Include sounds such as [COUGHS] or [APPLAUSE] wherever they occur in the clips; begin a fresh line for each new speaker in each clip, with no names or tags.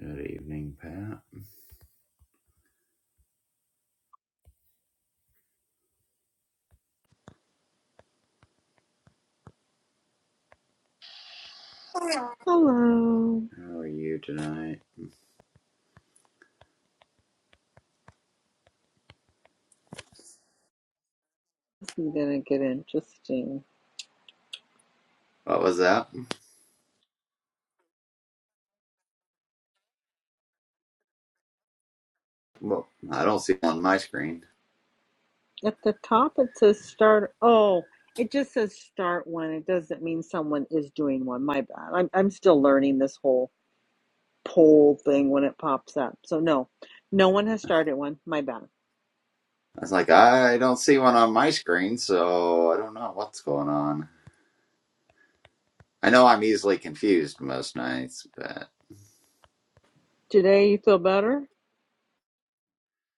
Good evening, Pat. Hello.
Hello.
How are you tonight?
This is going to get interesting.
What was that? Well, I don't see one on my screen.
At the top, it says start. Oh, it just says start one. It doesn't mean someone is doing one. My bad. I'm, I'm still learning this whole poll thing when it pops up. So, no, no one has started one. My bad.
I was like, I don't see one on my screen, so I don't know what's going on. I know I'm easily confused most nights, but
Today, you feel better?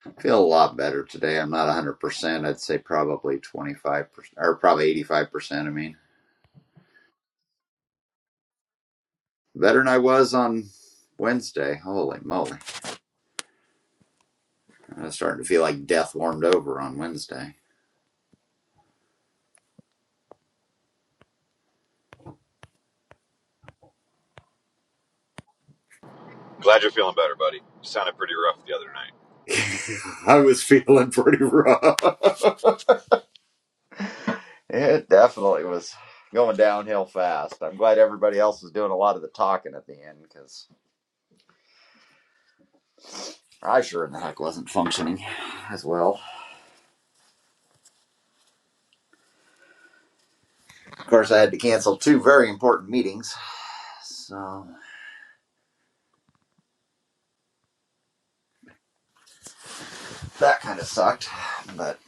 I feel a lot better today. I'm not 100%. I'd say probably 25%, or probably 85%, I mean. Better than I was on Wednesday. Holy moly. I was starting to feel like death warmed over on Wednesday.
Glad you're feeling better, buddy. You sounded pretty rough the other night.
[LAUGHS] I was feeling pretty rough. It definitely was going downhill fast. I'm glad everybody else was doing a lot of the talking at the end because I sure in the heck wasn't functioning as well. Of course, I had to cancel two very important meetings, so that kind of sucked. But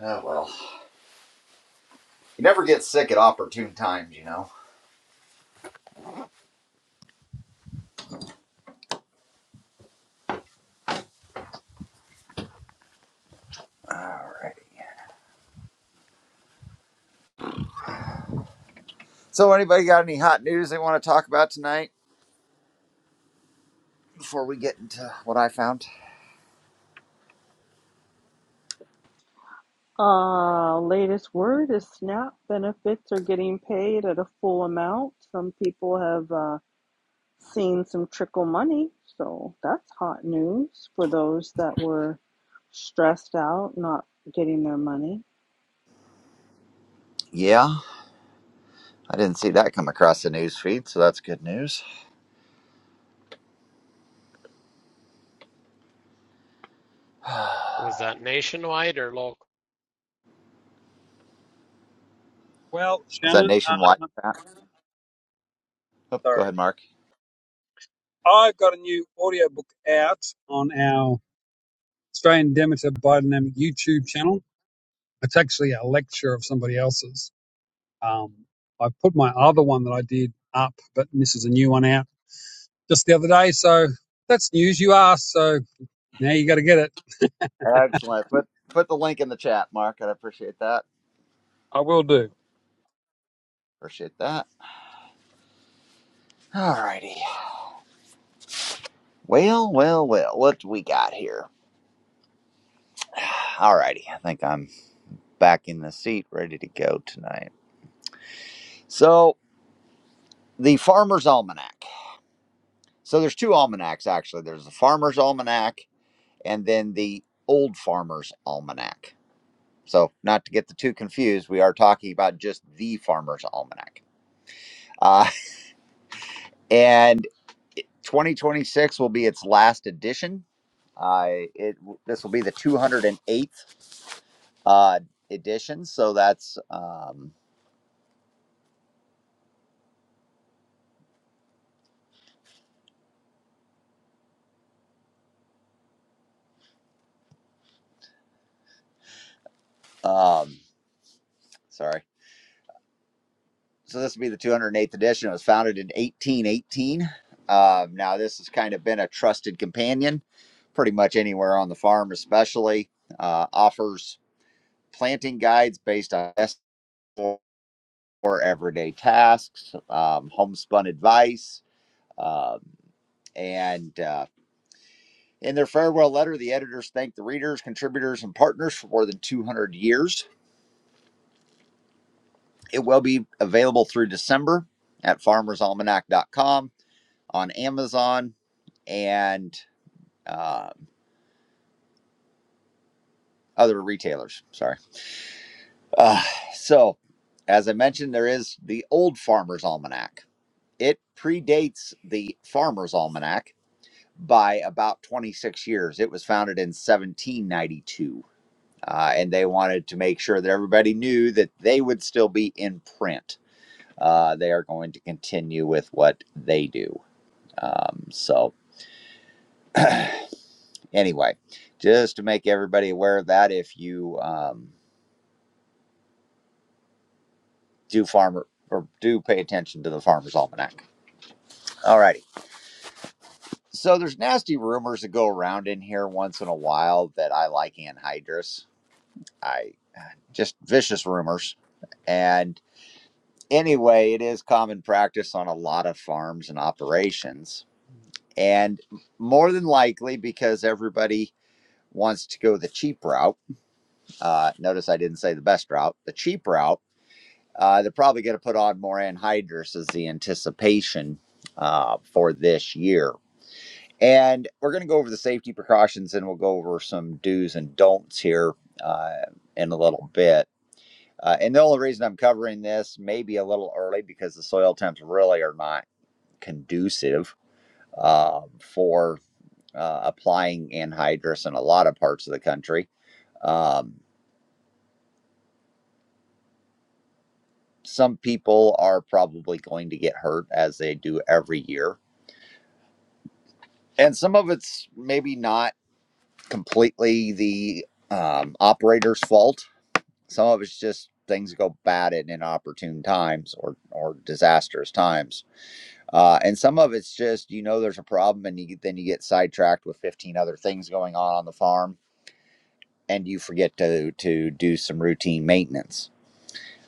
oh well, you never get sick at opportune times, you know. All right. So, anybody got any hot news they want to talk about tonight before we get into what I found?
Uh, latest word is SNAP benefits are getting paid at a full amount. Some people have. Uh, seen some trickle money. So that's hot news for those that were stressed out, not getting their money.
Yeah, I didn't see that come across the news feed, so that's good news. [SIGHS]
Was
Was
that nationwide or local?
Well,
that
Shannon,
nationwide?
um,
Oh, go
sorry.
ahead, Mark.
I've got a new audiobook out on our Australian Demeter Biodynamic YouTube channel. It's actually a lecture of somebody else's. Um, I put my other one that I did up, but this is a new one out just the other day. So that's news you asked. So now you got to get it.
Excellent. Put put the link in the chat, Mark. I would appreciate that.
I will do.
Appreciate that. All righty. Well, well, well. What do we got here? All righty. I think I'm back in the seat, ready to go tonight. So the Farmer's Almanac. So there's two almanacs actually. There's the Farmer's Almanac and then the Old Farmer's Almanac. So not to get the two confused, we are talking about just the Farmer's Almanac. Uh, and 2026 will be its last edition. Uh, it this will be the 208th uh, edition. So that's um, um, sorry. So this will be the 208th edition. It was founded in 1818. Um, now this has kind of been a trusted companion, pretty much anywhere on the farm, especially uh, offers planting guides based on best everyday tasks, um, homespun advice. Um, and uh, In their farewell letter, the editors thank the readers, contributors, and partners for more than 200 years. It will be available through December at farmersalmanac.com, on Amazon, and um other retailers. Sorry. Uh, so, as I mentioned, there is the Old Farmer's Almanac. It predates the Farmer's Almanac by about 26 years. It was founded in 1792. uh, and they wanted to make sure that everybody knew that they would still be in print. Uh, they are going to continue with what they do. Um, so, anyway, just to make everybody aware of that, if you um, do farmer or do pay attention to the Farmer's Almanac. All righty. So, there's nasty rumors that go around in here once in a while that I like anhydrous. I uh, just vicious rumors and. anyway, it is common practice on a lot of farms and operations. And more than likely, because everybody wants to go the cheap route, uh, notice I didn't say the best route, the cheap route, uh, they're probably going to put on more anhydrous as the anticipation uh, for this year. And we're going to go over the safety precautions and we'll go over some do's and don'ts here uh, in a little bit. Uh, and the only reason I'm covering this maybe a little early because the soil temps really are not conducive uh, for uh, applying anhydrous in a lot of parts of the country. Um, some people are probably going to get hurt as they do every year. And some of it's maybe not completely the um, operator's fault. Some of it's just things go bad at inopportune times or, or disastrous times. Uh, and some of it's just, you know, there's a problem and you, then you get sidetracked with 15 other things going on on the farm and you forget to to do some routine maintenance.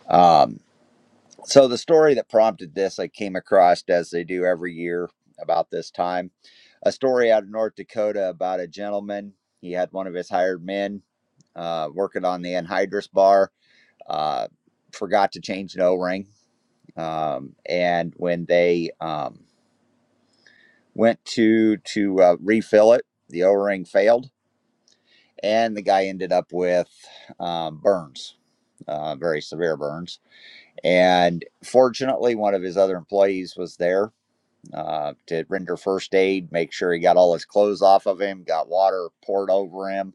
Um, so the story that prompted this, I came across as they do every year about this time, a story out of North Dakota about a gentleman. He had one of his hired men uh, working on the anhydrous bar, uh, forgot to change an O-ring, um, and when they um, went to to uh, refill it, the O-ring failed, and the guy ended up with um, burns, uh, very severe burns And fortunately, one of his other employees was there uh, to render first aid, make sure he got all his clothes off of him, got water poured over him.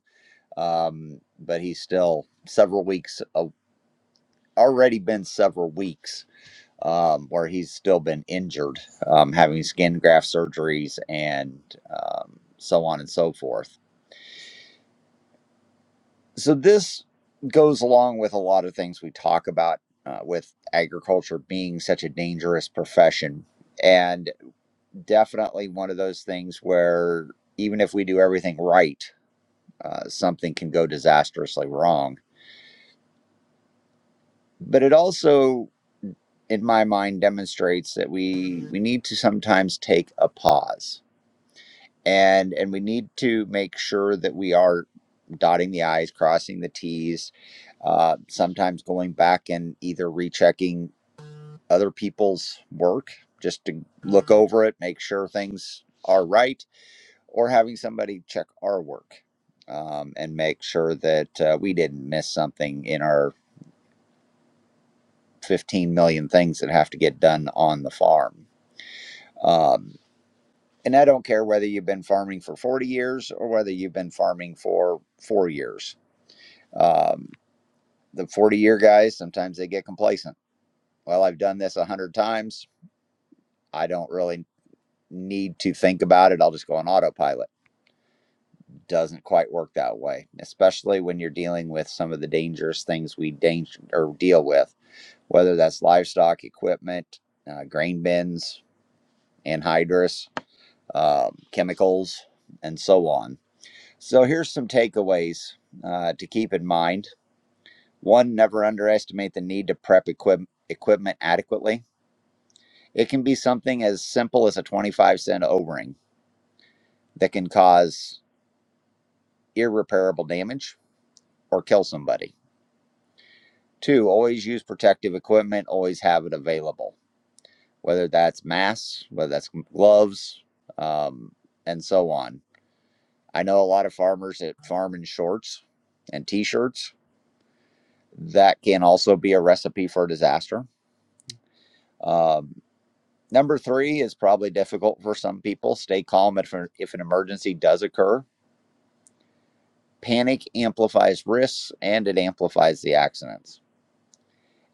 Um, but he's still several weeks, uh, already been several weeks um, where he's still been injured, um, having skin graft surgeries and um, so on and so forth. So, this goes along with a lot of things we talk about uh, with agriculture being such a dangerous profession. And definitely one of those things where even if we do everything right, uh, something can go disastrously wrong. But it also, in my mind, demonstrates that we we need to sometimes take a pause, and and we need to make sure that we are dotting the i's, crossing the t's. Uh, sometimes going back and either rechecking other people's work just to look over it, make sure things are right or having somebody check our work um, and make sure that uh, we didn't miss something in our 15 million things that have to get done on the farm. Um, and I don't care whether you've been farming for 40 years or whether you've been farming for four years. Um, the 40 year guys, sometimes they get complacent. Well, I've done this 100 times. I don't really need to think about it. I'll just go on autopilot doesn't quite work that way, especially when you're dealing with some of the dangerous things we danger or deal with, whether that's livestock equipment, uh, grain bins, anhydrous, um, chemicals, and so on. So here's some takeaways uh, to keep in mind. One, never underestimate the need to prep equip- equipment adequately. It can be something as simple as a 25 cent O ring that can cause irreparable damage or kill somebody. Two, always use protective equipment, always have it available, whether that's masks, whether that's gloves, um, and so on. I know a lot of farmers that farm in shorts and t shirts. That can also be a recipe for disaster. Um, number three is probably difficult for some people. Stay calm if, if an emergency does occur. Panic amplifies risks and it amplifies the accidents.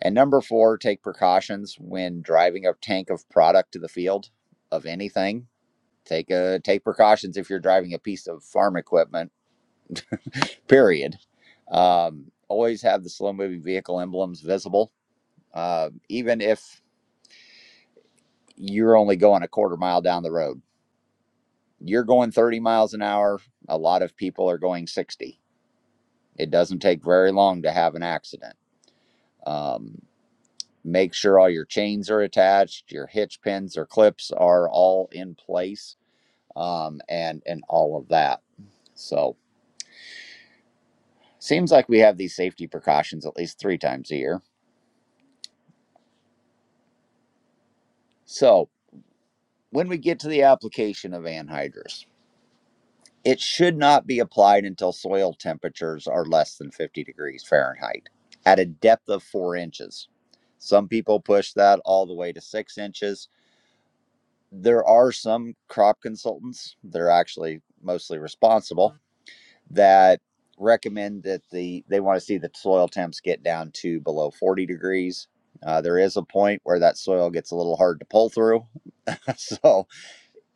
And number four, take precautions when driving a tank of product to the field of anything. Take a, take precautions if you're driving a piece of farm equipment. Period. Um, always have the slow moving vehicle emblems visible, uh, even if you're only going a quarter mile down the road. You're going 30 miles an hour. A lot of people are going 60. It doesn't take very long to have an accident. Um, make sure all your chains are attached, your hitch pins or clips are all in place, um, and and all of that. So seems like we have these safety precautions at least three times a year. So when we get to the application of anhydrous, it should not be applied until soil temperatures are less than 50 degrees Fahrenheit at a depth of four inches. Some people push that all the way to six inches. There are some crop consultants, they're actually mostly responsible that recommend that the they want to see the soil temps get down to below 40 degrees. Uh, there is a point where that soil gets a little hard to pull through. [LAUGHS] so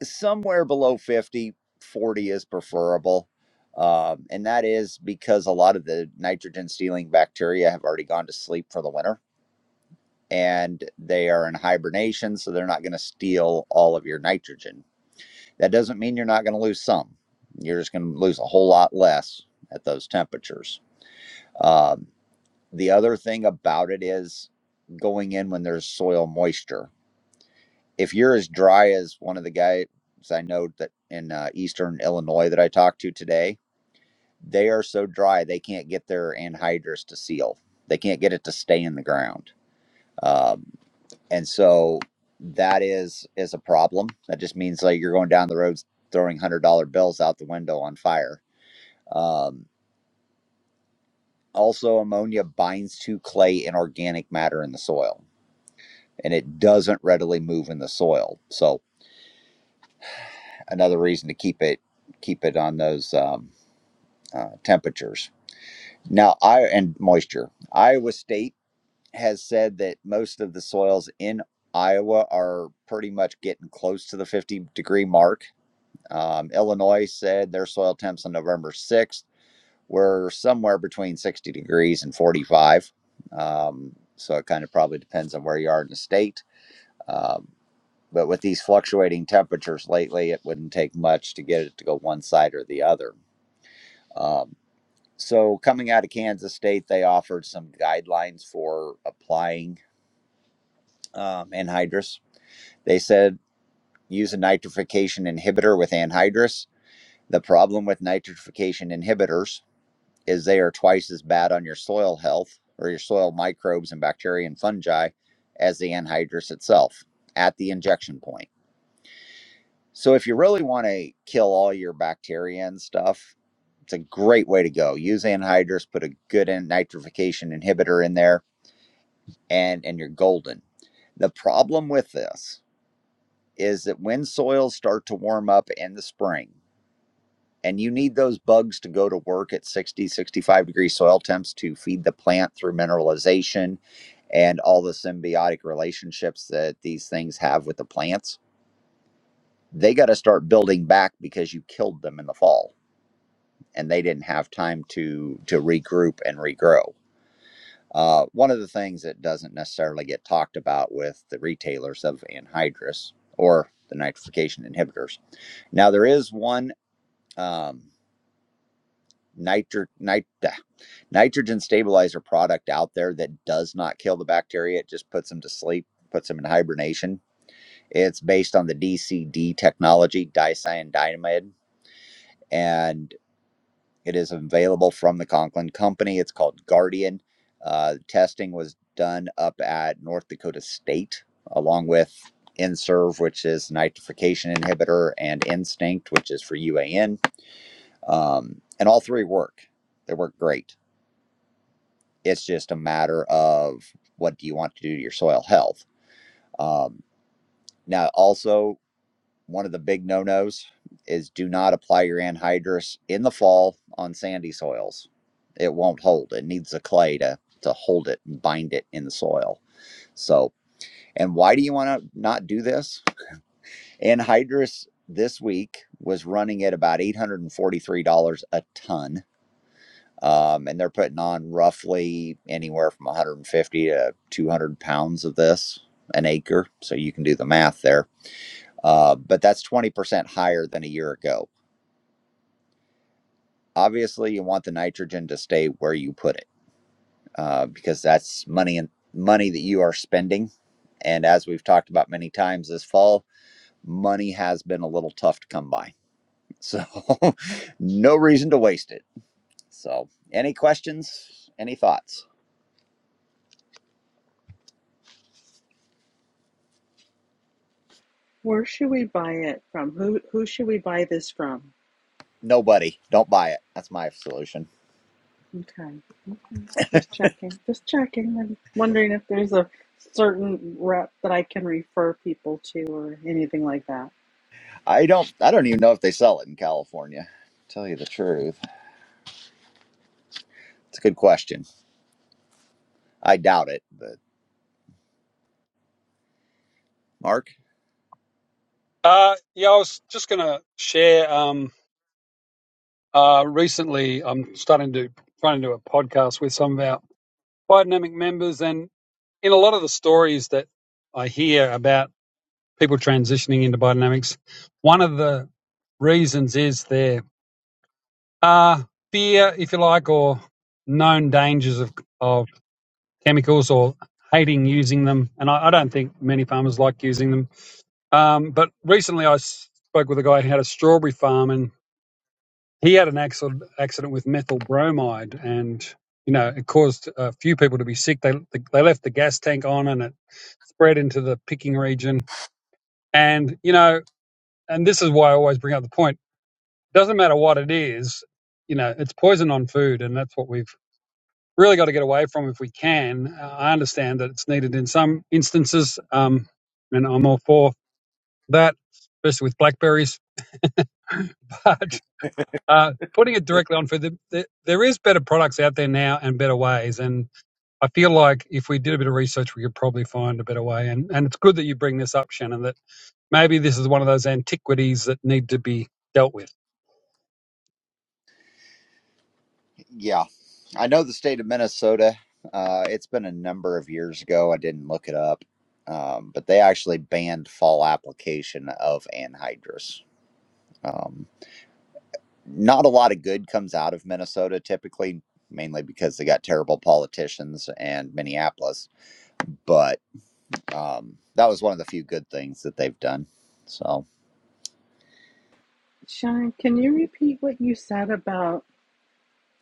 somewhere below 50, 40 is preferable. Um, and that is because a lot of the nitrogen stealing bacteria have already gone to sleep for the winter and they are in hibernation. So they're not going to steal all of your nitrogen. That doesn't mean you're not going to lose some. You're just going to lose a whole lot less at those temperatures. Um, the other thing about it is going in when there's soil moisture. If you're as dry as one of the guys I know that in uh, eastern Illinois that I talked to today, they are so dry they can't get their anhydrous to seal. They can't get it to stay in the ground, um, and so that is is a problem. That just means like you're going down the roads throwing one hundred dollar bills out the window on fire. Um, also, ammonia binds to clay and organic matter in the soil and it doesn't readily move in the soil. So another reason to keep it keep it on those um, uh, temperatures. Now, I and moisture. Iowa State has said that most of the soils in Iowa are pretty much getting close to the 50 degree mark. Um, Illinois said their soil temps on November 6th were somewhere between 60 degrees and 45. Um, so it kind of probably depends on where you are in the state. Um, But with these fluctuating temperatures lately, it wouldn't take much to get it to go one side or the other. Um, so, coming out of Kansas State, they offered some guidelines for applying um, anhydrous. They said use a nitrification inhibitor with anhydrous. The problem with nitrification inhibitors is they are twice as bad on your soil health or your soil microbes and bacteria and fungi as the anhydrous itself at the injection point. So if you really want to kill all your bacteria and stuff, it's a great way to go. Use anhydrous, put a good nitrification inhibitor in there, and and you're golden. The problem with this is that when soils start to warm up in the spring, and you need those bugs to go to work at 60 65 degree soil temps to feed the plant through mineralization and all the symbiotic relationships that these things have with the plants, they got to start building back because you killed them in the fall and they didn't have time to to regroup and regrow. Uh, one of the things that doesn't necessarily get talked about with the retailers of anhydrous or the nitrification inhibitors. Now there is one um, nitro, nit, ah, nitrogen stabilizer product out there that does not kill the bacteria. It just puts them to sleep, puts them in hibernation. It's based on the DCD technology, dicyandiamide, and It is available from the Conklin Company. It's called Guardian. Uh, testing was done up at North Dakota State, along with INSERV, which is nitrification inhibitor, and Instinct, which is for UAN. Um, and all three work. They work great. It's just a matter of what do you want to do to your soil health. Um, now, also, one of the big no-nos is do not apply your anhydrous in the fall on sandy soils. It won't hold. It needs the clay to to hold it and bind it in the soil. So, and why do you want to not do this? Anhydrous this week was running at about $843 a ton. Um, and they're putting on roughly anywhere from 150 to 200 pounds of this an acre. So you can do the math there. Uh, but that's 20% higher than a year ago obviously you want the nitrogen to stay where you put it uh, because that's money and money that you are spending and as we've talked about many times this fall money has been a little tough to come by so [LAUGHS] no reason to waste it so any questions any thoughts
Where should we buy it from? Who who should we buy this from?
nobody don't buy it that's my solution
Okay. Okay. Just checking. Just checking. I'm wondering if there's a certain rep that I can refer people to or anything like that.
i don't i don't even know if they sell it in california tell you the truth it's a good question i doubt it but mark
Uh, yeah, I was just going to share. Um, uh, recently, I'm starting to trying to do a podcast with some of our biodynamic members, and. in a lot of the stories that I hear about people transitioning into biodynamics, one of the reasons is there are fear, if you like, or known dangers of, of chemicals or hating using them. And I, I don't think many farmers like using them. Um, but recently I spoke with a guy who had a strawberry farm and he had an accident, accident with methyl bromide and you know, it caused a few people to be sick. They they left the gas tank on, and it spread into the picking region And, you know, and this is why I always bring up the point doesn't matter what it is, you know, it's poison on food. And that's what we've really got to get away from if we can. Uh, I understand that it's needed in some instances. Um, and I'm all for that, especially with blackberries. [LAUGHS] but uh, putting it directly on food, the, the, there is better products out there now and better ways. And I feel like if we did a bit of research, we could probably find a better way. And, and it's good that you bring this up, Shannon, that maybe this is one of those antiquities that need to be dealt with.
Yeah, I know the state of Minnesota. Uh, it's been a number of years ago. I didn't look it up, um, but they actually banned fall application of anhydrous. Um, not a lot of good comes out of Minnesota typically, mainly because they got terrible politicians and Minneapolis. But um, that was one of the few good things that they've done. So.
Sean, can you repeat what you said about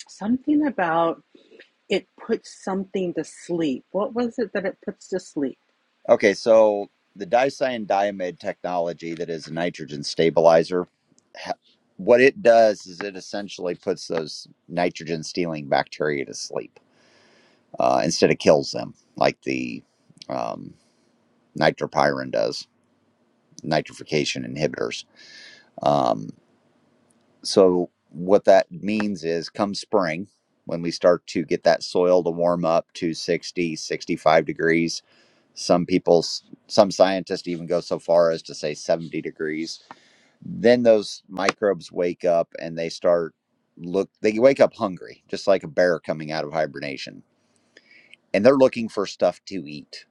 something about it puts something to sleep? What was it that it puts to sleep?
Okay, so the dicyan diamide technology that is a nitrogen stabilizer, ha- what it does is it essentially puts those nitrogen stealing bacteria to sleep uh, instead of kills them, like the um, nitropyrin does, nitrification inhibitors. Um, so what that means is come spring, when we start to get that soil to warm up to 60, 65 degrees, Some people, some scientists even go so far as to say 70 degrees. Then those microbes wake up and they start look, they wake up hungry, just like a bear coming out of hibernation. And they're looking for stuff to eat.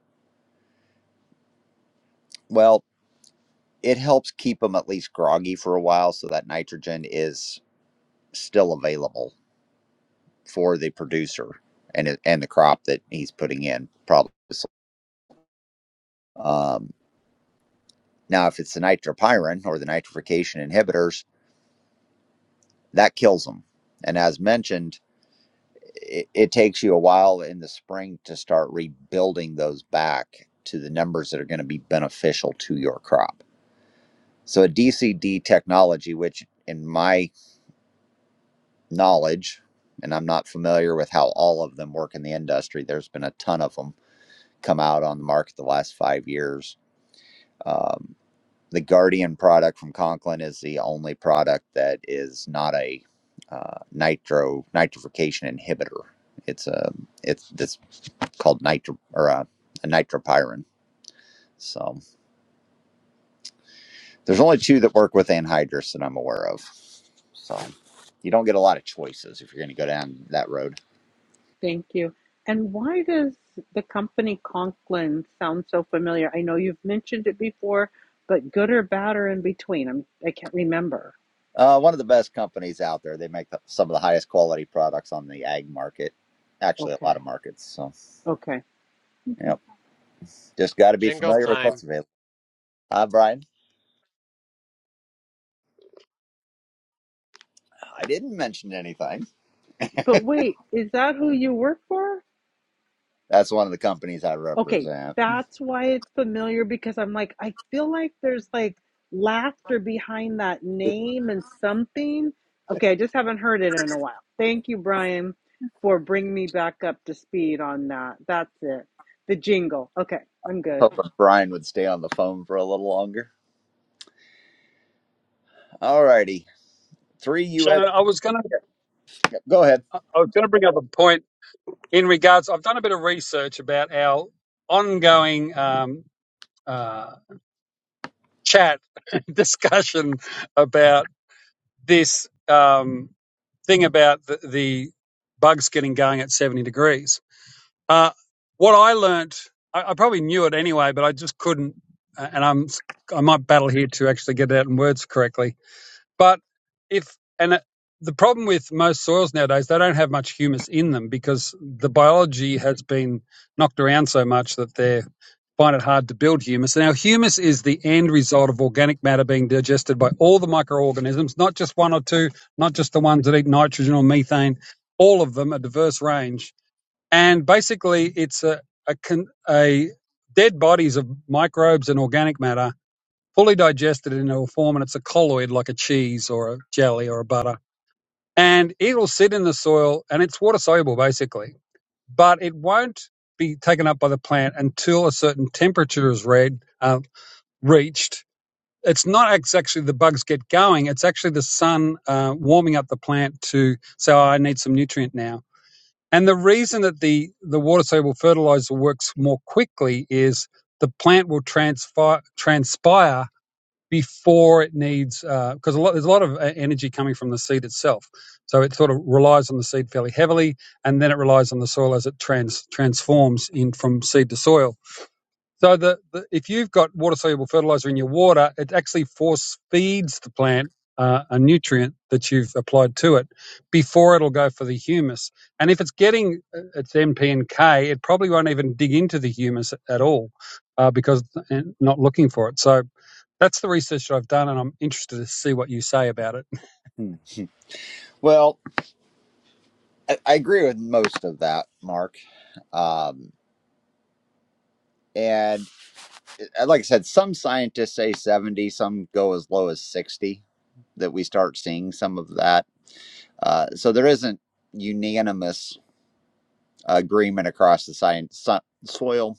Well, it helps keep them at least groggy for a while so that nitrogen is still available for the producer and, it, and the crop that he's putting in, probably. Um, now, if it's the nitropyrin or the nitrification inhibitors, that kills them. And as mentioned, it, it takes you a while in the spring to start rebuilding those back to the numbers that are going to be beneficial to your crop. So, a DCD technology, which in my knowledge, and I'm not familiar with how all of them work in the industry, there's been a ton of them come out on the market the last five years. Um, the Guardian product from Conklin is the only product that is not a uh, nitro nitrification inhibitor. It's a it's this called nitro or a, a nitropyrin. So there's only two that work with anhydrous that I'm aware of. So you don't get a lot of choices if you're going to go down that road.
Thank you. And why does the company Conklin sound so familiar? I know you've mentioned it before, but good or bad or in between? I'm, I can't remember.
Uh, one of the best companies out there. They make the, some of the highest quality products on the ag market. Actually, a lot
Okay.
of markets. So,
Okay. okay.
yep. Just got to be
Jingle
familiar with what's
time,
available. Hi, Brian. I didn't mention anything.
But wait, is that who you work for?
That's one of the companies I
Okay,
represent.
that's why it's familiar because I'm like, I feel like there's like laughter behind that name and something. Okay, I just haven't heard it in a while. Thank you, Brian, for bringing me back up to speed on that. That's it. The jingle. Okay, I'm good.
Hoping Brian would stay on the phone for a little longer. All righty. Three U.S.
Shannon, I was going to
Go ahead.
I I was going to bring up a point in regards. I've done a bit of research about our ongoing um, uh, chat [LAUGHS] discussion about this um, thing about the, the bugs getting going at 70 degrees. Uh, what I learnt, I, I probably knew it anyway, but I just couldn't, uh, and I'm I might battle here to actually get it out in words correctly But if and uh, the problem with most soils nowadays, they don't have much humus in them because the biology has been knocked around so much that they find it hard to build humus. Now, humus is the end result of organic matter being digested by all the microorganisms, not just one or two, not just the ones that eat nitrogen or methane. All of them, a diverse range, and basically, it's a a, a dead bodies of microbes and organic matter fully digested into a form and it's a colloid like a cheese or a jelly or a butter. And it'll sit in the soil and it's water soluble basically, but it won't be taken up by the plant until a certain temperature is read, uh, reached. It's not ex- actually the bugs get going, it's actually the sun uh, warming up the plant to say, oh, I need some nutrient now. And the reason that the, the water soluble fertilizer works more quickly is the plant will transpire, transpire before it needs because a lot there's a lot of uh, energy coming from the seed itself so it sort of relies on the seed fairly heavily and then it relies on the soil as it trans transforms in from seed to soil so the, the if you've got water soluble fertilizer in your water, it actually force feeds the plant uh, a nutrient that you've applied to it before it'll go for the humus. And if it's getting uh, its NP and K, it probably won't even dig into the humus at all uh, because it's not looking for it. So that's the research that I've done, and I'm interested to see what you say about it.
Hmm. Well, I, I agree with most of that, Mark. Um, and uh, like I said, some scientists say 70, some go as low as 60, that we start seeing some of that. Uh, so there isn't unanimous agreement across the science, so, soil.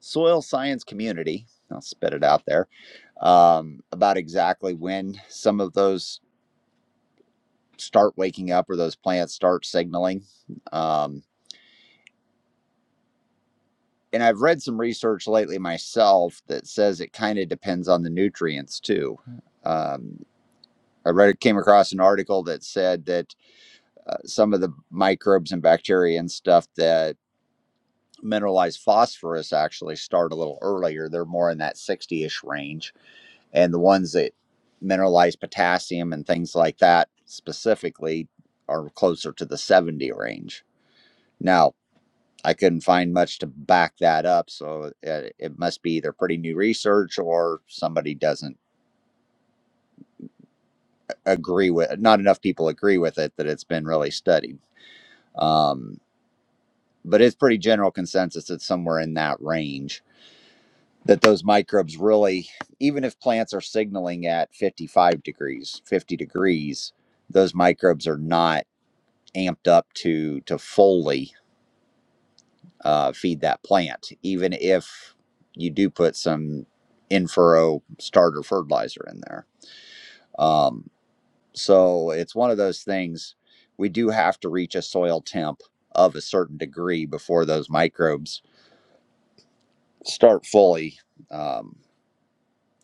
soil science community, I'll spit it out there, um, about exactly when some of those start waking up or those plants start signaling. Um, and I've read some research lately myself that says it kind of depends on the nutrients too. Um, I read came across an article that said that uh, some of the microbes and bacteria and stuff that mineralize phosphorus actually start a little earlier. They're more in that 60-ish range and the ones that mineralize potassium and things like that specifically are closer to the 70 range. Now, I couldn't find much to back that up, so it, it must be either pretty new research or somebody doesn't agree with not enough people agree with it that it's been really studied. Um, but it's pretty general consensus it's somewhere in that range that those microbes really even if plants are signaling at 55 degrees, 50 degrees, those microbes are not amped up to to fully uh, feed that plant, even if you do put some in furrow starter fertilizer in there. Um, so it's one of those things we do have to reach a soil temp of a certain degree before those microbes start fully um,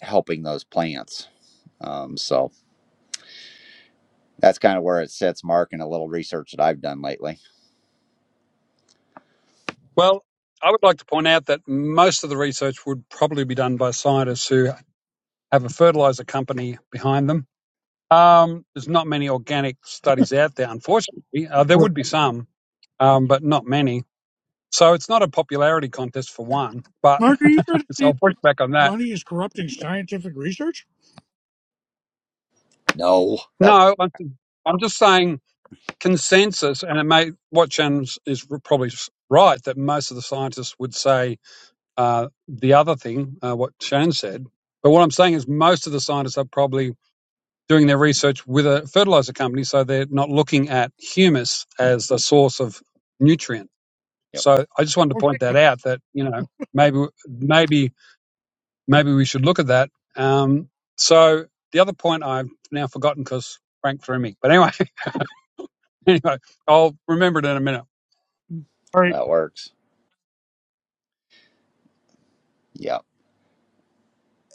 helping those plants. Um, so that's kind of where it sits, Mark, and a little research that I've done lately.
Well, I would like to point out that most of the research would probably be done by scientists who have a fertilizer company behind them. Um, there's not many organic studies out there, unfortunately. Uh, there
Right.
would be some, um, but not many. So it's not a popularity contest for one. But
Mark, are you trying to
[LAUGHS]
say
so I'll
that
push back on that.
money is corrupting scientific research?
No, that
No, I'm I'm just saying consensus, and it may what James is probably s- right that most of the scientists would say uh, the other thing, uh, what Shane said. But what I'm saying is most of the scientists are probably doing their research with a fertilizer company, so they're not looking at humus as the source of nutrient.
yep,
So I just wanted to
Okay.
point that out that you know maybe maybe maybe we should look at that. Um, so the other point I've now forgotten because Frank threw me, but anyway. [LAUGHS] anyway, I'll remember it in a minute.
All right.
that works. Yeah.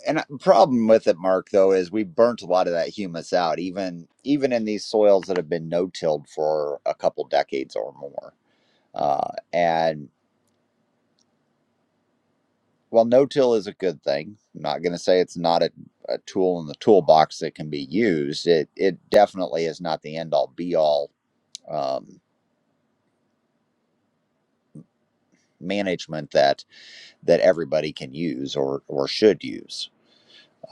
And the problem with it, Mark, though, is we burnt a lot of that humus out, even even in these soils that have been no-tilled for a couple decades or more. Uh, and well, no-till is a good thing. I'm not going to say it's not a, a tool in the toolbox that can be used. It it definitely is not the end-all, be-all um, management that that everybody can use or or should use.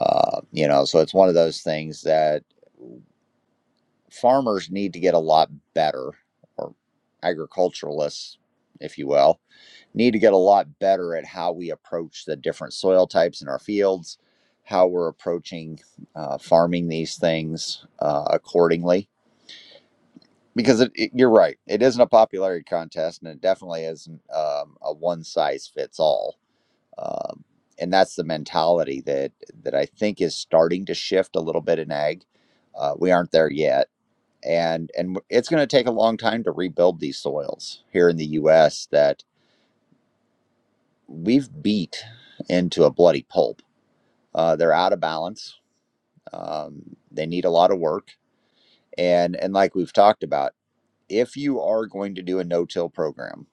Uh, you know, so it's one of those things that. farmers need to get a lot better, or agriculturalists, if you will, need to get a lot better at how we approach the different soil types in our fields, how we're approaching uh, farming these things uh, accordingly. Because it, it- you're right, it isn't a popularity contest, and it definitely isn't um, a one size fits all. Um, and that's the mentality that that I think is starting to shift a little bit in ag. Uh, we aren't there yet and and it's going to take a long time to rebuild these soils here in the U.S. that we've beat into a bloody pulp. Uh, they're out of balance. Um, they need a lot of work, and and like we've talked about, if you are going to do a no-till program,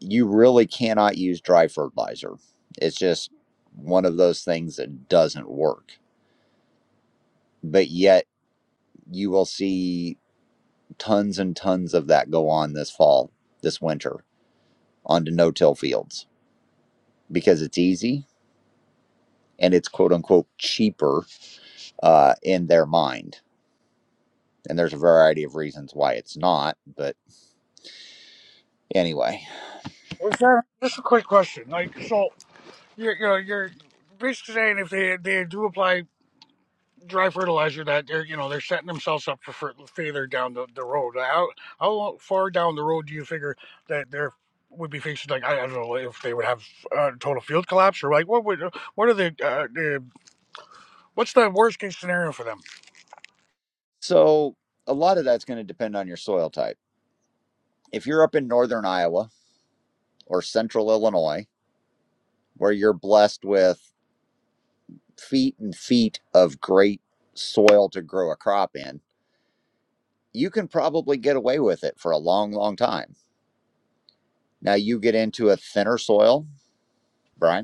you really cannot use dry fertilizer. It's just one of those things that doesn't work. But yet, you will see tons and tons of that go on this fall, this winter, onto no-till fields because it's easy and it's quote unquote cheaper uh, in their mind. And there's a variety of reasons why it's not. But anyway,
Well, sir, just a quick question. Like, so you're, you know, you're basically saying if they they do apply dry fertilizer, that they're you know they're setting themselves up for fer- failure down the, the road. How how far down the road do you figure that there would be fixes like I, I don't know if they would have uh, total field collapse or like what would what are the, uh, the what's the worst case scenario for them?
so a lot of that's going to depend on your soil type. If you're up in northern Iowa or central Illinois, where you're blessed with feet and feet of great soil to grow a crop in, you can probably get away with it for a long, long time. Now you get into a thinner soil, Brian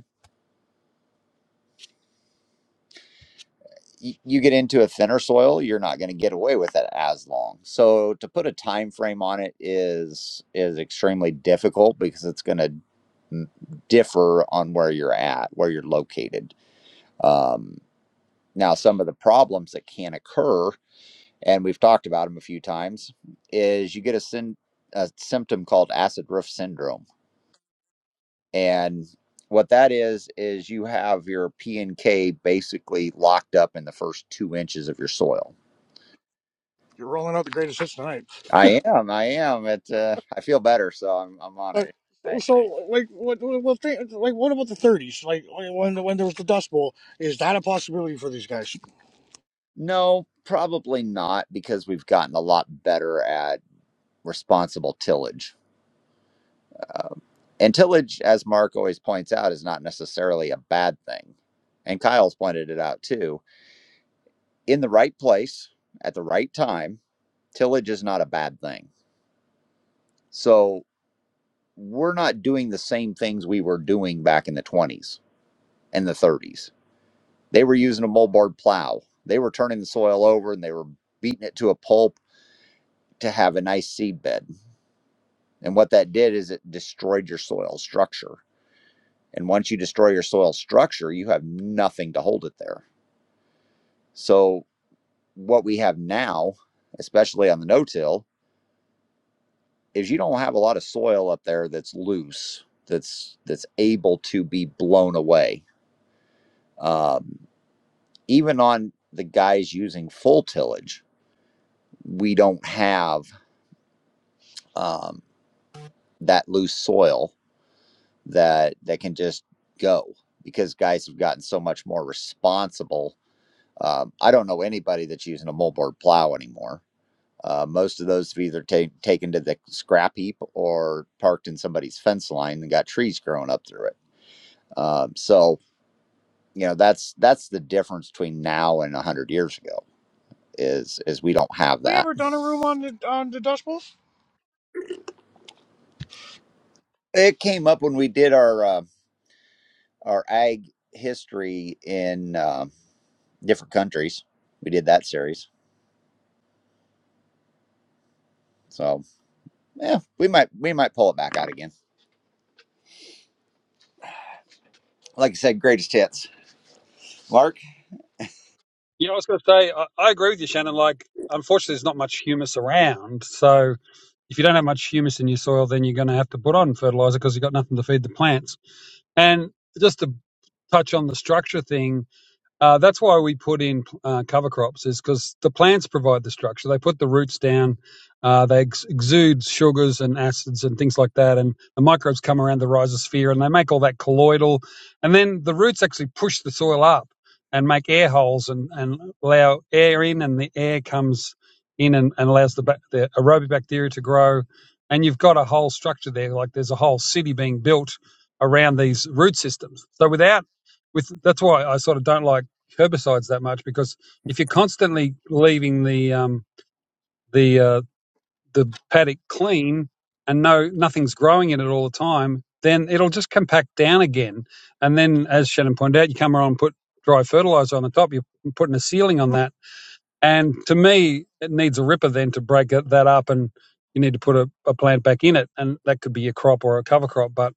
y- you get into a thinner soil you're not going to get away with it as long so to put a time frame on it is is extremely difficult because it's going to m- differ on where you're at where you're located um, now some of the problems that can occur and we've talked about them a few times is you get a, syn- a symptom called acid roof syndrome and what that is is you have your p and k basically locked up in the first two inches of your soil
You're rolling out the greatest hits tonight.
I am. I am. It. Uh, I feel better, so I'm. I'm on
But
it.
so,
Right.
so, like, what, what, what thing, like, what about the '30s? Like, when when there was the Dust Bowl, is that a possibility for these guys?
No, probably not, because we've gotten a lot better at responsible tillage. And tillage, as Mark always points out, is not necessarily a bad thing. And Kyle's pointed it out too. In the right place at the right time, tillage is not a bad thing. So we're not doing the same things we were doing back in the 20s and the 30s. They were using a moldboard plow. They were turning the soil over and they were beating it to a pulp to have a nice seed bed. And what that did is it destroyed your soil structure. And once you destroy your soil structure, you have nothing to hold it there. So what we have now, especially on the no-till, is you don't have a lot of soil up there that's loose, that's that's able to be blown away. Um, even on the guys using full tillage, we don't have. um, that loose soil that that can just go because guys have gotten so much more responsible. Um, I don't know anybody that's using a moldboard plow anymore. Uh, most of those have either ta- taken to the scrap heap or parked in somebody's fence line and got trees growing up through it. Um, so you know that's that's the difference between now and one hundred years ago is is we don't
Have
have
we
that.
ever done a room on the on the Dust Bowl?
It came up when we did our uh, our ag history in. uh, different countries. We did that series. So yeah, we might we might pull it back out again. Like I said, greatest hits. Mark,
Yeah, I was going to say, I, I agree with you, Shannon. Like, unfortunately, there's not much humus around. So if you don't have much humus in your soil, then you're going to have to put on fertilizer because you've got nothing to feed the plants. And just to touch on the structure thing, Uh, that's why we put in uh, cover crops, is because the plants provide the structure. They put the roots down, uh, they ex- exude sugars and acids and things like that, and the microbes come around the rhizosphere and they make all that colloidal. And then the roots actually push the soil up and make air holes and, and allow air in, and the air comes in and, and allows the, bac- the aerobic bacteria to grow. And you've got a whole structure there, like there's a whole city being built around these root systems. So without with that's why I sort of don't like herbicides that much because if you're constantly leaving the um, the uh, the paddock clean and no nothing's growing in it all the time, then it'll just compact down again. And then, as Shannon pointed out, you come around and put dry fertilizer on the top. You're putting a ceiling on that, and to me, it needs a ripper then to break that up, and you need to put a, a plant back in it, and that could be a crop or a cover crop, but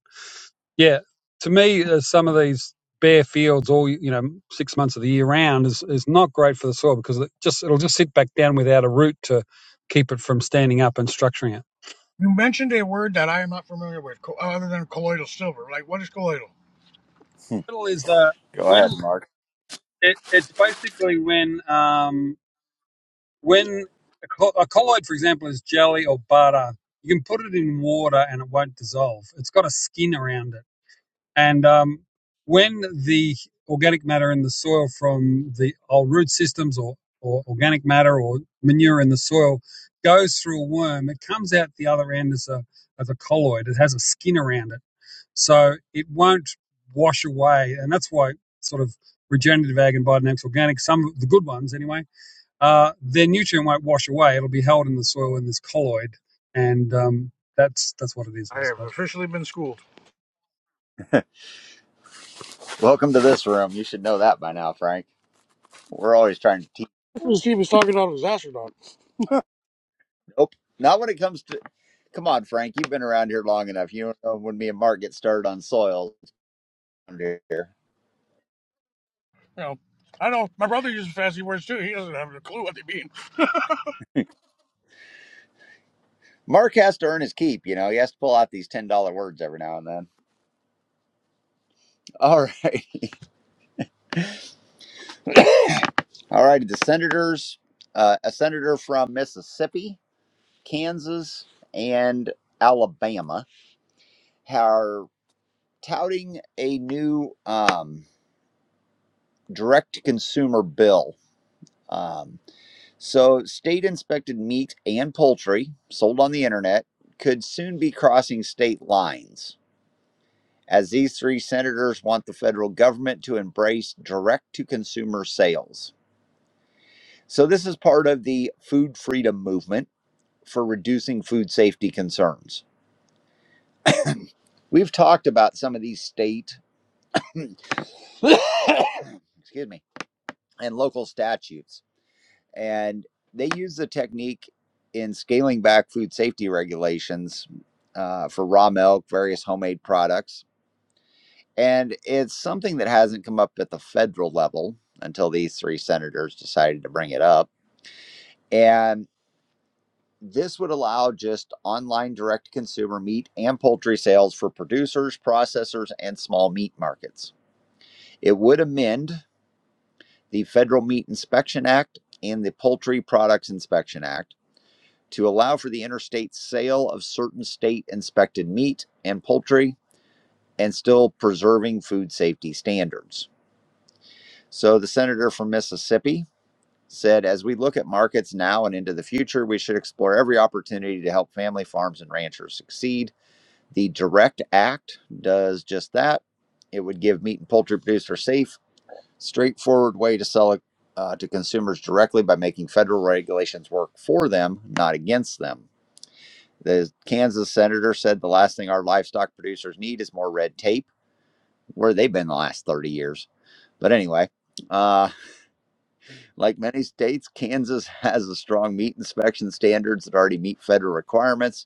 yeah, to me, uh, some of these bare fields, all you know, six months of the year round, is is not great for the soil because it just it'll just sit back down without a root to keep it from standing up and structuring it.
You mentioned a word that I am not familiar with, co- other than colloidal silver. Like, what is colloidal?
[LAUGHS] go
Middle is uh,
ahead,
when
Mark.
it, it's basically when um, when a, col- a colloid, for example, is jelly or butter. You can put it in water and it won't dissolve. It's got a skin around it And um, when the organic matter in the soil from the old root systems or, or organic matter or manure in the soil goes through a worm, it comes out the other end as a, as a colloid. It has a skin around it. So it won't wash away. And that's why sort of regenerative ag and biodynamics organic, some of the good ones anyway, uh, their nutrient won't wash away. It'll be held in the soil in this colloid. And um, that's, that's what it is
I have
basically.
officially been schooled.
Welcome to this room. You should know that by now, Frank. We're always trying to teach.
This he was talking about was astronaut.
Nope, not when it comes to. Come on, Frank. You've been around here long enough. You know when me and Mark get started on soil under here.
You know, I know my brother uses fancy words too. He doesn't have a clue what they mean. [LAUGHS]
Mark has to earn his keep. You know he has to pull out these ten dollar words every now and then. All right, all right. The senators, uh, a senator from Mississippi Kansas and Alabama are touting a new um, direct consumer bill. Um, so, state inspected meat and poultry sold on the internet could soon be crossing state lines, as these three senators want the federal government to embrace direct to consumer sales. So, this is part of the food freedom movement for reducing food safety concerns. We've talked about some of these state, [CLEARS THROAT] excuse me, and local statutes. And they use the technique in scaling back food safety regulations uh, for raw milk, various homemade products. And it's something that hasn't come up at the federal level until these three senators decided to bring it up. And this would allow just online direct consumer meat and poultry sales for producers, processors, and small meat markets. It would amend the Federal Meat Inspection Act and the Poultry Products Inspection Act to allow for the interstate sale of certain state inspected meat and poultry and still preserving food safety standards. So the senator from Mississippi said, as we look at markets now and into the future, we should explore every opportunity to help family farms and ranchers succeed. The Direct Act does just that. It would give meat and poultry producers a safe, straightforward way to sell it uh, to consumers directly by making federal regulations work for them, not against them. The Kansas senator said the last thing our livestock producers need is more red tape, where they've been the last 30 years. But anyway, uh, like many states, Kansas [LAUGHS] has a strong meat inspection standards that already meet federal requirements.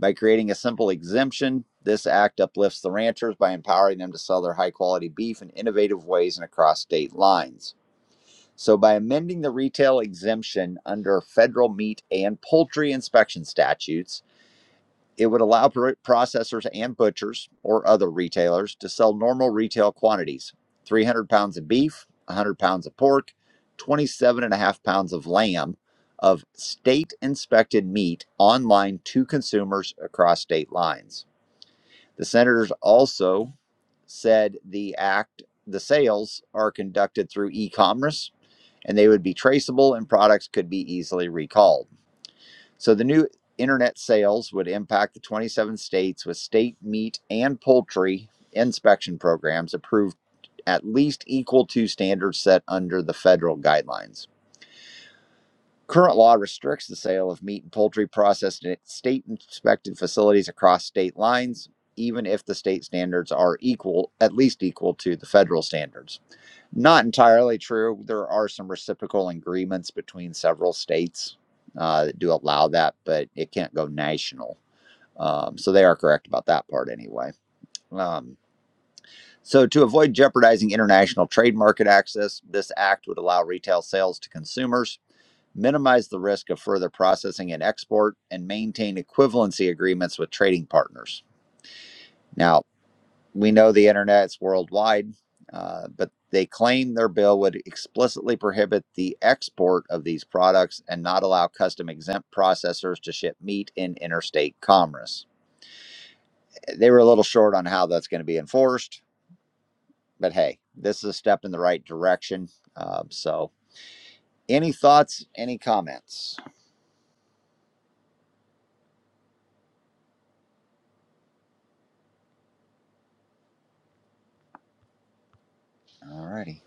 By creating a simple exemption, this act uplifts the ranchers by empowering them to sell their high quality beef in innovative ways and across state lines. So, by amending the retail exemption under federal meat and poultry inspection statutes, It would allow processors and butchers or other retailers to sell normal retail quantities 300 pounds of beef, 100 pounds of pork, 27 and a half pounds of lamb of state inspected meat online to consumers across state lines. The senators also said the act, the sales are conducted through e commerce and they would be traceable and products could be easily recalled. So the new internet sales would impact the 27 states with state meat and poultry inspection programs approved at least equal to standards set under the federal guidelines. Current law restricts the sale of meat and poultry processed at state inspected facilities across state lines, even if the state standards are equal, at least equal to the federal standards. Not entirely true. There are some reciprocal agreements between several states uh, that do allow that, but it can't go national. Um, so they are correct about that part anyway. Um, so to avoid jeopardizing international trade market access, this act would allow retail sales to consumers, minimize the risk of further processing and export, and maintain equivalency agreements with trading partners. Now, we know the internet's worldwide, uh, but they claim their bill would explicitly prohibit the export of these products and not allow custom exempt processors to ship meat in interstate commerce. They were a little short on how that's going to be enforced, but hey, this is a step in the right direction. Uh, so, any thoughts, any comments? All righty.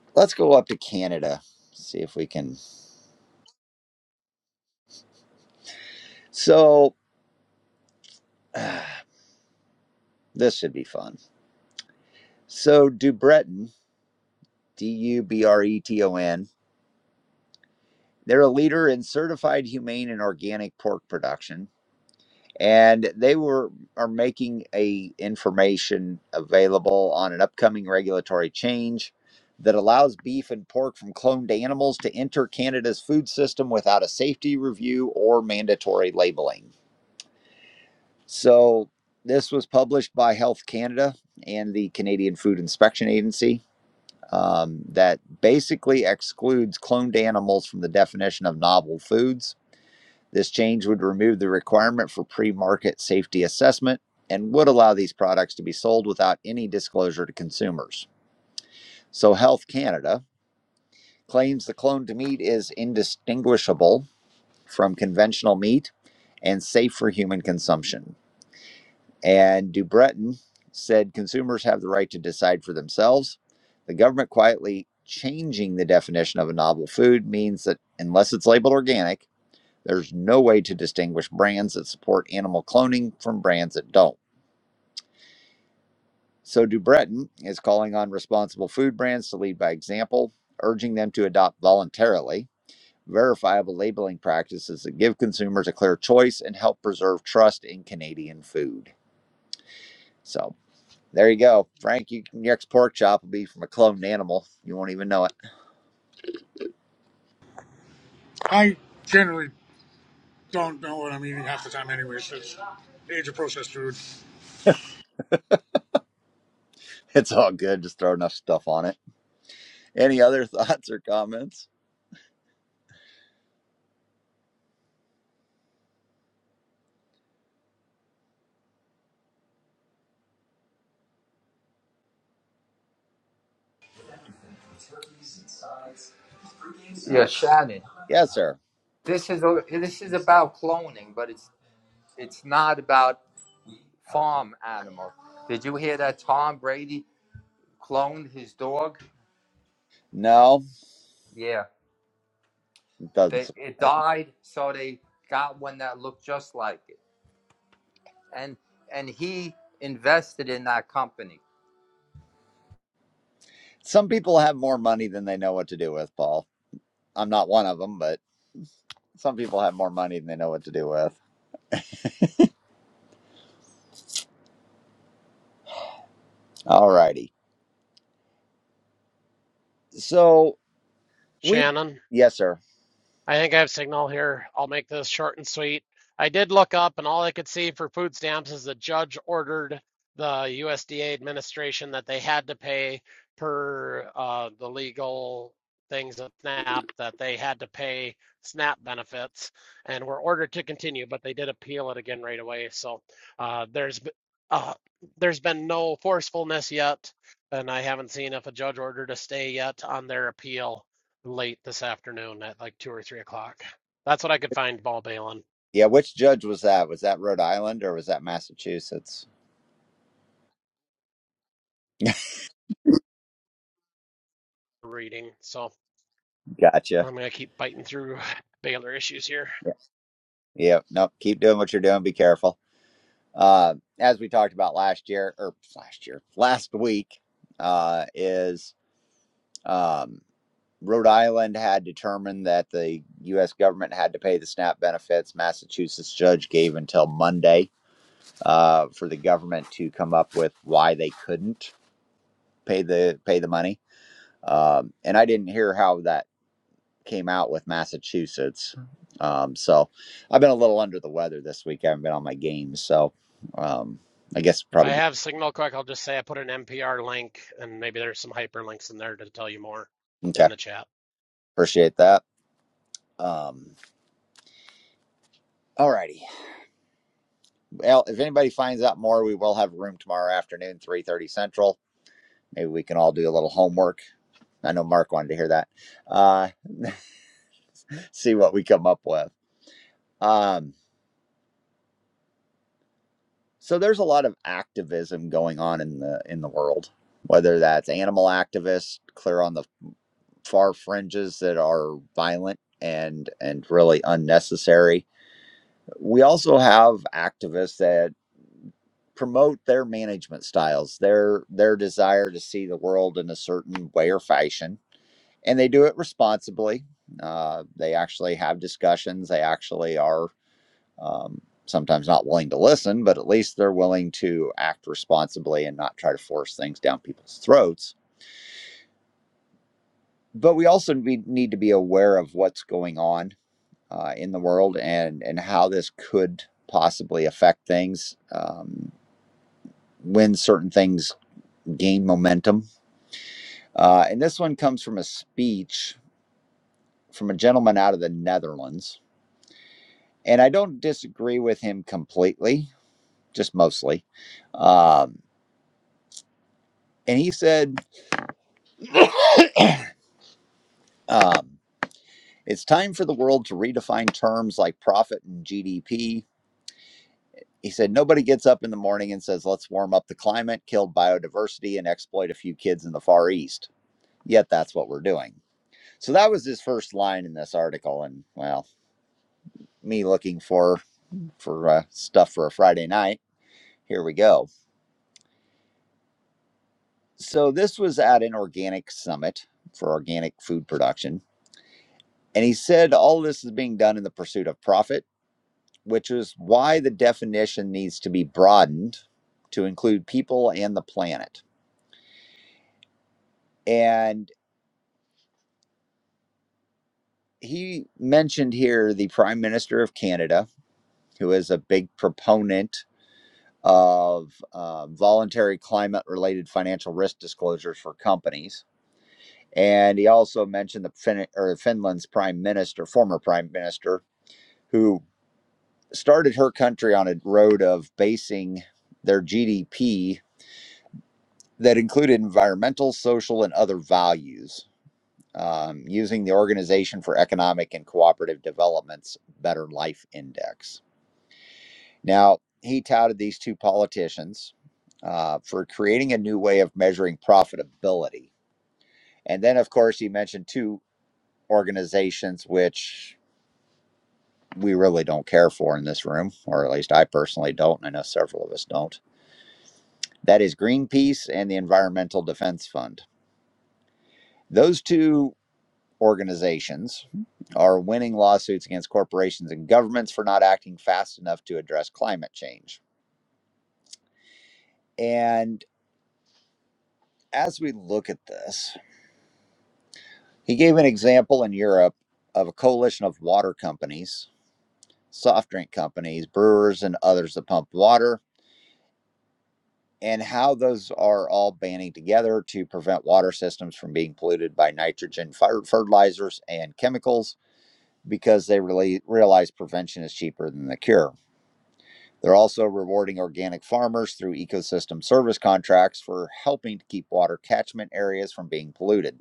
[SIGHS] Let's go up to Canada, see if we can. So, [SIGHS] this should be fun. So, Dubreton D U B R E T O N. They're a leader in certified humane and organic pork production, and they were are making a information available on an upcoming regulatory change that allows beef and pork from cloned animals to enter Canada's food system without a safety review or mandatory labeling. So this was published by Health Canada and the Canadian Food Inspection Agency. um, that basically excludes cloned animals from the definition of novel foods. This change would remove the requirement for pre market safety assessment and would allow these products to be sold without any disclosure to consumers. So, Health Canada claims the cloned meat is indistinguishable from conventional meat and safe for human consumption. And Du Breton said consumers have the right to decide for themselves. The government quietly changing the definition of a novel food means that unless it's labeled organic, there's no way to distinguish brands that support animal cloning from brands that don't. So Du Breton is calling on responsible food brands to lead by example, urging them to adopt voluntarily verifiable labeling practices that give consumers a clear choice and help preserve trust in Canadian food. So There you go, Frank. You, your next pork chop will be from a cloned animal. You won't even know it. [LAUGHS]
I generally don't know what I'm eating half the time, anyways. It's age of processed food.
It's all good. Just throw enough stuff on it. Any other [LAUGHS] thoughts or comments? All
Yeah,
right.
Shannon.
Yes, sir.
This is a, this is about cloning, but it's it's not about farm animals. Did you hear that Tom Brady cloned his dog?
No,
Yeah,
it doesn't.
they, it
surprise me.
died, so they got one that looked just like it, and and he invested in that company.
Some people have more money than they know what to do with, Paul. I'm not one of them, but some people have more money than they know what to do with. All righty. So we,
Shannon.
yes, sir.
I think I have signal here. I'll make this short and sweet. I did look up, and all I could see for food stamps is the judge ordered the USDA administration that they had to pay per uh, the legal things of SNAP that they had to pay SNAP benefits, and were ordered to continue, but they did appeal it again right away. So uh, there's uh, there's been no forcefulness yet, and I haven't seen if a judge ordered a stay yet on their appeal late this afternoon at like two or three o'clock. That's what I could find Ball Balin
Yeah, which judge was that? Was that Rhode Island or was that Massachusetts?
reading. So
[LAUGHS] Gotcha.
I'm gonna keep biting through [SIGHS] Baylor issues here.
Yeah. Yeah. Nope. Keep doing what you're doing. Be careful. Uh, as we talked about last year, or last year, last week, uh, is um, Rhode Island had determined that the U.S. government had to pay the SNAP benefits. Massachusetts judge gave until Monday uh, for the government to come up with why they couldn't pay the pay the money. Um, and I didn't hear how that came out with Massachusetts. Um, so I've been a little under the weather this week. I haven't been on my games, so um, I guess
If I
probably
have signal quick, I'll just say I put an NPR link and maybe there's some hyperlinks in there to tell you more
okay.
in the chat.
Appreciate that. Um, all righty. Well, if anybody finds out more, we will have room tomorrow afternoon, three thirty Central. Maybe we can all do a little homework. I know Mark wanted to hear that. Uh, see what we come up with. Um, so there's a lot of activism going on in the in the world, whether that's animal activists, clear on the far fringes that are violent and and really unnecessary. We also have activists that promote their management styles, their their desire to see the world in a certain way or fashion, and they do it responsibly. Uh, they actually have discussions. They actually are um, sometimes not willing to listen, but at least they're willing to act responsibly and not try to force things down people's throats. But we also need to be aware of what's going on uh, in the world and and how this could possibly affect things um, when certain things gain momentum Uh, and this one comes from a speech from a gentleman out of the Netherlands. And I don't disagree with him completely, just mostly. Um, and he said, um, it's time for the world to redefine terms like profit and GDP. He said, nobody gets up in the morning and says, let's warm up the climate, kill biodiversity, and exploit a few kids in the Far East. Yet that's what we're doing. So that was his first line in this article. And well, me looking for for uh, stuff for a Friday night. Here we go. So this was at an organic summit for organic food production. And he said all this is being done in the pursuit of profit, which is why the definition needs to be broadened to include people and the planet. And he mentioned here the Prime Minister of Canada, who is a big proponent of uh, voluntary climate related financial risk disclosures for companies And he also mentioned the fin- or Finland's prime minister, former prime minister, who started her country on a road of basing their GDP that included environmental, social, and other values, um, using the Organization for Economic and Cooperative Development's Better Life Index. Now, he touted these two politicians uh, for creating a new way of measuring profitability. And then, of course, he mentioned two organizations which we really don't care for in this room, or at least I personally don't, and I know several of us don't. That is Greenpeace and the Environmental Defense Fund. Those two organizations are winning lawsuits against corporations and governments for not acting fast enough to address climate change. And as we look at this, he gave an example in Europe of a coalition of water companies, soft drink companies, brewers, and others that pump water and how those are all banding together to prevent water systems from being polluted by nitrogen fertilizers and chemicals because they really realize prevention is cheaper than the cure. They're also rewarding organic farmers through ecosystem service contracts for helping to keep water catchment areas from being polluted.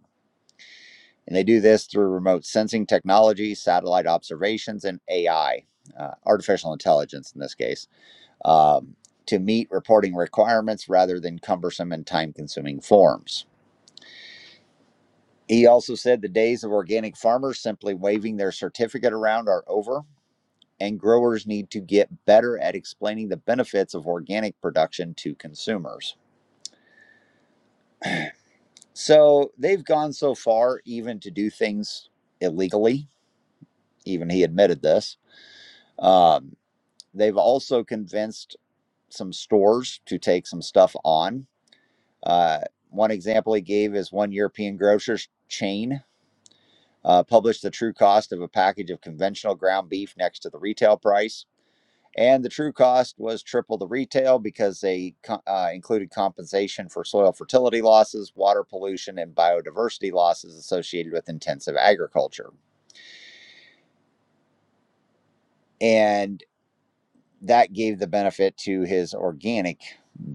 And they do this through remote sensing technology, satellite observations, and AI, uh, artificial intelligence in this case um, to meet reporting requirements rather than cumbersome and time consuming forms. He also said the days of organic farmers simply waving their certificate around are over, and growers need to get better at explaining the benefits of organic production to consumers. So they've gone so far even to do things illegally, even he admitted this. Um, they've also convinced some stores to take some stuff on Uh, one example he gave is one European grocer's chain uh, published the true cost of a package of conventional ground beef next to the retail price. And the true cost was triple the retail because they co- uh, included compensation for soil fertility losses, water pollution, and biodiversity losses associated with intensive agriculture. And that gave the benefit to his organic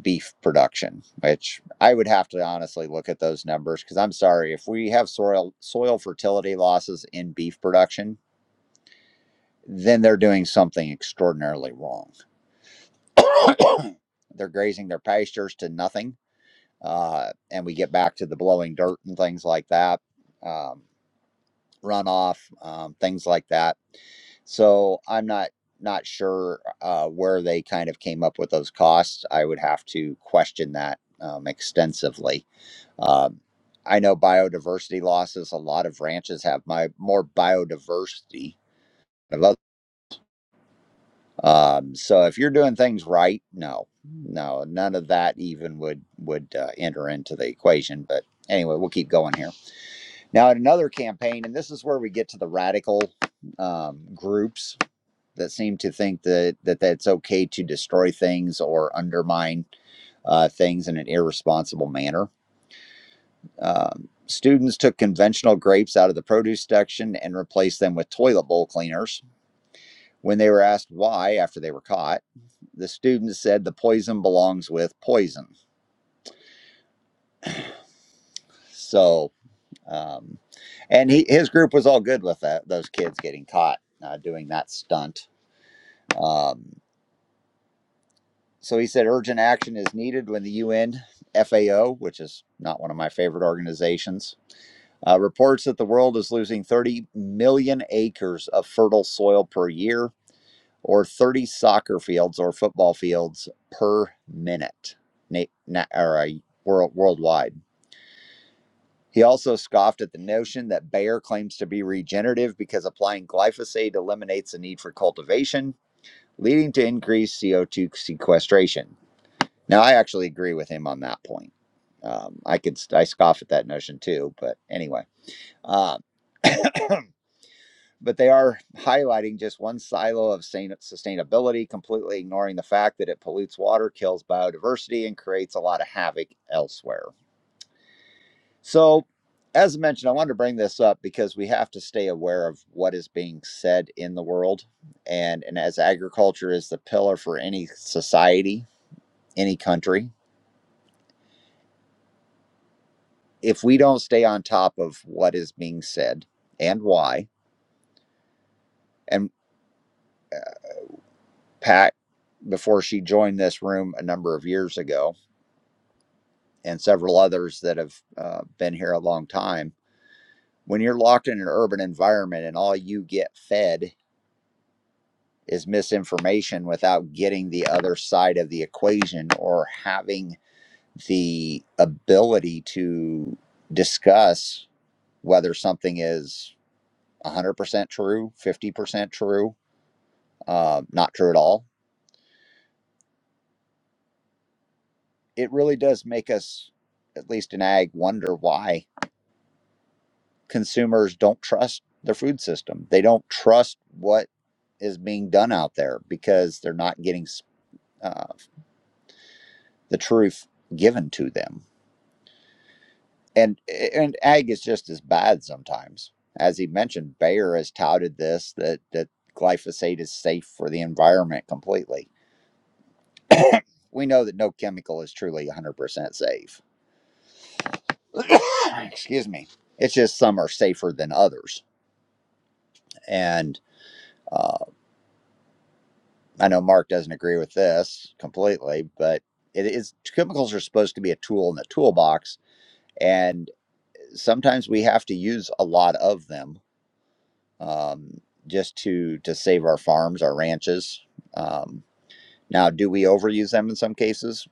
beef production, which I would have to honestly look at those numbers because I'm sorry if we have soil soil fertility losses in beef production, then they're doing something extraordinarily wrong. They're grazing their pastures to nothing, uh, and we get back to the blowing dirt and things like that. Um, runoff, um, things like that. So I'm not not sure uh, where they kind of came up with those costs. I would have to question that um, extensively. Um, I know biodiversity losses. A lot of ranches have my more biodiversity. than others. Um, so if you're doing things right, no, no, none of that even would would uh, enter into the equation. But anyway, we'll keep going here. Now, at another campaign, and this is where we get to the radical um, groups that seem to think that, that that's okay to destroy things or undermine uh, things in an irresponsible manner. Um, students took conventional grapes out of the produce section and replaced them with toilet bowl cleaners. When they were asked why after they were caught, the students said the poison belongs with poison. So, um, and he, his group was all good with that, those kids getting caught uh, doing that stunt Um, so he said urgent action is needed when the UN FAO, which is not one of my favorite organizations, uh, reports that the world is losing 30 million acres of fertile soil per year, or 30 soccer fields or football fields per minute, na- na- or, uh, world- worldwide. He also scoffed at the notion that Bayer claims to be regenerative because applying glyphosate eliminates the need for cultivation, leading to increased CO2 sequestration. Now, I actually agree with him on that point. Um, I could I scoff at that notion too, but anyway. Um, [CLEARS THROAT] but they are highlighting just one silo of sustainability, completely ignoring the fact that it pollutes water, kills biodiversity, and creates a lot of havoc elsewhere. So, as mentioned, I wanted to bring this up because we have to stay aware of what is being said in the world, and and as agriculture is the pillar for any society, any country. if we don't stay on top of what is being said and why, and uh, Pat, before she joined this room a number of years ago, and several others that have uh, been here a long time, when you're locked in an urban environment and all you get fed is misinformation without getting the other side of the equation or having the ability to discuss whether something is 100% true, 50% true, Uh, not true at all. It really does make us, at least in ag, wonder why consumers don't trust the food system. They don't trust what is being done out there because they're not getting uh, the truth given to them. And and ag is just as bad sometimes. As he mentioned, Bayer has touted this that that glyphosate is safe for the environment completely. We know that no chemical is truly 100% safe [COUGHS] excuse me it's just some are safer than others and uh, i know mark doesn't agree with this completely but it is chemicals are supposed to be a tool in the toolbox and sometimes we have to use a lot of them um, just to to save our farms our ranches um, now do we overuse them in some cases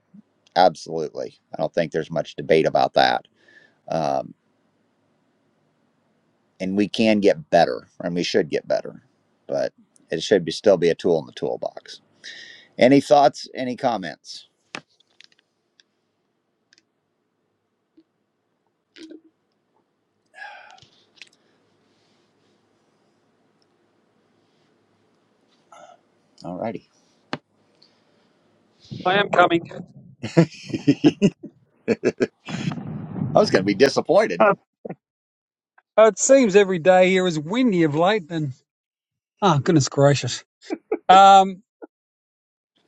absolutely i don't think there's much debate about that Um, and we can get better and we should get better but it should be still be a tool in the toolbox any thoughts any comments All righty.
I am coming.
[LAUGHS] i was going to be disappointed
Oh, it seems every day here is windy of late, and oh goodness gracious. Um,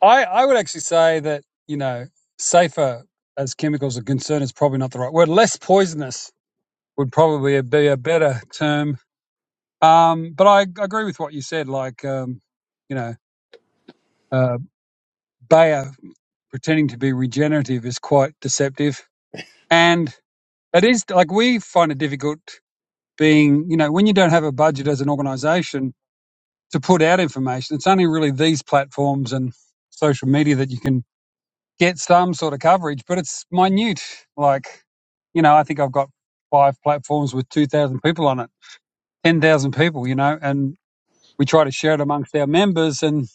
I I would actually say that you know safer as chemicals are concerned is probably not the right word. Less poisonous would probably be a better term. Um, but I agree with what you said. Like um, you know, uh, Bayer pretending to be regenerative is quite deceptive, and it is like we find it difficult being you know when you don't have a budget as an organisation to put out information. It's only really these platforms and social media that you can get some sort of coverage, but it's minute. Like, you know, I think I've got five platforms with 2,000 people on it, 10,000 people, you know, and we try to share it amongst our members. And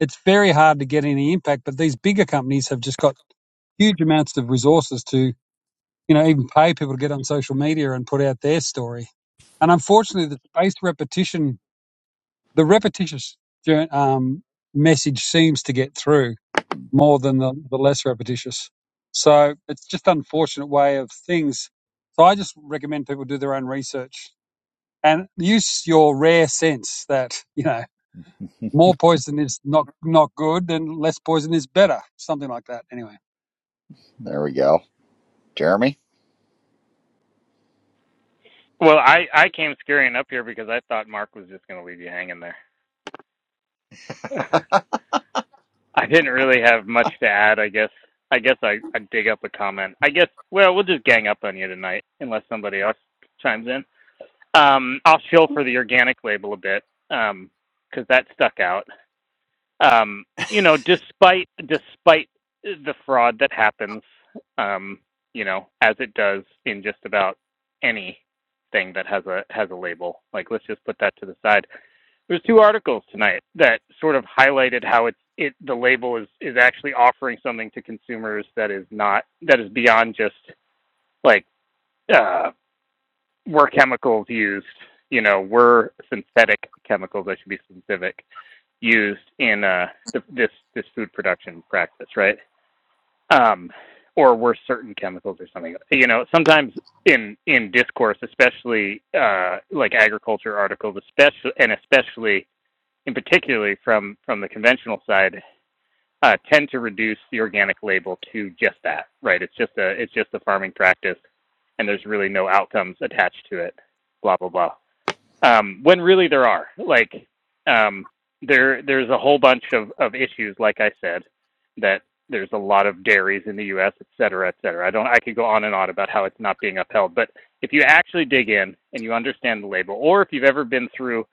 it's very hard to get any impact, but these bigger companies have just got huge amounts of resources to, you know, even pay people to get on social media and put out their story. And unfortunately, the spaced repetition the repetitious um, message seems to get through more than the, the less repetitious. So it's just unfortunate way of things. So I just recommend people do their own research and use your rare sense that you know
[LAUGHS]
more poison is not not good and less poison is better, something like that. Anyway,
there we go jeremy
Well, I I came scurrying up here because I thought Mark was just going to leave you hanging there. [LAUGHS] I didn't really have much to add. I guess I guess I I dig up a comment. I guess well we'll just gang up on you tonight unless somebody else chimes in. Um, I'll shill for the organic label a bit because that stuck out. Um, you know, despite despite the fraud that happens, um, you know, as it does in just about any thing that has a has a label. Like let's just put that to the side there's two articles tonight that sort of highlighted how it's it the label is is actually offering something to consumers that is not that is beyond just like uh, were chemicals used you know were synthetic chemicals I should be specific used in uh, the, this this food production practice right um, or were certain chemicals or something you know sometimes in in discourse especially uh, like agriculture articles especially and especially in particularly from from the conventional side, uh, tend to reduce the organic label to just that, right? It's just a it's just a farming practice, and there's really no outcomes attached to it. Blah blah blah um, when really there are like um, there there's a whole bunch of, of issues like i said that there's a lot of dairies in the us et cetera et cetera i don't i could go on and on about how it's not being upheld but if you actually dig in and you understand the label or if you've ever been through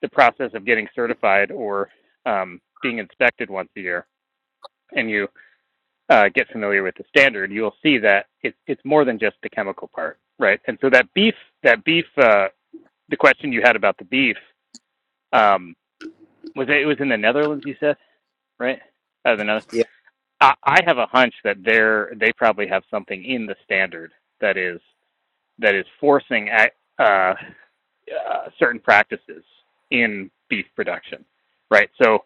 the process of getting certified or um, being inspected once a year and you uh, get familiar with the standard you'll see that it, it's more than just the chemical part right and so that beef that beef uh, the question you had about the beef um, was it, it was in the Netherlands? You said right? Uh, the Netherlands.
Yeah,
I, I have a hunch that they're they probably have something in the standard that is that is forcing at uh, uh, certain practices in beef production, right? So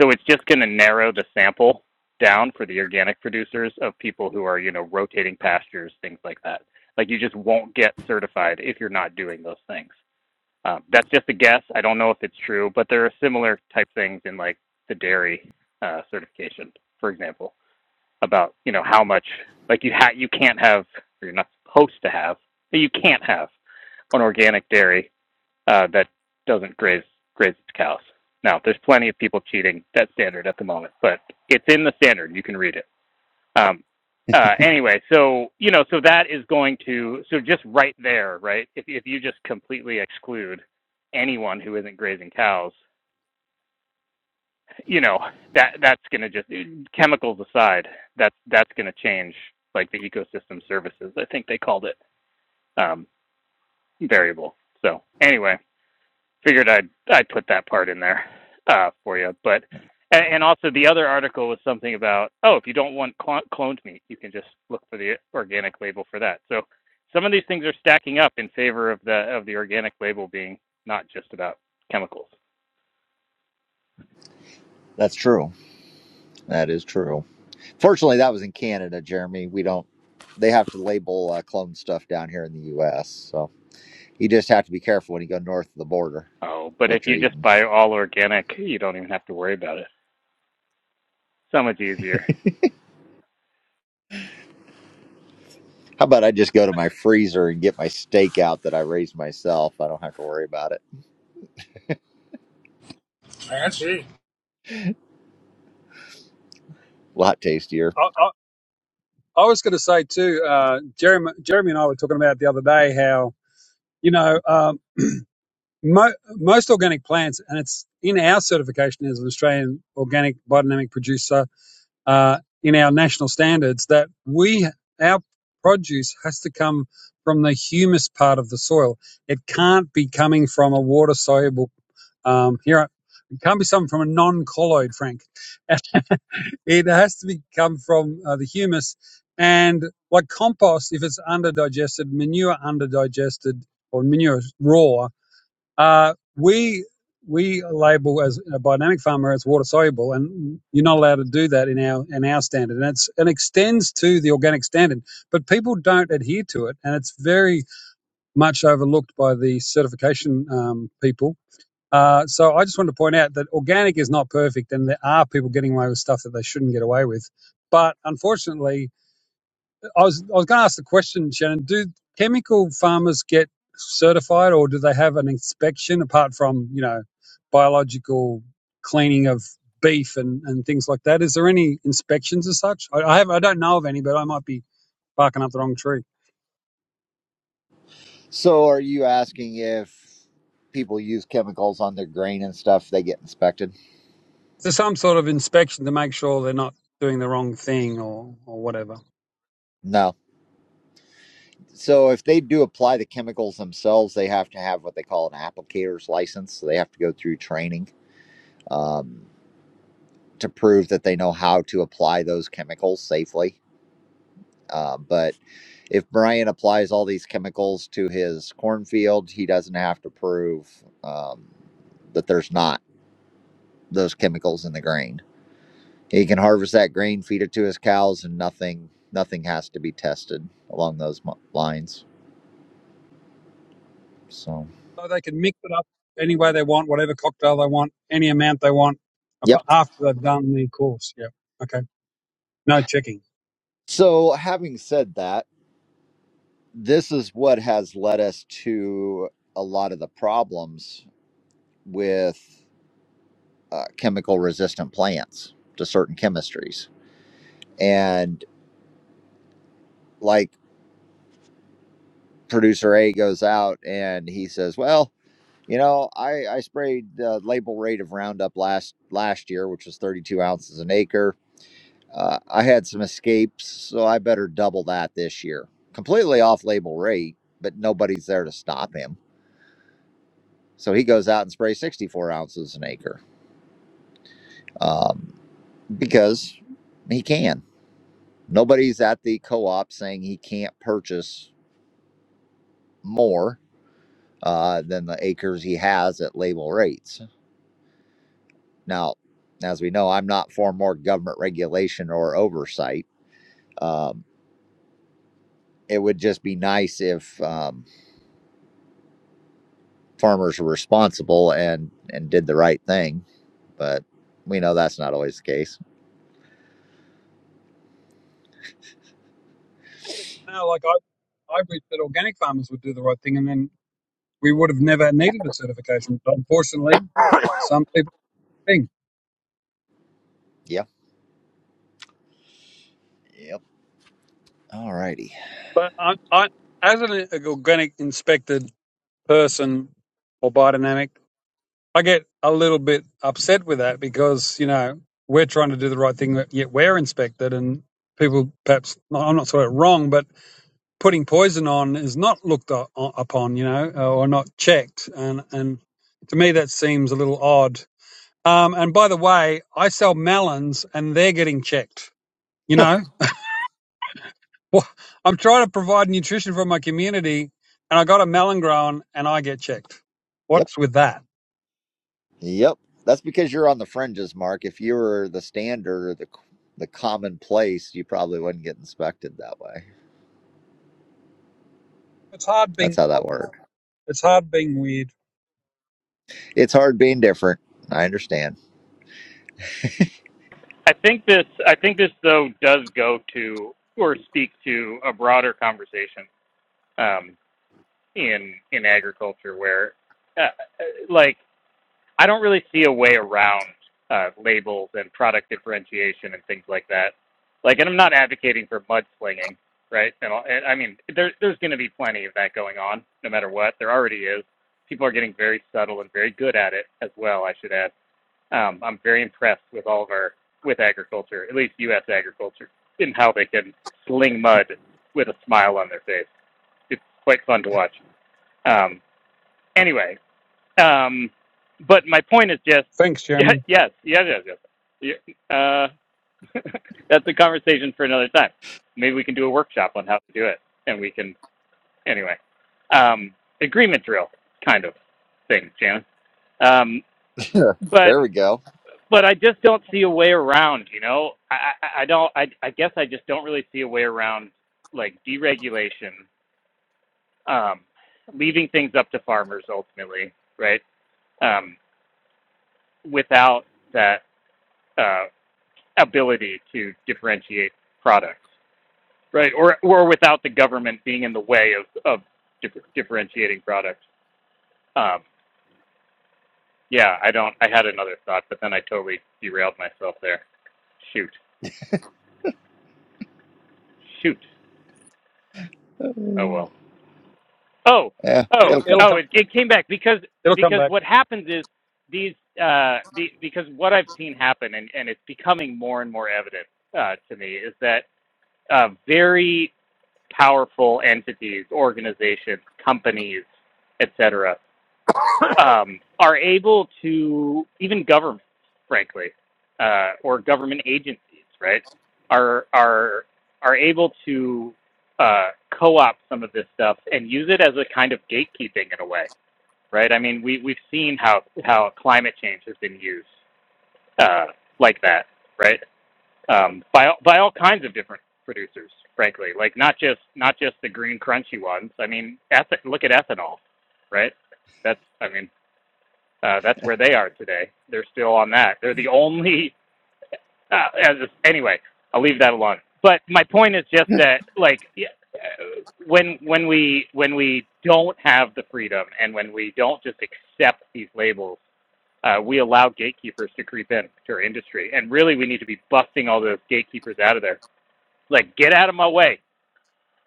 so it's just going to narrow the sample down for the organic producers of people who are you know rotating pastures, things like that. Like you just won't get certified if you're not doing those things. Um, that's just a guess. I don't know if it's true, but there are similar type things in like the dairy uh, certification, for example, about you know how much like you ha- you can't have or you're not supposed to have, but you can't have an organic dairy uh, that doesn't graze graze its cows. Now, there's plenty of people cheating that standard at the moment, but it's in the standard. You can read it. Um, uh, anyway, so you know, so that is going to so just right there, right? If if you just completely exclude anyone who isn't grazing cows, you know that that's going to just chemicals aside, that's that's going to change like the ecosystem services. I think they called it um, variable. So anyway, figured I'd I'd put that part in there uh, for you. But and, and also the other article was something about oh if you don't want clon cloned meat you can just look for the organic label for that. So some of these things are stacking up in favor of the of the organic label being not just about chemicals.
that's true. That is true. Fortunately, that was in Canada, Jeremy. We don't. They have to label uh, clone stuff down here in the U.S. So you just have to be careful when you go north of the border
Oh, but if
what you're
you just
eating.
buy all organic, you don't even have to worry about it. So much easier.
How about I just go to my freezer and get my steak out that I raised myself? I don't have to worry about it.
I see.
A lot tastier.
I, I, I was going to say too, uh, Jeremy, Jeremy and I were talking about the other day how you know. Um, Mo- most organic plants, and it's in our certification as an Australian organic biodynamic producer, uh, in our national standards, that we our produce has to come from the humus part of the soil. It can't be coming from a water soluble. Um, here, it can't be something from a non-colloid, Frank. It has to be come from uh, the humus, and like compost, if it's under digested, manure under digested or manure raw uh, we we label as a biodynamic farmer as water soluble, and you're not allowed to do that in our in our standard, and it's it extends to the organic standard, but people don't adhere to it, and it's very much overlooked by the certification um, people. Uh, so I just wanted to point out that organic is not perfect, and there are people getting away with stuff that they shouldn't get away with. But unfortunately, I was I was going to ask the question, Shannon. Do chemical farmers get certified, or do they have an inspection apart from you know biological cleaning of beef and, and things like that? Is there any inspections as such? I, I have I don't know of any, but I might be barking up the wrong tree.
So, are you asking if people use chemicals on their grain and stuff, they get inspected?
Is there some sort of inspection to make sure they're not doing the wrong thing or or whatever?
No. So, if they do apply the chemicals themselves, they have to have what they call an applicator's license. So, they have to go through training um, to prove that they know how to apply those chemicals safely. Uh, but if Brian applies all these chemicals to his cornfield, he doesn't have to prove um, that there's not those chemicals in the grain. He can harvest that grain, feed it to his cows, and nothing nothing has to be tested along those lines. So,
So they can mix it up any way they want, whatever cocktail they want, any amount they want, apa-
yep.
after they've done the course. Yeah. Okay. No checking.
So, having said that, this is what has led us to a lot of the problems with uh, chemical resistant plants to certain chemistries. And like producer A goes out and he says, "Well, you know, I I sprayed the label rate of Roundup last last year, which was 32 ounces an acre." Uh, I had some escapes, so I better double that this year. Completely off label rate, but nobody's there to stop him. So he goes out and sprays 64 ounces an acre um, because he can. Nobody's at the co op saying he can't purchase more uh, than the acres he has at label rates. Now, as we know, I'm not for more government regulation or oversight. Um, it would just be nice if. Um, farmers were responsible and and did the right thing. But we know that's not always the case.
No, like I, I wish that organic farmers would do the right thing, and then we would have never needed a certification. But unfortunately, some people think.
Yep. Yep. All righty.
But I, I as an organic inspected person or biodynamic, I get a little bit upset with that because you know we're trying to do the right thing, yet we're inspected, and people perhaps I'm not sort of wrong, but putting poison on is not looked upon, you know, or not checked, and and to me that seems a little odd Um, and by the way, I sell melons and they're getting checked. You
[LAUGHS]
know, Wha- I'm trying to provide nutrition for my community and I got a melon grown and I get checked.
Yep.
What's with that?
Yep. That's because you're on the fringes, Mark. If you were the standard or the the commonplace, you probably wouldn't get inspected that way.
It's hard
That's
being,
how that worked.
it's hard being weird.
It's hard being different. I understand.
I think this I think this though does go to or speak to a broader conversation um, in in agriculture where uh, uh, like I don't really see a way around uh, labels and product differentiation and things like that. Like, and I'm not advocating for mudslinging, right? And, and I mean, there, there's going to be plenty of that going on, no matter what. There already is. People are getting very subtle and very good at it as well. I should add. Um, I'm very impressed with all of our with agriculture, at least U.S. agriculture, in how they can sling mud with a smile on their face. It's quite fun to watch. Um, anyway, um, but my point is just
Thanks,
[LAUGHS] yes,
Jeremy.
yes, yes, yes. yes. Yeah, Uh, [LAUGHS] that's a conversation for another time. Maybe we can do a workshop on how to do it, and we can anyway um, agreement drill kind of thing, Janice. Um,
[LAUGHS] there
but
we go.
but I just don't see a way around. You know, I, I, I don't. I, I guess I just don't really see a way around like deregulation, um, leaving things up to farmers ultimately, right? Um, without that uh, ability to differentiate products, right? Or or without the government being in the way of of differ- differentiating products. Um, yeah, I don't. I had another thought, but then I totally derailed myself there. Shoot, shoot. Oh well. Oh,
Yeah,
oh,
It'll,
it'll come.
it'll
oh!
come,
It, it came back because
it'll come
because
back.
what happens is these uh, be, because what I've seen happen and and it's becoming more and more evident uh, to me is that uh, very powerful entities, organizations, companies, etc., um, are able to even governments, frankly, uh, or government agencies, right, are are are able to uh, co-opt some of this stuff and use it as a kind of gatekeeping in a way, right? I mean, we we've seen how how climate change has been used uh, like that, right? um, by by all kinds of different producers, frankly. Like not just not just the green crunchy ones. I mean, eth- look at ethanol, right? That's I mean uh, that's where they are today. They're still on that. They're the only. [LAUGHS] Uh, as a- anyway, I'll leave that alone. But my point is just
[LAUGHS]
that like yeah, uh, when when we when we don't have the freedom and when we don't just accept these labels uh, we allow gatekeepers to creep in to our industry. And really, we need to be busting all those gatekeepers out of there like get out of my way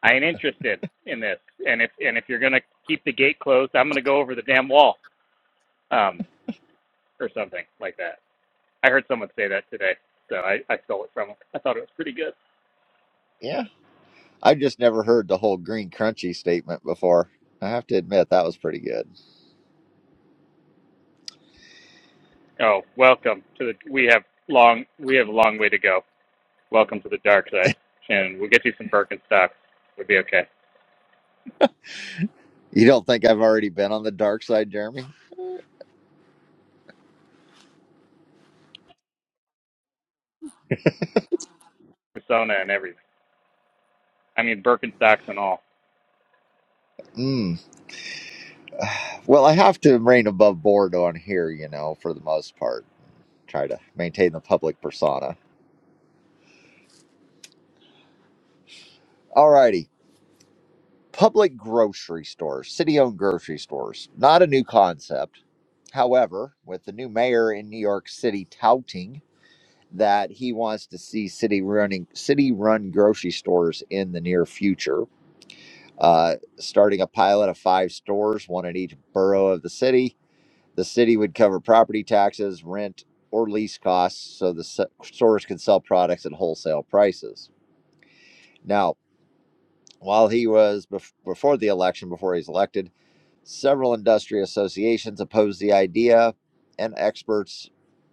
i ain't interested in this and if and if you're gonna keep the gate closed i'm gonna go over the damn wall um or something like that i heard someone say that today so i i stole it from from 'em. i thought it was pretty good
Yeah. I've just never heard the whole green crunchy statement before. I have to admit that was pretty good.
oh welcome to the we have long we have a long way to go welcome to the dark side and we'll get you some birkenstocks we'll be okay
You don't think I've already been on the dark side, Jeremy?
persona and everything i mean birkenstocks and all
Mm. Well, I have to remain above board on here, you know, for the most part. Try to maintain the public persona. Alrighty. Public grocery stores, city owned grocery stores. Not a new concept. However, with the new mayor in New York City touting that he wants to see city running city run grocery stores in the near future, uh, starting a pilot of five stores, one in each borough of the city The city would cover property taxes, rent, or lease costs so the stores could sell products at wholesale prices. Now, while he was before the election, before he was elected, several industry associations opposed the idea, and experts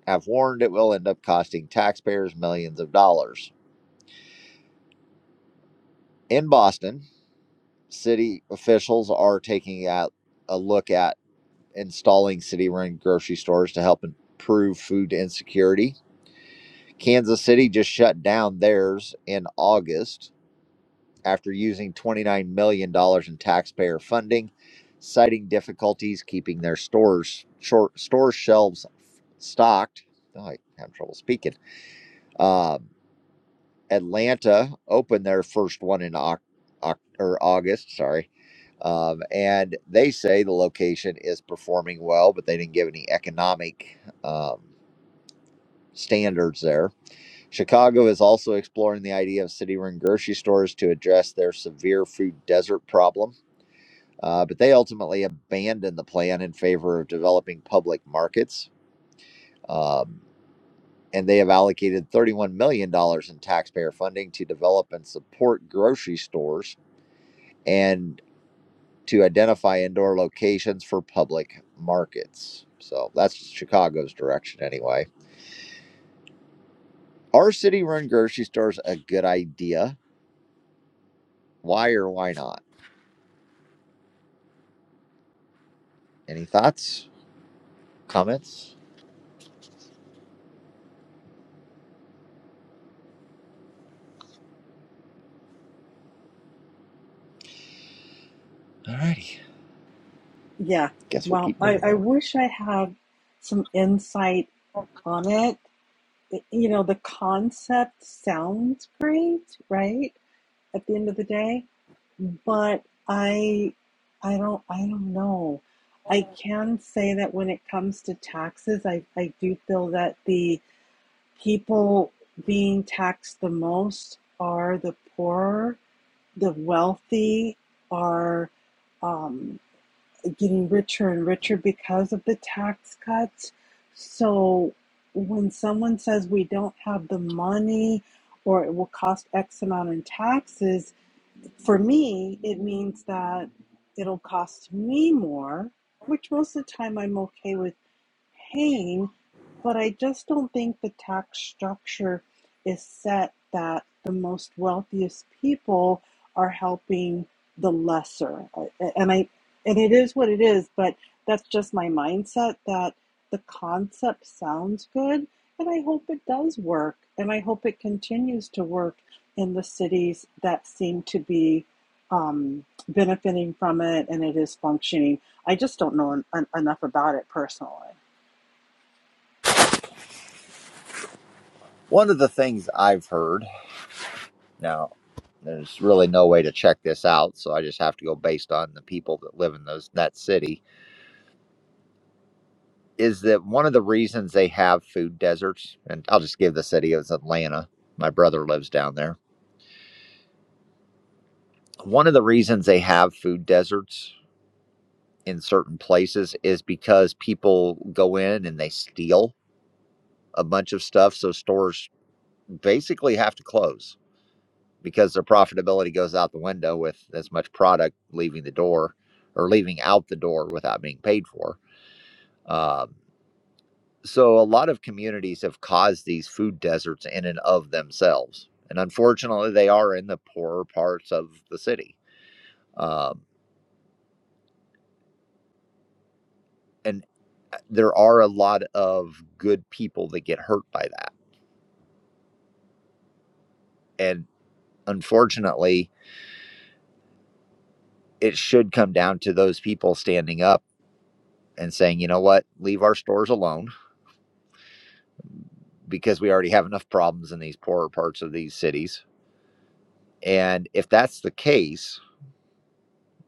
have warned it will end up costing taxpayers millions of dollars. In Boston, city officials are taking out a look at installing city run grocery stores to help improve food insecurity. Kansas City just shut down theirs in August after using $29 million dollars in taxpayer funding, citing difficulties keeping their stores short store shelves stocked. Oh, I have trouble speaking. Um, Atlanta opened their first one in Oc- Oc- or August, sorry. Um, and they say the location is performing well, but they didn't give any economic um, standards there Chicago is also exploring the idea of city run grocery stores to address their severe food desert problem, uh, but they ultimately abandoned the plan in favor of developing public markets. Um, and they have allocated $31 million dollars in taxpayer funding to develop and support grocery stores and to identify indoor locations for public markets. So that's Chicago's direction, anyway. Are city run grocery stores a good idea? Why or why not? Any thoughts? Comments? Alrighty.
Yeah.
Guess we'll
Well,
keep
I,
moving
I
then.
wish I had some insight on it. You know, the concept sounds great, right? At the end of the day. But I I don't I don't know. I can say that when it comes to taxes, I, I do feel that the people being taxed the most are the poor, the wealthy are um, getting richer and richer because of the tax cuts. So when someone says we don't have the money or it will cost X amount in taxes, for me, it means that it'll cost me more, which most of the time I'm okay with paying, but I just don't think the tax structure is set that the most wealthiest people are helping the lesser. And I and it is what it is, but that's just my mindset that the concept sounds good and I hope it does work and I hope it continues to work in the cities that seem to be um, benefiting from it and it is functioning. I just don't know en- en- enough about it personally.
One of the things I've heard, now, there's really no way to check this out, so I just have to go based on the people that live in those that city, is that one of the reasons they have food deserts, and I'll just give the city, it was Atlanta. My brother lives down there. One of the reasons they have food deserts in certain places is because people go in and they steal a bunch of stuff, so stores basically have to close because their profitability goes out the window with as much product leaving the door or leaving out the door without being paid for. Um, so a lot of communities have caused these food deserts in and of themselves, and unfortunately, they are in the poorer parts of the city. Um, and uh, there are a lot of good people that get hurt by that, and unfortunately, it should come down to those people standing up and saying, you know what, leave our stores alone because we already have enough problems in these poorer parts of these cities. And if that's the case,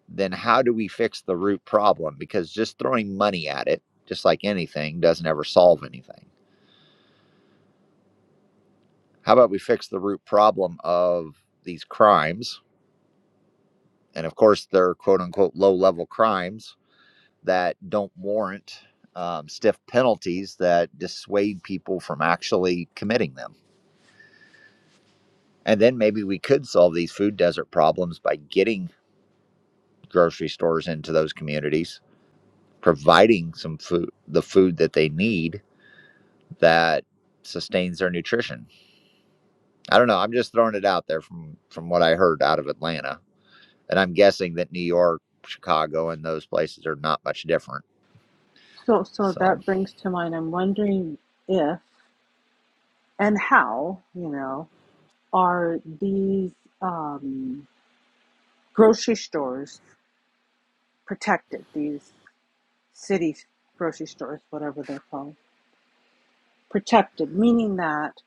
then how do we fix the root problem? Because just throwing money at it, just like anything, doesn't ever solve anything. How about we fix the root problem of these crimes? And of course, they're quote unquote low level crimes that don't warrant um, stiff penalties that dissuade people from actually committing them. And then maybe we could solve these food desert problems by getting grocery stores into those communities, providing some food, the food that they need that sustains their nutrition. I don't know. I'm just throwing it out there from from what I heard out of Atlanta, and I'm guessing that New York, Chicago, and those places are not much different.
So, so
So,
that brings to mind, I'm wondering if and how, you know, are these um, grocery stores protected? These city grocery stores, whatever they're called, protected, meaning that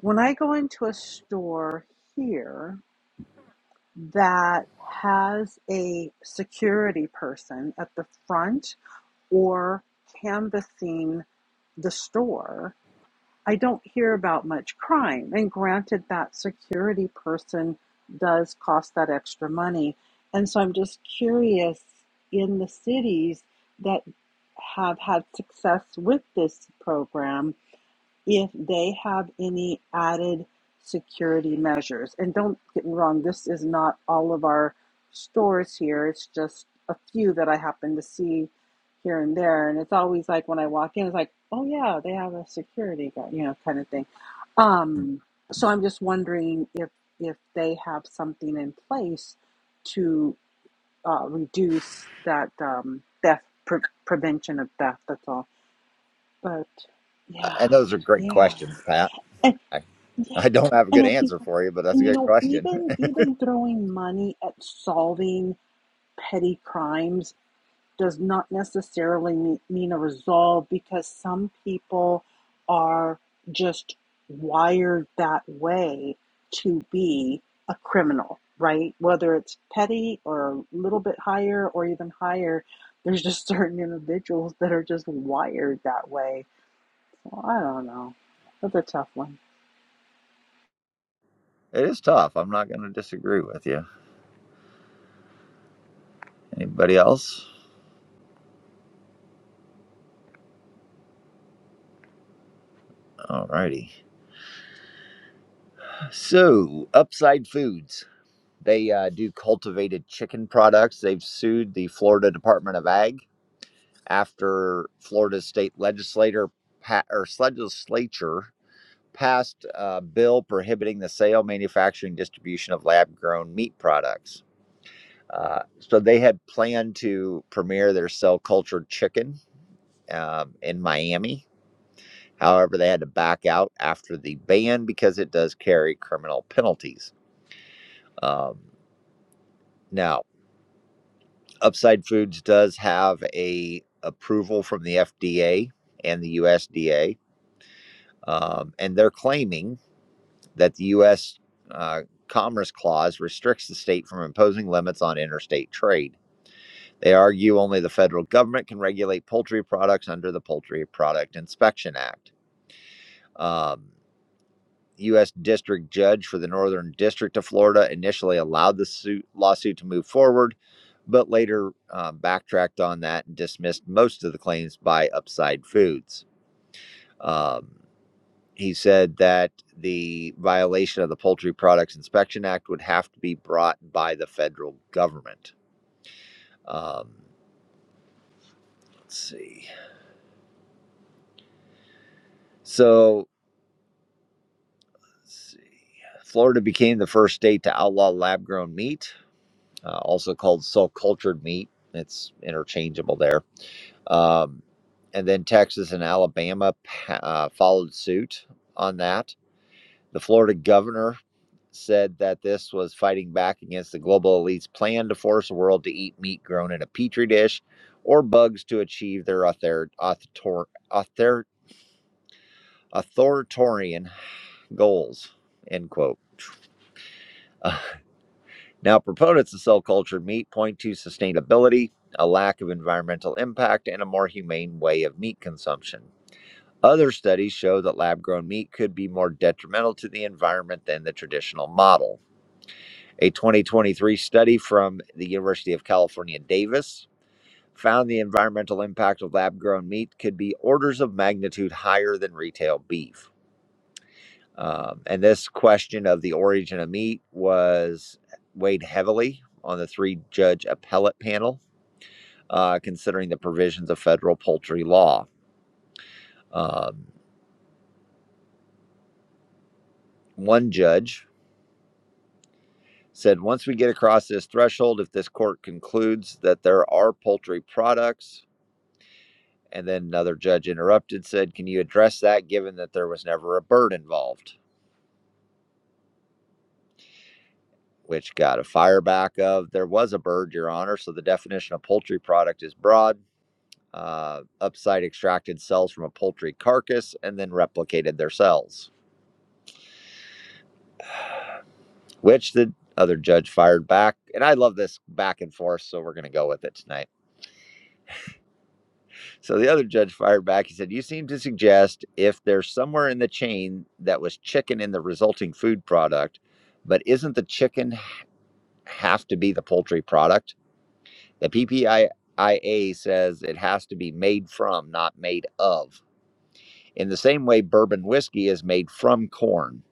when I go into a store here that has a security person at the front or canvassing the store I don't hear about much crime. And granted, that security person does cost that extra money. And so I'm just curious in the cities that have had success with this program if they have any added security measures. And don't get me wrong, this is not all of our stores here. It's just a few that I happen to see here and there. And it's always like when I walk in, it's like, oh yeah, they have a security guy, you know, kind of thing. Um, so I'm just wondering if if they have something in place to uh, reduce that um, theft pre- prevention of theft. That's all. But
uh,
yeah,
and those are great
yeah.
questions, Pat.
And
I,
yeah,
I don't have a
and
good
at the
answer for you, but that's a
and you
good
know
question. [LAUGHS]
even even throwing money at solving petty crimes does not necessarily me- mean a resolve because some people are just wired that way to be a criminal, right? Whether it's petty or a little bit higher or even higher, there's just [LAUGHS] certain individuals that are just wired that way. So I don't know. That's a tough one.
It is tough. I'm not going to disagree with you. Anybody else? All righty. So, Upside Foods. They uh, do cultivated chicken products. They've sued the Florida Department of Ag after Florida's state legislator pa- or legislature passed a bill prohibiting the sale, manufacturing, distribution of lab-grown meat products. Uh, so they had planned to premiere their cell cultured chicken um, in Miami. However, they had to back out after the ban because it does carry criminal penalties. Um, now, Upside Foods does have a approval from the FDA and the USDA, um, and they're claiming that the U.S. Uh, Commerce Clause restricts the state from imposing limits on interstate trade. They argue only the federal government can regulate poultry products under the Poultry Product Inspection Act. Um, U.S. District Judge for the Northern District of Florida initially allowed the suit, lawsuit to move forward, but later uh, backtracked on that and dismissed most of the claims by Upside Foods. Um, he said that the violation of the Poultry Products Inspection Act would have to be brought by the federal government. Um, let's see. So, let's see. Florida became the first state to outlaw lab grown meat, uh, also called cell cultured meat. It's interchangeable there. Um, and then Texas and Alabama uh, followed suit on that. The Florida governor said that this was fighting back against the global elite's plan to force the world to eat meat grown in a petri dish or bugs to achieve their author- author- author- authoritarian goals. End quote. [LAUGHS] Uh, now, proponents of cell cultured meat point to sustainability, a lack of environmental impact, and a more humane way of meat consumption. Other studies show that lab grown meat could be more detrimental to the environment than the traditional model. A 2023 study from the University of California, Davis, found the environmental impact of lab grown meat could be orders of magnitude higher than retail beef. Um, and this question of the origin of meat was weighed heavily on the three judge appellate panel, uh, considering the provisions of federal poultry law. Um, one judge said once we get across this threshold, if this court concludes that there are poultry products, and then another judge interrupted, said, Can you address that given that there was never a bird involved? Which got a fire back of there was a bird, Your Honor. So the definition of poultry product is broad. Uh, upside extracted cells from a poultry carcass and then replicated their cells, which the other judge fired back. And I love this back and forth, so we're going to go with it tonight. So the other judge fired back. He said, You seem to suggest if there's somewhere in the chain that was chicken in the resulting food product, but isn't the chicken have to be the poultry product? The PPIA says it has to be made from, not made of. In the same way, bourbon whiskey is made from corn.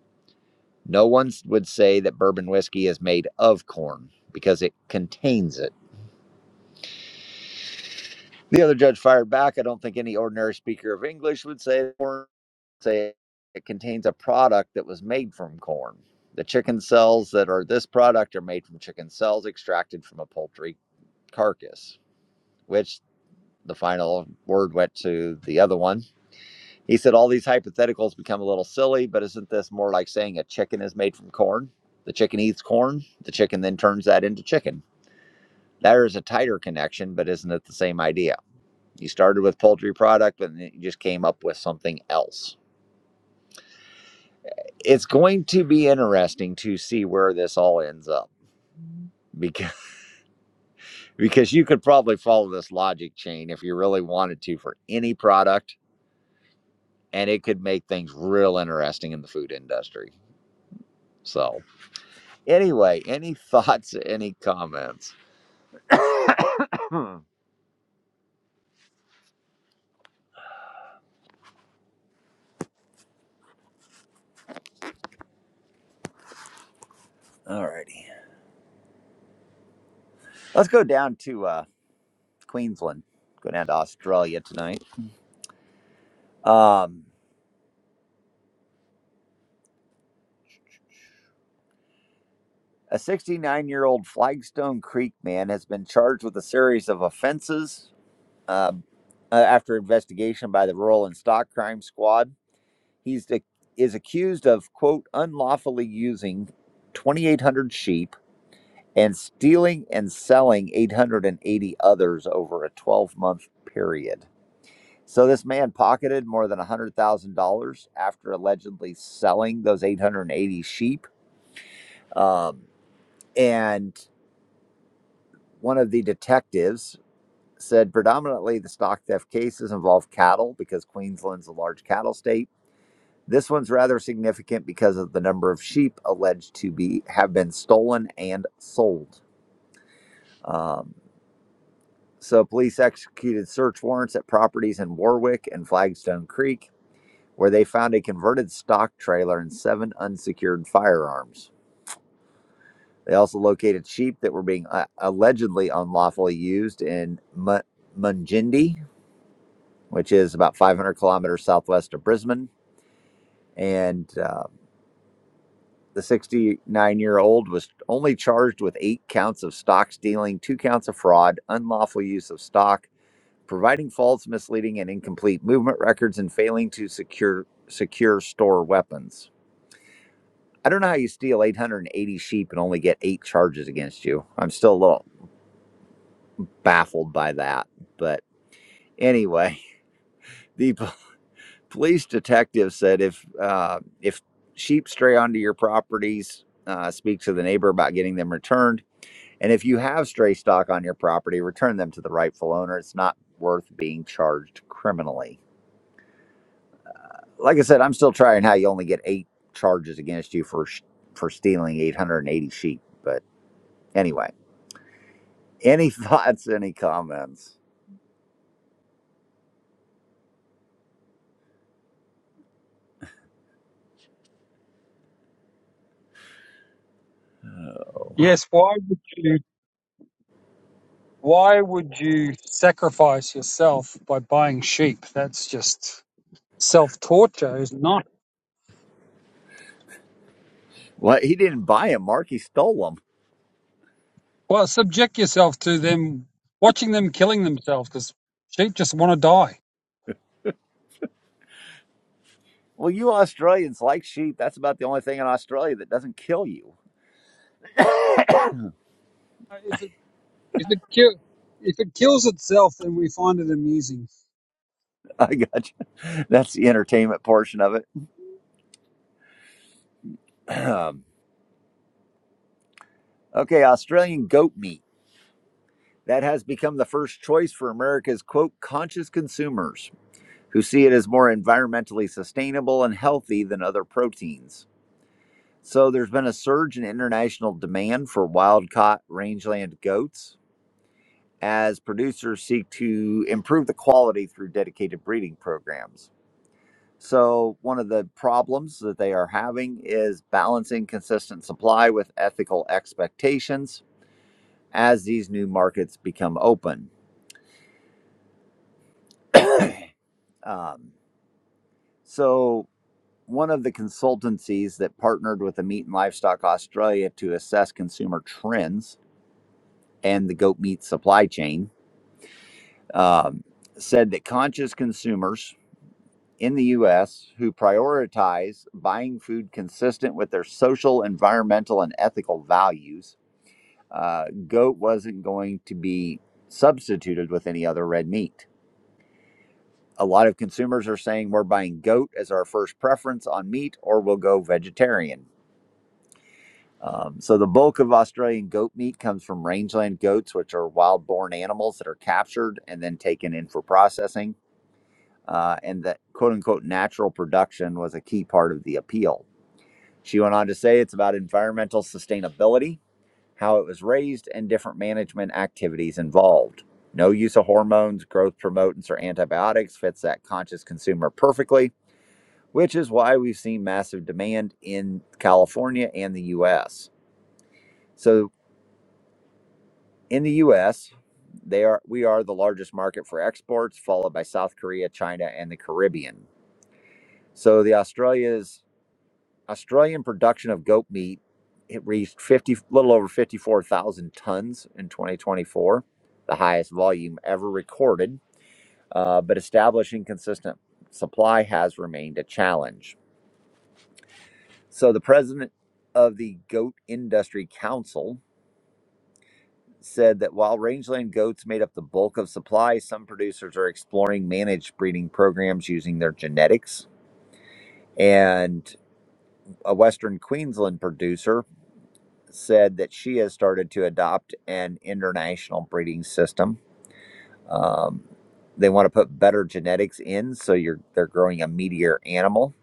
No one would say that bourbon whiskey is made of corn because it contains it. The other judge fired back. I don't think any ordinary speaker of English would say corn. Say it contains a product that was made from corn. The chicken cells that are this product are made from chicken cells extracted from a poultry carcass, which the final word went to the other one. He said all these hypotheticals become a little silly, but isn't this more like saying a chicken is made from corn? The chicken eats corn, the chicken then turns that into chicken. There is a tighter connection, but isn't it the same idea? You started with poultry product, but you just came up with something else. It's going to be interesting to see where this all ends up because [LAUGHS] because you could probably follow this logic chain if you really wanted to for any product and it could make things real interesting in the food industry. So, anyway, any [LAUGHS] thoughts, any comments? Hmm. All righty. Let's go down to uh, Queensland, go down to Australia tonight. Um, A 69 year old Flagstone Creek man has been charged with a series of offenses uh, uh, after investigation by the Rural and Stock Crime Squad. He's ac- is accused of, quote, unlawfully using 2,800 sheep and stealing and selling 880 others over a 12 month period. So this man pocketed more than $100,000 after allegedly selling those 880 sheep. Um, and one of the detectives said predominantly the stock theft cases involve cattle because Queensland's a large cattle state. This one's rather significant because of the number of sheep alleged to be have been stolen and sold. Um, so police executed search warrants at properties in Warwick and Flagstone Creek, where they found a converted stock trailer and seven unsecured firearms. They also located sheep that were being uh, allegedly unlawfully used in M- Mungindi, which is about 500 kilometers southwest of Brisbane. And uh, the 69 year old was only charged with eight counts of stock stealing, two counts of fraud, unlawful use of stock, providing false, misleading, and incomplete movement records, and failing to secure secure store weapons. I don't know how you steal 880 sheep and only get eight charges against you. I'm still a little baffled by that. But anyway, [LAUGHS] the police detective said if uh, if sheep stray onto your properties, uh, speak to the neighbor about getting them returned. And if you have stray stock on your property, return them to the rightful owner. It's not worth being charged criminally. Like I said, I'm still trying how you only get eight charges against you for sh- for stealing 880 sheep. But anyway, [LAUGHS] any thoughts? Any comments?
Yes. Why would you, why would you sacrifice yourself by buying sheep? That's just self torture is not,
Well, he didn't buy them, Mark. He stole them.
well, subject yourself to them, watching them killing themselves because sheep just want to die.
Well, you Australians like sheep. That's about the only thing in Australia that doesn't kill you.
Uh, If it if it kill if it kills itself, then we find it amusing.
[LAUGHS] I got you. That's the entertainment portion of it. [CLEARS THROAT] Um, okay, Australian goat meat. That has become the first choice for America's quote conscious consumers who see it as more environmentally sustainable and healthy than other proteins. So there's been a surge in international demand for wild caught rangeland goats as producers seek to improve the quality through dedicated breeding programs. So, one of the problems that they are having is balancing consistent supply with ethical expectations as these new markets become open. [COUGHS] um, so, one of the consultancies that partnered with the Meat and Livestock Australia to assess consumer trends and the goat meat supply chain um, said that conscious consumers in the US who prioritize buying food consistent with their social, environmental, and ethical values uh, goat wasn't going to be substituted with any other red meat. A lot of consumers are saying we're buying goat as our first preference on meat, or we'll go vegetarian. Um, so the bulk of Australian goat meat comes from rangeland goats, which are wild-born animals that are captured and then taken in for processing. Uh, and that quote-unquote natural production was a key part of the appeal. She went on to say it's about environmental sustainability how it was raised, and different management activities involved. No use of hormones, growth promotants, or antibiotics fits that conscious consumer perfectly, which is why we've seen massive demand in California and the US. So, in the US, they are we are the largest market for exports followed by South Korea, China, and the Caribbean. So the Australia's Australian production of goat meat it reached 50 little over 54,000 tons in 2024, the highest volume ever recorded, uh, but establishing consistent supply has remained a challenge. So the president of the Goat Industry Council said that while rangeland goats made up the bulk of supply, some producers are exploring managed breeding programs using their genetics. And a Western Queensland producer said that she has started to adopt an international breeding system. Um, they want to put better genetics in, so you're they're growing a meatier animal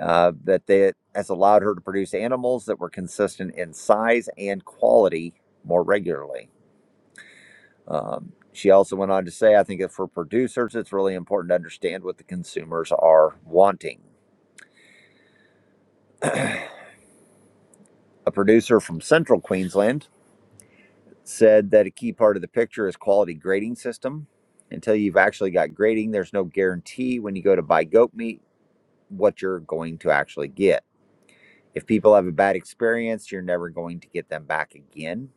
uh, that they, has allowed her to produce animals that were consistent in size and quality more regularly. Um, she also went on to say, I think that for producers, it's really important to understand what the consumers are wanting. A producer from central Queensland said that a key part of the picture is quality grading system. Until you've actually got grading, there's no guarantee when you go to buy goat meat what you're going to actually get. If people have a bad experience, you're never going to get them back again.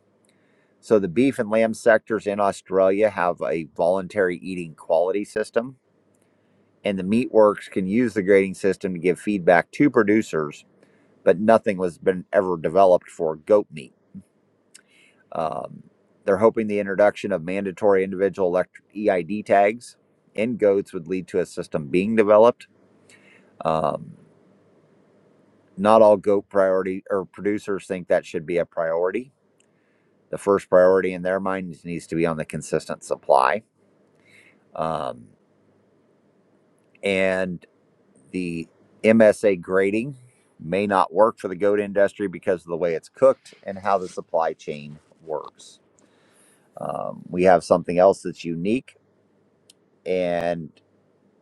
So the beef and lamb sectors in Australia have a voluntary eating quality system, and the meat works can use the grading system to give feedback to producers, but nothing was been ever developed for goat meat. Um, they're hoping the introduction of mandatory individual electric EID tags in goats would lead to a system being developed. Um, not all goat priority or producers think that should be a priority. The first priority in their mind needs to be on the consistent supply. Um, and the MSA grading may not work for the goat industry because of the way it's cooked and how the supply chain works. Um, we have something else that's unique, and.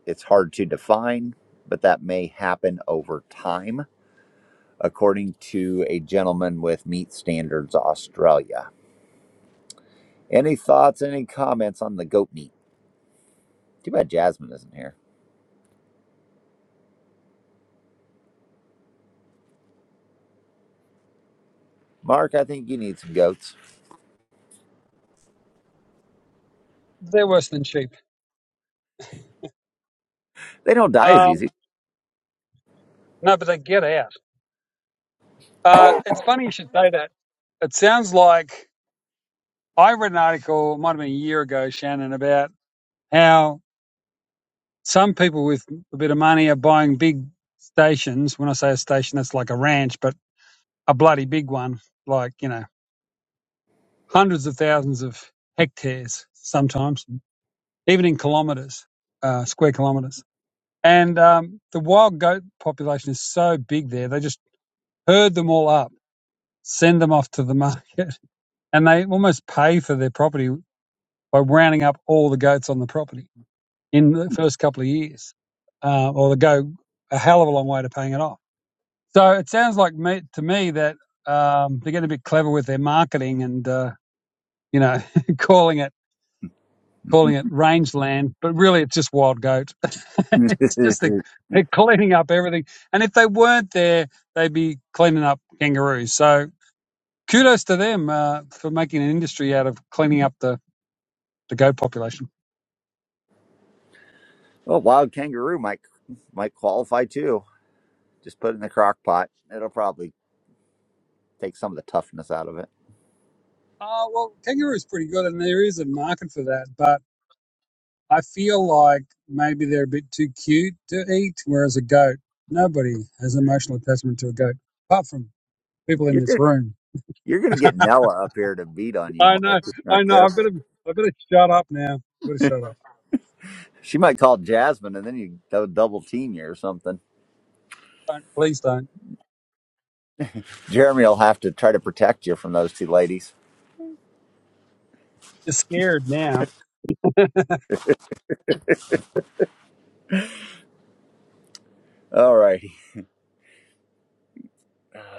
It's hard to define, but that may happen over time, according to a gentleman with Meat Standards Australia. Any thoughts, any comments on the goat meat? Too bad Jasmine isn't here. Mark, I think you need some goats.
They're worse than sheep.
They don't die as
Um,
easy.
no, but they get out. Uh, it's funny you should say that. It sounds like I read an article, it might have been a year ago, Shannon, about how some people with a bit of money are buying big stations. When I say a station, that's like a ranch, but a bloody big one, like you know, hundreds of thousands of hectares sometimes, even in kilometres, uh, square kilometres And um, the wild goat population is so big there, they just herd them all up, send them off to the market, [LAUGHS] and they almost pay for their property by rounding up all the goats on the property in the first couple of years. Uh, or they go a hell of a long way to paying it off. So it sounds like me, to me that um, they're getting a bit clever with their marketing and, uh, you know, [LAUGHS] calling it.
[LAUGHS]
calling it rangeland, but really it's just wild goat. [LAUGHS] it's just the, they're cleaning up everything. And if they weren't there, they'd be cleaning up kangaroos. So kudos to them uh, for making an industry out of cleaning up the, the goat population.
well, wild kangaroo might might qualify too. Just put it in the crock pot. It'll probably take some of the toughness out of it.
Oh, well, kangaroo's pretty good, and there is a market for that. But I feel like maybe they're a bit too cute to eat, whereas a goat, nobody has emotional attachment to a goat, apart from people in
You're
this
gonna,
room
you're gonna get Nella up here to beat on you,
I
Mark.
know,
If you're
I
not
know. I
careful.
better, I better shut up now. I better shut up.
She might call Jasmine, and then you they'll double team you or something.
Don't, please don't.
Jeremy will have to try to protect you from those two ladies.
You're scared now. [LAUGHS]
All righty.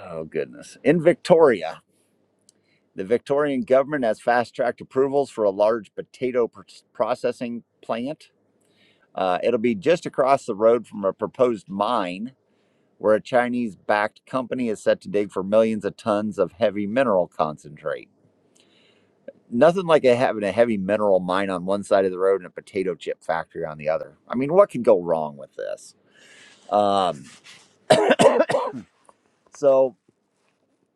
Oh goodness. In Victoria, the Victorian government has fast-tracked approvals for a large potato pr- processing plant. Uh, it'll be just across the road from a proposed mine, where a Chinese-backed company is set to dig for millions of tons of heavy mineral concentrate. nothing like having a heavy mineral mine on one side of the road and a potato chip factory on the other. I mean, what could go wrong with this? Um, so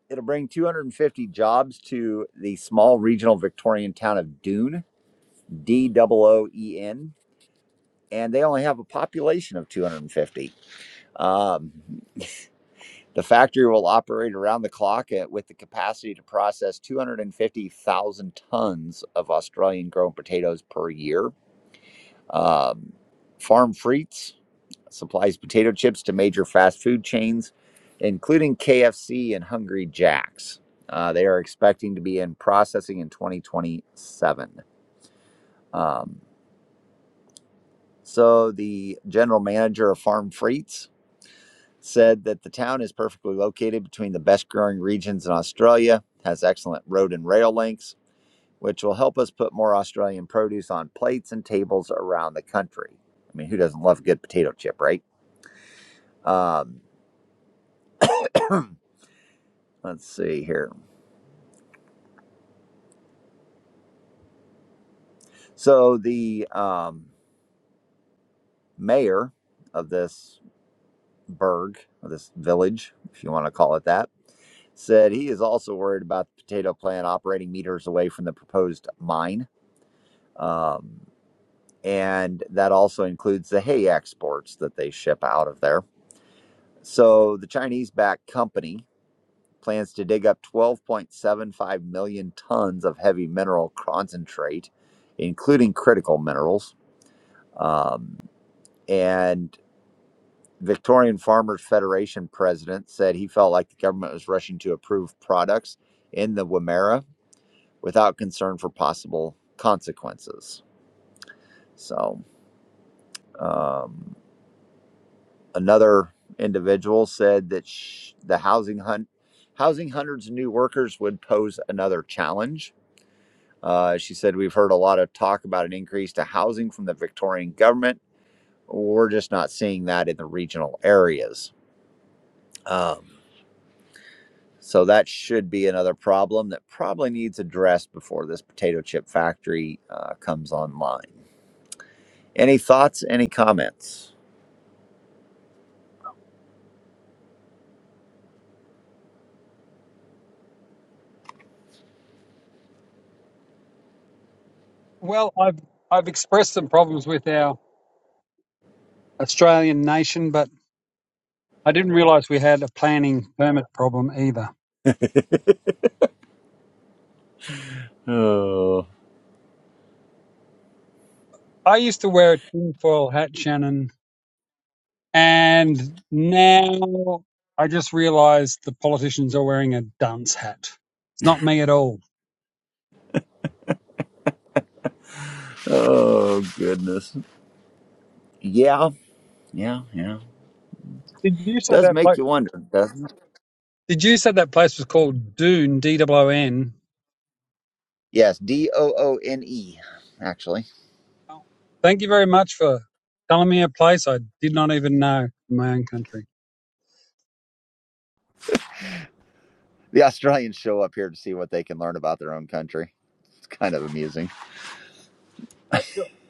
it'll bring 250 jobs to the small regional Victorian town of Dune, D O O E N, and they only have a population of 250. Um, the factory will operate around the clock at, with the capacity to process 250,000 tons of Australian grown potatoes per year. Um, farm frites supplies potato chips to major fast food chains, including KFC and Hungry Jack's. Uh, they are expecting to be in processing in 2027. Um, so, the general manager of Farm Freats said that the town is perfectly located between the best growing regions in Australia, has excellent road and rail links, which will help us put more Australian produce on plates and tables around the country. I mean, who doesn't love a good potato chip, right? Um, [CLEARS THROAT] let's see here. So the um, mayor of this burg, of this village, if you want to call it that, said he is also worried about the potato plant operating meters away from the proposed mine. Um, and that also includes the hay exports that they ship out of there. So the Chinese backed company plans to dig up 12.75 million tons of heavy mineral concentrate, including critical minerals. Um, and Victorian Farmers Federation president said he felt like the government was rushing to approve products in the Wimmera without concern for possible consequences. So, um, another individual said that sh- the housing hunt, housing hundreds of new workers would pose another challenge. Uh, she said, "We've heard a lot of talk about an increase to housing from the Victorian government. We're just not seeing that in the regional areas." Um, So that should be another problem that probably needs addressed before this potato chip factory uh, comes online. Any thoughts? Any comments?
Well, I've, I've expressed some problems with our Australian nation, but I didn't realise we had a planning permit problem either.
Oh,
I used to wear a tinfoil hat, Shannon, and now I just realised the politicians are wearing a dunce hat. It's not me at all.
oh goodness. Yeah, Yeah, yeah.
Did you say
does
that
make
place?
you wonder, doesn't it?
Did you say that place was called Doon? D W O N.
Yes, D O O N E. Actually,
Well, thank you very much for telling me a place I did not even know in my own country.
the Australians show up here to see what they can learn about their own country. It's kind of amusing.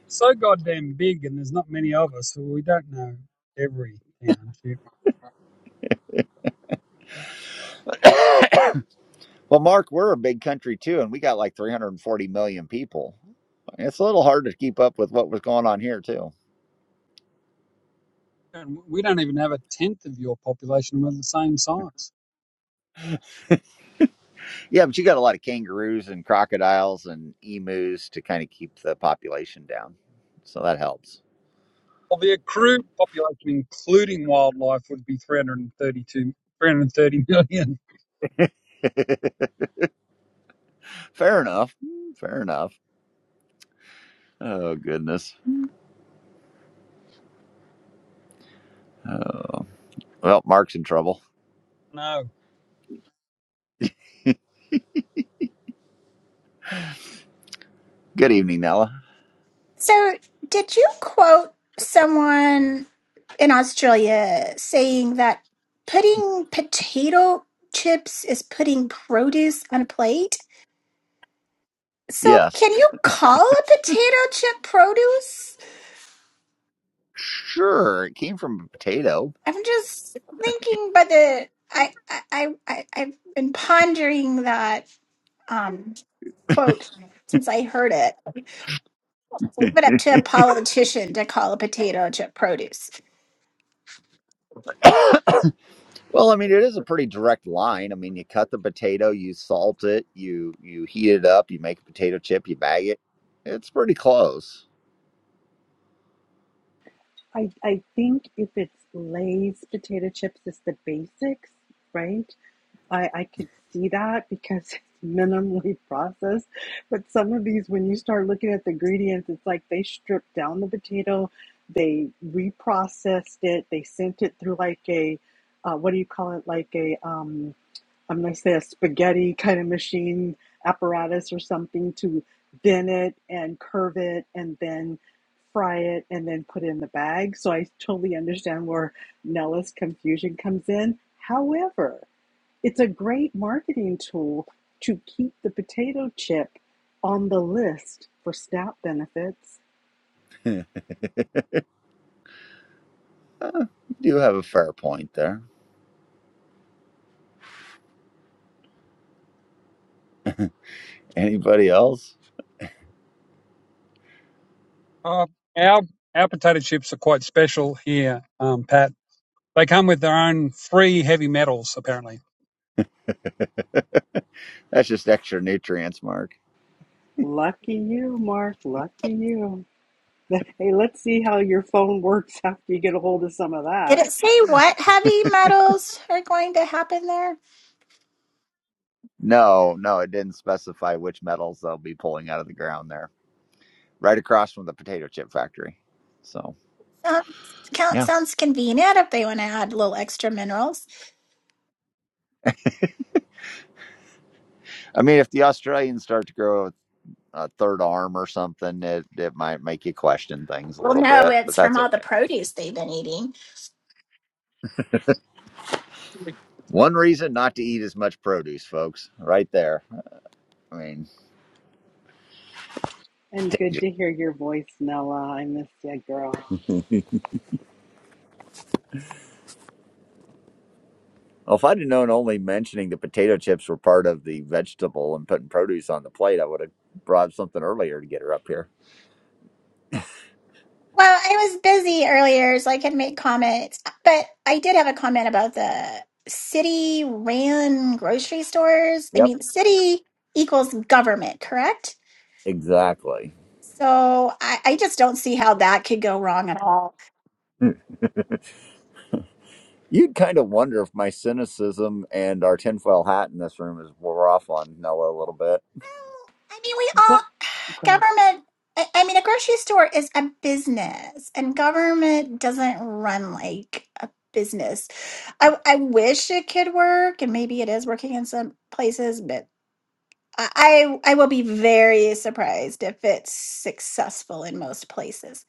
So goddamn big, and there's not many of us, so we don't know every town.
Well, Mark, we're a big country too, and we got like 340 million people. It's a little hard to keep up with what was going on here too.
And we don't even have a tenth of your population, and we're the same size.
Yeah, but you got a lot of kangaroos and crocodiles and emus to kind of keep the population down. So that helps.
Well, the accrued population, including wildlife, would be 332, 330 million. [LAUGHS]
[LAUGHS] fair enough. Fair enough. Oh, goodness. Oh, well, Mark's in trouble.
No.
Good evening, Nella.
So, did you quote someone in Australia saying that putting potato chips is putting produce on a plate? So,
Yes.
can you call a potato chip produce?
Sure. It came from a potato.
I'm just thinking, but the I I I I- I've been pondering that um quote since I heard it. Leave
[LAUGHS]
it up to a politician to call a potato chip produce.
Well, I mean, it is a pretty direct line. I mean, you cut the potato, you salt it, you you heat it up, you make a potato chip, you bag it. It's pretty close.
I, I think if it's Lay's potato chips, it's the basics, right? I, I could see that because [LAUGHS] it's minimally processed. But some of these, when you start looking at the ingredients, it's like they stripped down the potato, they reprocessed it, they sent it through like a, uh, what do you call it? Like a, um. I'm going to say a spaghetti kind of machine apparatus or something to thin it and curve it and then fry it and then put it in the bag. So I totally understand where Nella's confusion comes in. However, it's a great marketing tool to keep the potato chip on the list for SNAP benefits.
[LAUGHS] you do have a fair point there. Anybody else?
Uh, our, our potato chips are quite special here, um, Pat. They come with their own free heavy metals, apparently.
That's just extra nutrients, Mark.
Lucky you, Mark. Lucky you. [LAUGHS] Hey, let's see how your phone works after you get a hold of some of
Did
that.
it say what heavy metals are going to happen there?
No, no, it didn't specify which metals they'll be pulling out of the ground there, right across from the potato chip factory. So,
Sounds, count
yeah.
sounds convenient if they want to add little extra minerals.
I mean, if the Australians start to grow a third arm or something, it, it might make you question things a
Well,
little
no,
bit, but
it's from
that's
all the
okay.
produce they've been eating.
One reason not to eat as much produce, folks, right there. I mean, [LAUGHS]
And good
danger.
to hear your voice, Nella. I miss you, girl.
Well, if I'd have known only mentioning the potato chips were part of the vegetable and putting produce on the plate, I would have brought something earlier to get her up here.
Well, I was busy earlier, so I could make comments, but I did have a comment about the city ran grocery stores. I
Yep,
mean, city equals government, correct?
exactly.
So I, I just don't see how that could go wrong at all.
[LAUGHS] You'd kind of wonder if my cynicism and our tinfoil hat in this room is wore off on Noah a little bit.
I mean, we all
But okay.
government I I mean, a grocery store is a business, and government doesn't run like a business. I, I wish it could work, and maybe it is working in some places, but I, I I will be very surprised if it's successful in most places.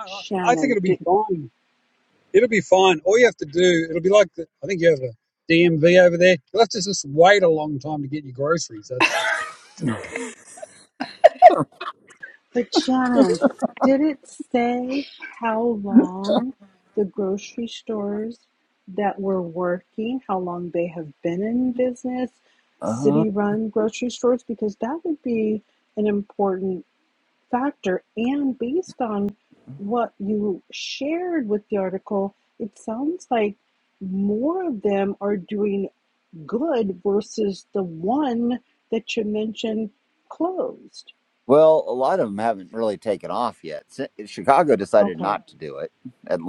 I I think
Shannon,
it'll be
did,
fine It'll be fine. All you have to do, it'll be like, the, I think you have a DMV over there. You'll have to just wait a long time to get your groceries. That's all.
but Shannon, did it say how long the grocery stores that were working, how long they have been in business,
Uh-huh.
city-run grocery stores? Because that would be an important factor. And based on what you shared with the article, it sounds like more of them are doing good versus the one that you mentioned closed.
Well, a lot of them haven't really taken off yet. Si- Chicago decided
Okay,
not to do it.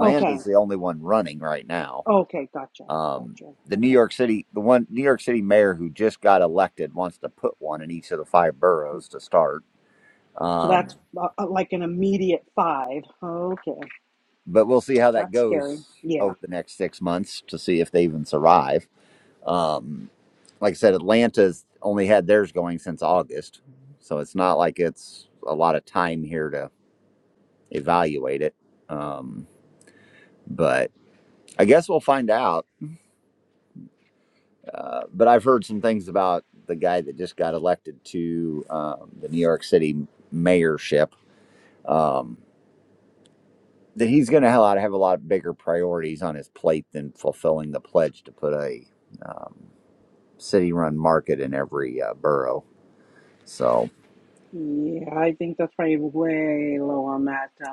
okay,
the only one running right now.
okay, gotcha,
Um,
gotcha.
the New
Okay,
York City, the one New York City mayor who just got elected wants to put one in each of the five boroughs to start.
so
Um,
that's uh, uh, like an immediate five. Okay,
but we'll see how that
that's scary.
goes
Yeah,
over the next six months to see if they even survive. Um, like I said, Atlanta's only had theirs going since August, so it's not like it's a lot of time here to evaluate it. Um, but I guess we'll find out. Uh, but I've heard some things about the guy that just got elected to um, the New York City mayorship um, that he's going to have a lot have a lot bigger priorities on his plate than fulfilling the pledge to put a um, city-run market in every uh, borough. So,
yeah, I think that's probably way low on that. Uh,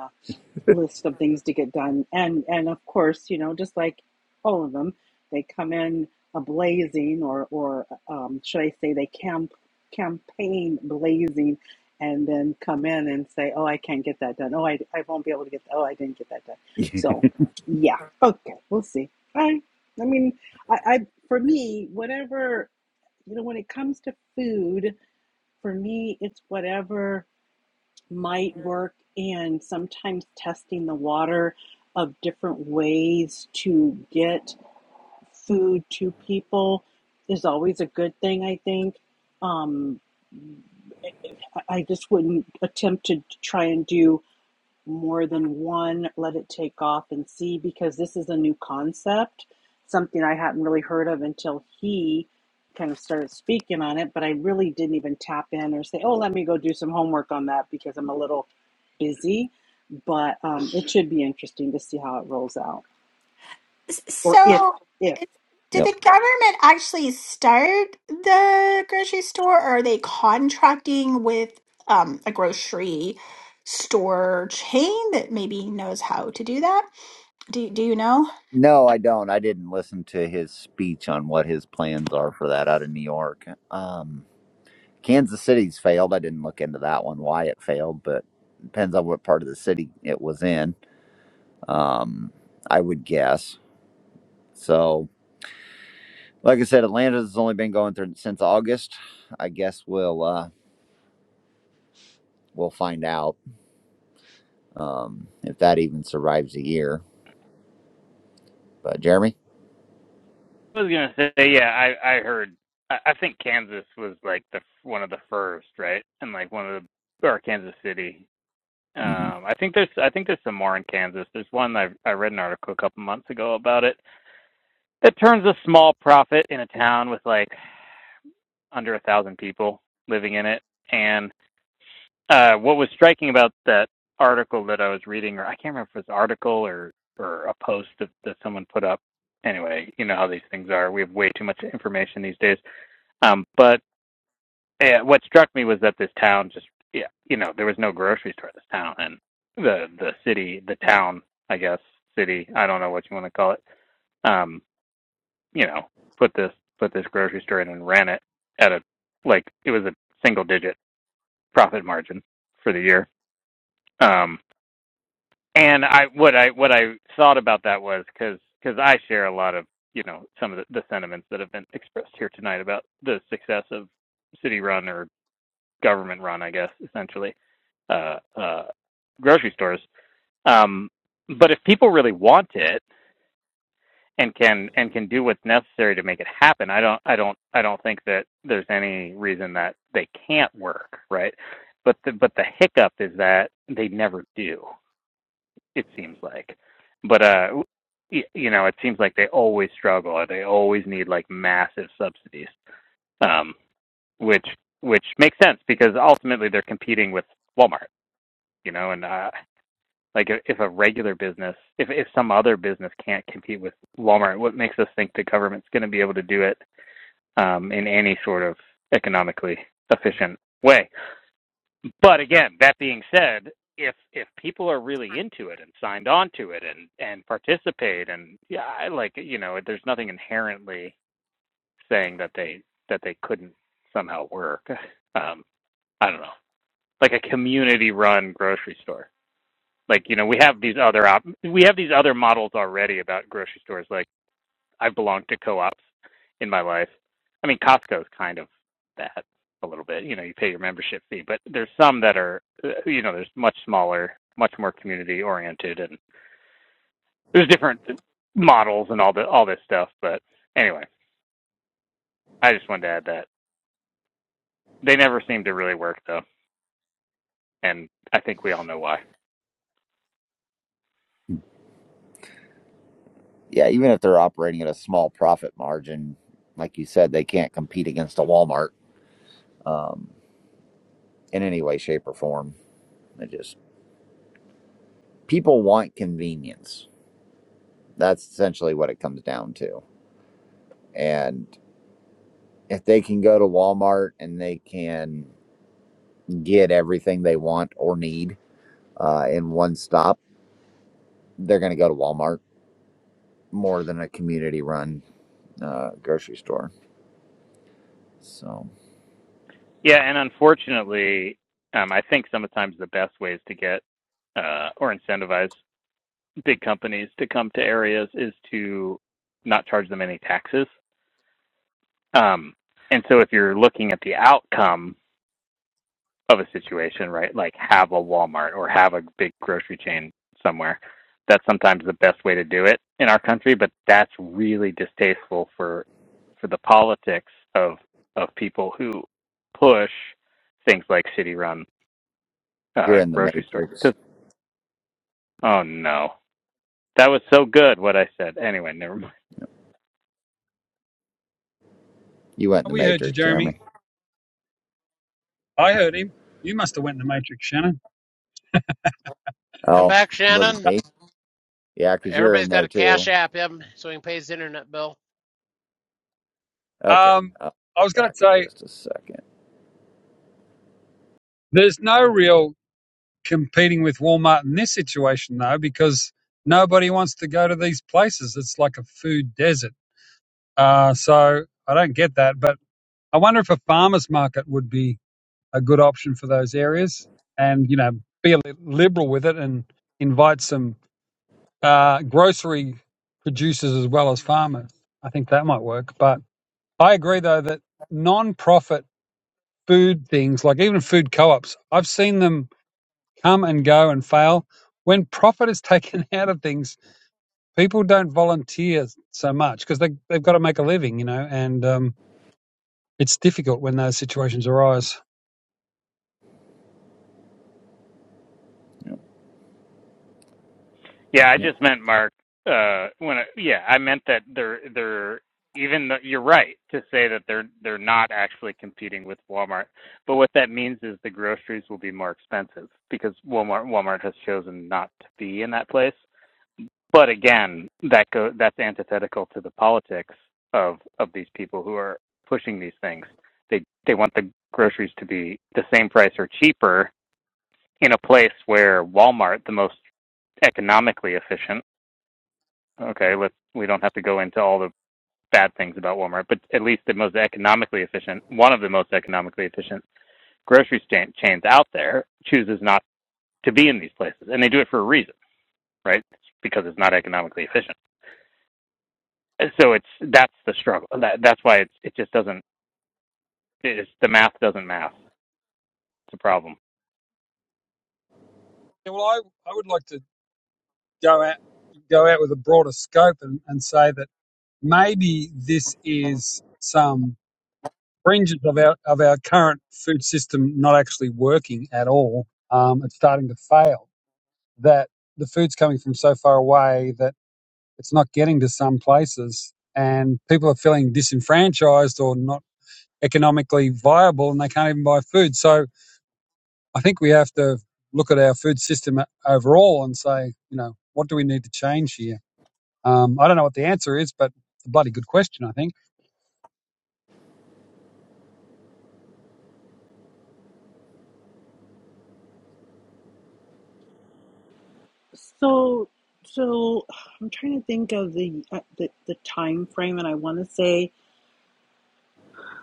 list of things to get done and and of course you know just like all of them they come in a blazing or or um, should i say they camp campaign blazing and then come in and say oh i can't get that done oh i, I won't be able to get that. oh i didn't get that done
[LAUGHS] yep.
so yeah okay we'll see i i mean i, I for me whatever you know when it comes to food for me it's whatever might work and sometimes testing the water of different ways to get food to people is always a good thing i think um, i I just wouldn't attempt to try and do more than one, let it take off and see, because this is a new concept, something I hadn't really heard of until he kind of started speaking on it. But I really didn't even tap in or say, oh, let me go do some homework on that because I'm a little busy. But um, it should be interesting to see how it rolls out, or if,
So,
if.
did the government actually start the grocery store, or are they contracting with um, a grocery store chain that maybe knows how to do that? Do Do you know?
No, I don't. I didn't listen to his speech on what his plans are for that out of New York. Um, Kansas City's failed. I didn't look into that one, why it failed, but depends on what part of the city it was in, um, I would guess. So, like I said, Atlanta's only been going through since August. I guess we'll uh, we'll find out um, if that even survives a year. But Jeremy,
was gonna say, yeah, I I heard. I, I think Kansas was like the one of the first, right? And like one of the or Kansas City.
hmm
Um, I think there's I think there's some more in Kansas. There's one I I read an article a couple months ago about it that turns a small profit in a town with like under a thousand people living in it. And uh, what was striking about that article that I was reading, or I can't remember if it was an article or or a post that, that someone put up. Anyway, you know how these things are. We have way too much information these days Um, but uh, what struck me was that this town just, yeah, you know, there was no grocery store in this town, and the the city, the town, I guess, city, I don't know what you want to call it. Um, you know, put this put this grocery store in and ran it at a like it was a single digit profit margin for the year. Um, and I what I what I thought about that was because because I share a lot of you know some of the, the sentiments that have been expressed here tonight about the success of city run or government run, I guess, essentially, uh, uh, grocery stores. Um, but if people really want it and can and can do what's necessary to make it happen, I don't I don't I don't think that there's any reason that they can't work, right? But the but the hiccup is that they never do. It seems like, but uh, you know, it seems like they always struggle or they always need like massive subsidies, um, which which makes sense because ultimately they're competing with Walmart you know, and uh, like if a regular business, if if some other business can't compete with Walmart, what makes us think the government's going to be able to do it um, in any sort of economically efficient way? But again, that being said, if if people are really into it and signed on to it and and participate and yeah, I like you know, there's nothing inherently saying that they that they couldn't somehow work. [LAUGHS] Um, I don't know, like a community-run grocery store like you know we have these other op- we have these other models already about grocery stores like i've belonged to co-ops in my life i mean Costco is kind of that a little bit you know you pay your membership fee but there's some that are uh, you know there's much smaller much more community oriented and there's different models and all the all this stuff but anyway i just wanted to add that they never seem to really work though and i think we all know why
yeah, even if they're operating at a small profit margin, like you said, they can't compete against a Walmart. Um, in any way, shape, or form. It just people want convenience. That's essentially what it comes down to. And if they can go to Walmart and they can get everything they want or need uh, in one stop, they're going to go to Walmart more than a community-run uh, grocery store. So
Yeah, and unfortunately, um, I think sometimes the best ways to get uh, or incentivize big companies to come to areas is to not charge them any taxes. Um, and so if you're looking at the outcome of a situation, right, like have a Walmart or have a big grocery chain somewhere, that's sometimes the best way to do it in our country, but that's really distasteful for for the politics of of people who push things like city run
you're
uh,
in the
grocery store.
matrix.
oh no, that was so good. What I said. Anyway, never mind.
You went in the
We heard you,
matrix,
Jeremy.
Jeremy.
I heard him. You must have went in the matrix, Shannon.
Come
Oh,
back,
was it
Shannon.
me? Yeah, because you're
Everybody's
in
got
there
a cash
too.
app him so he can pay his internet bill.
Okay,
Um,
I'll
I was
be
going to
back in
say
just a second.
there's no real competing with Walmart in this situation though, because nobody wants to go to these places. It's like a food desert. Uh, so I don't get that, but I wonder if a farmer's market would be a good option for those areas and you know be a li- liberal with it and invite some uh, grocery producers as well as farmers i think that might work but i agree though that non-profit food things like even food co-ops i've seen them come and go and fail when profit is [LAUGHS] taken out of things people don't volunteer so much because they, they've got to make a living you know and um, it's difficult when those situations arise
Yep,
Yeah, I
yep,
just meant Mark. Uh, when I, yeah, I meant that they're they're even though you're right to say that they're they're not actually competing with Walmart, but what that means is the groceries will be more expensive because Walmart Walmart has chosen not to be in that place. But again, that go that's antithetical to the politics of of these people who are pushing these things. They they want the groceries to be the same price or cheaper in a place where Walmart, the most economically efficient okay, let's we don't have to go into all the bad things about Walmart, but at least the most economically efficient, one of the most economically efficient grocery chains out there chooses not to be in these places, and they do it for a reason, right? It's because it's not economically efficient. So it's that's the struggle. That that's why it's it just doesn't it's the math doesn't math. It's a problem.
yeah, well i, I would like to go out go out with a broader scope and, and say that maybe this is some fringes of our of our current food system not actually working at all. Um, it's starting to fail. That the food's coming from so far away that it's not getting to some places, and people are feeling disenfranchised or not economically viable, and they can't even buy food. So I think we have to look at our food system uh, overall and say, you know, what do we need to change here? Um, I don't know what the answer is, but it's a bloody good question, I think.
So, so I'm trying to think of the uh, the, the time frame, and I want to say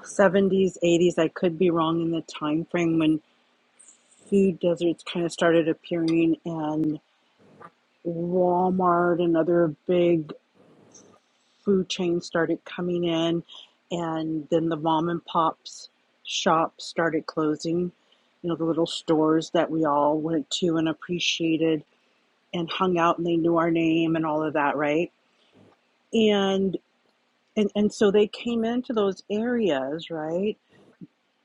70s, 80s. I could be wrong in the time frame when. food deserts kind of started appearing and Walmart and other big food chains started coming in and then the mom and pops shops started closing you know the little stores that we all went to and appreciated and hung out and they knew our name and all of that right and and, and so they came into those areas right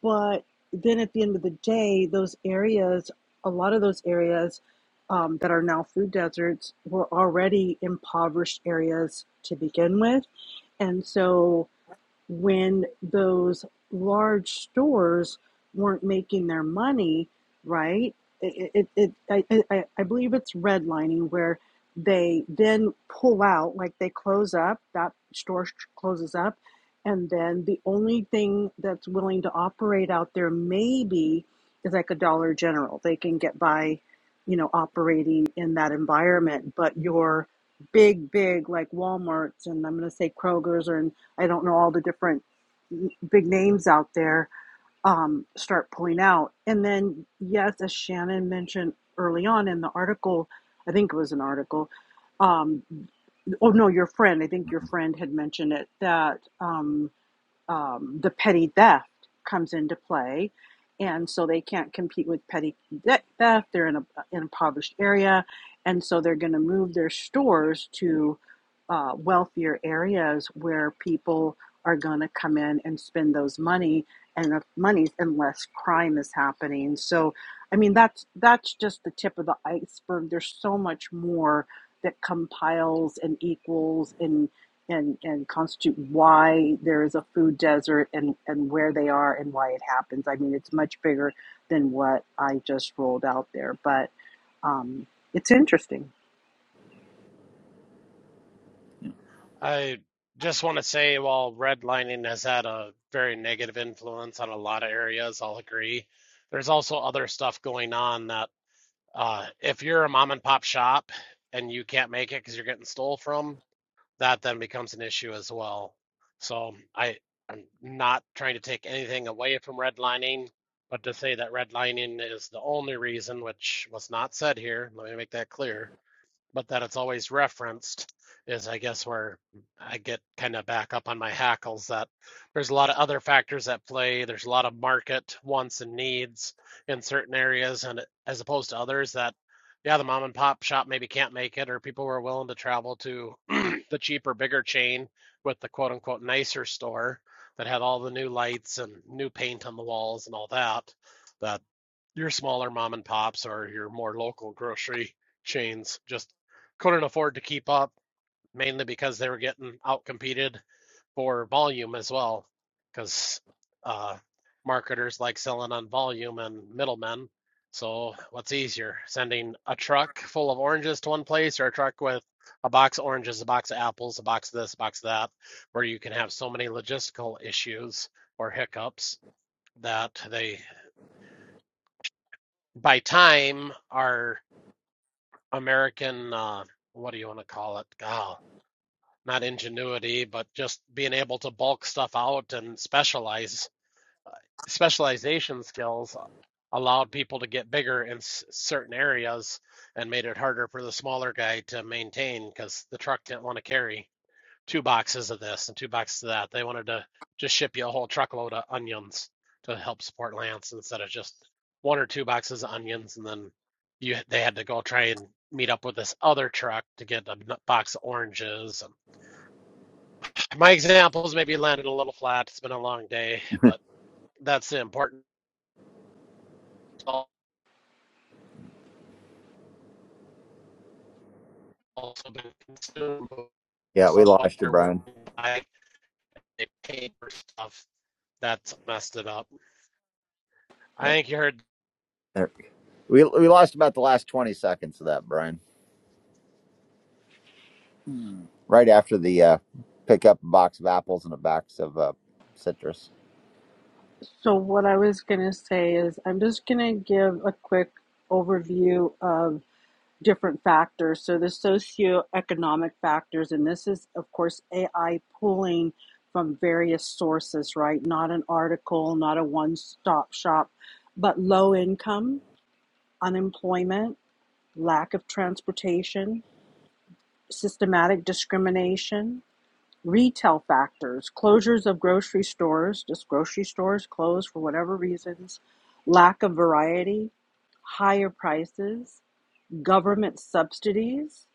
But then at the end of the day, those areas, a lot of those areas um, that are now food deserts, were already impoverished areas to begin with. And so when those large stores weren't making their money, right? It, it, it, I, I, I believe it's redlining where they then pull out, like they close up, that store closes up, and then the only thing that's willing to operate out there maybe is like a Dollar General. They can get by, you know, operating in that environment, but your big, big like Walmart's and I'm going to say Kroger's or. I don't know all the different big names out there um, start pulling out. And then, yes, as Shannon mentioned early on in the article, I think it was an article. Um, oh no, your friend. I think your
yep.
friend had mentioned it that. Um, um, the petty theft comes into play, and so they can't compete with petty theft. They're in a an impoverished area, and so they're going to move their stores to uh, wealthier areas where people are going to come in and spend those money and the monies unless crime is happening. So, I mean that's that's just the tip of the iceberg. There's so much more that compiles and equals and and and constitute why there is a food desert and and where they are and why it happens. I mean, it's much bigger than what I just rolled out there, but um, it's interesting.
I just want to say while redlining has had a very negative influence on a lot of areas, I'll agree. There's also other stuff going on that Uh, if you're a mom and pop shop and you can't make it because you're getting stole from, that then becomes an issue as well. So I, I'm not trying to take anything away from redlining, but to say that redlining is the only reason, which was not said here, let me make that clear but that it's always referenced is I guess where I get kind of back up on my hackles that there's a lot of other factors at play. There's a lot of market wants and needs in certain areas and as opposed to others that yeah, the mom and pop shop maybe can't make it or people were willing to travel to [CLEARS THROAT] the cheaper, bigger chain with the quote unquote nicer store that had all the new lights and new paint on the walls and all that. That your smaller mom and pops or your more local grocery chains just couldn't afford to keep up, mainly because they were getting outcompeted for volume as well, because uh, marketers like selling on volume and middlemen. So, what's easier, sending a truck full of oranges to one place or a truck with a box of oranges, a box of apples, a box of this, a box of that, where you can have so many logistical issues or hiccups that they, by time, are American, uh, what do you want to call it? Oh, not ingenuity, but just being able to bulk stuff out and specialize specialization skills uh, allowed people to get bigger in s- certain areas and made it harder for the smaller guy to maintain because the truck didn't want to carry two boxes of this and two boxes of that. They wanted to just ship you a whole truckload of onions to help support Lance instead of just one or two boxes of onions. And then you they had to go try and meet up with this other truck to get a box of oranges. And my examples maybe landed a little flat. It's been a long day,
[LAUGHS]
but that's the important. Also been consumed with
Yeah, we
stuff what
lost you,
they're willing
Brian.
to buy. They paid for stuff that's messed it up. I
Yep.
think you heard
There. We we lost about the last twenty seconds of that, Brian. Right after the uh, pick up a box of apples and a box of uh, citrus.
So what I was gonna say is I'm just gonna give a quick overview of different factors. So the socioeconomic factors, and this is of course AI pulling from various sources, right? Not an article, not a one-stop shop, but low income unemployment, lack of transportation, systematic discrimination, retail factors, closures of grocery stores, just grocery stores closed for whatever reasons, lack of variety, higher prices, government subsidies,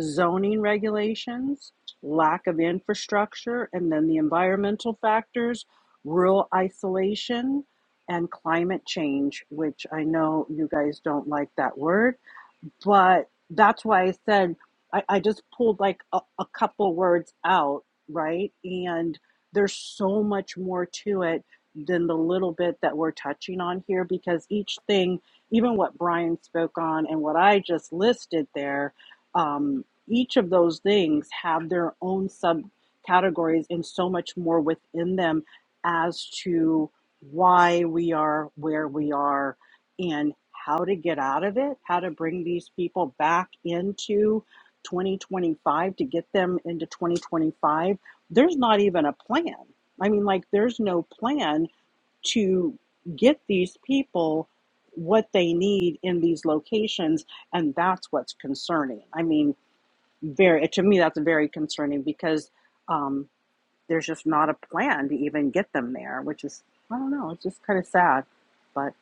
zoning regulations, lack of infrastructure, and then the environmental factors, rural isolation, and climate change, which I know you guys don't like that word but that's why I said I, I just pulled like a, a couple words out, right? And there's so much more to it than the little bit that we're touching on here because each thing, even what Brian spoke on and what I just listed there, um, each of those things have their own subcategories and so much more within them as to why we are where we are and how to get out of it, how to bring these people back into 2025 to get them into 2025, there's not even a plan. I mean, like, there's no plan to get these people what they need in these locations, and that's what's concerning. I mean, very to me, that's very concerning because um, there's just not a plan to even get them there, which is I don't know, it's just kind of sad, but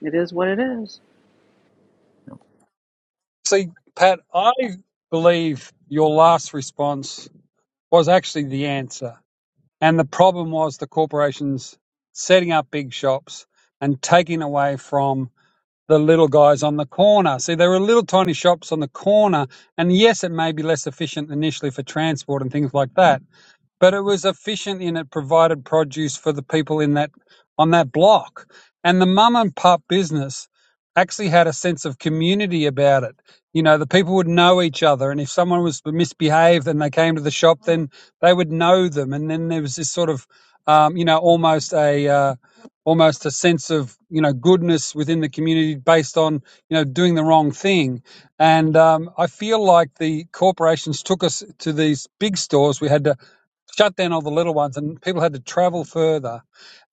it is what it is.
See, Pat, I believe your last response was actually the answer. And the problem was the corporations setting up big shops and taking away from the little guys on the corner. See, there were little tiny shops on the corner. And yes, it may be less efficient initially for transport and things like that. but it was efficient in it provided produce for the people in that on that block and the mum and pup business actually had a sense of community about it you know the people would know each other and if someone was misbehaved and they came to the shop then they would know them and then there was this sort of um, you know almost a uh, almost a sense of you know goodness within the community based on you know doing the wrong thing and um, I feel like the corporations took us to these big stores. We had to shut down all the little ones, and people had to travel further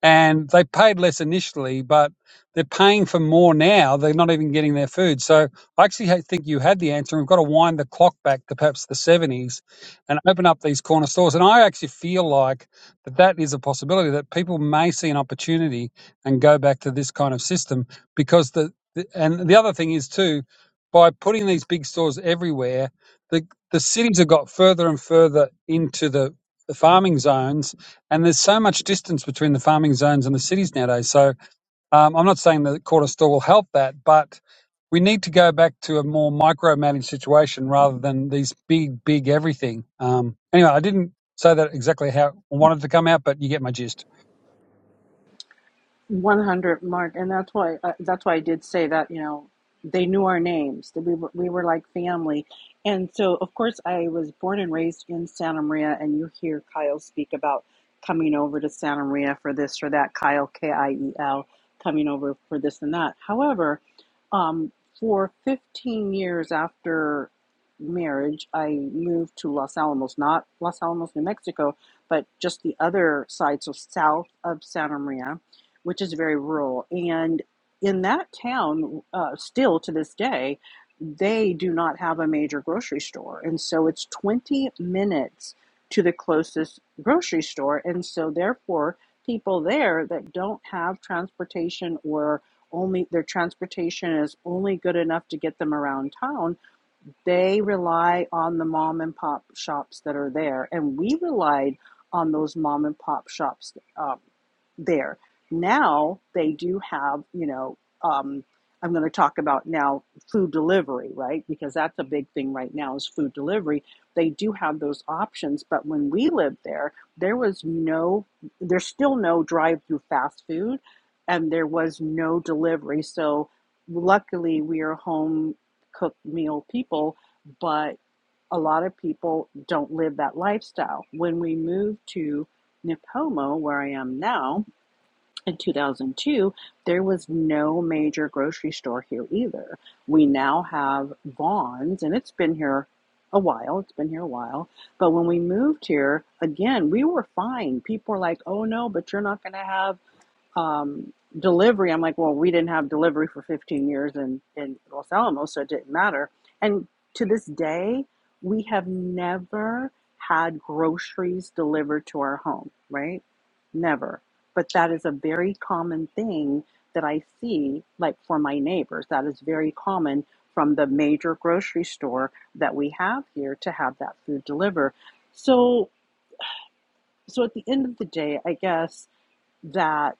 and they paid less initially, but they're paying for more now. They're not even getting their food. So I actually ha- think you had the answer. We've got to wind the clock back to perhaps the 70s and open up these corner stores. And I actually feel like that that is a possibility that people may see an opportunity and go back to this kind of system because the, the and the other thing is too, by putting these big stores everywhere, the the cities have got further and further into the, the farming zones and there's so much distance between the farming zones and the cities nowadays. So um, I'm not saying that quarter store will help that, but we need to go back to a more micromanaged situation rather than these big, big everything. Um, anyway, I didn't say that exactly how I wanted to come out, but you get my gist.
100 mark and that's why uh, that's why i did say that you know they knew our names that we were, we were like family and so of course i was born and raised in santa maria and you hear kyle speak about coming over to santa maria for this or that kyle k-i-e-l coming over for this and that however um, for 15 years after marriage i moved to los alamos not los alamos new mexico but just the other side so south of santa maria which is very rural. And in that town, uh, still to this day, they do not have a major grocery store. And so it's 20 minutes to the closest grocery store. And so, therefore, people there that don't have transportation or only their transportation is only good enough to get them around town they rely on the mom and pop shops that are there, and we relied on those mom and pop shops um, there. Now they do have, you know, um, I'm going to talk about now food delivery, right? Because that's a big thing right now is food delivery. They do have those options, but when we lived there, there was no, there's still no drive-through fast food, and there was no delivery. So luckily, we are home cook meal people, but a lot of people don't live that lifestyle. When we moved to Nipomo, where I am now, in 2002, there was no major grocery store here either. We now have Vaughn's, and it's been here a while. It's been here a while. But when we moved here, again, we were fine. People were like, oh no, but you're not going to have um, delivery. I'm like, well, we didn't have delivery for 15 years in, in Los Alamos, so it didn't matter. And to this day, we have never had groceries delivered to our home, right? Never. But that is a very common thing that I see, like for my neighbors. That is very common from the major grocery store that we have here to have that food delivered. So, so at the end of the day, I guess that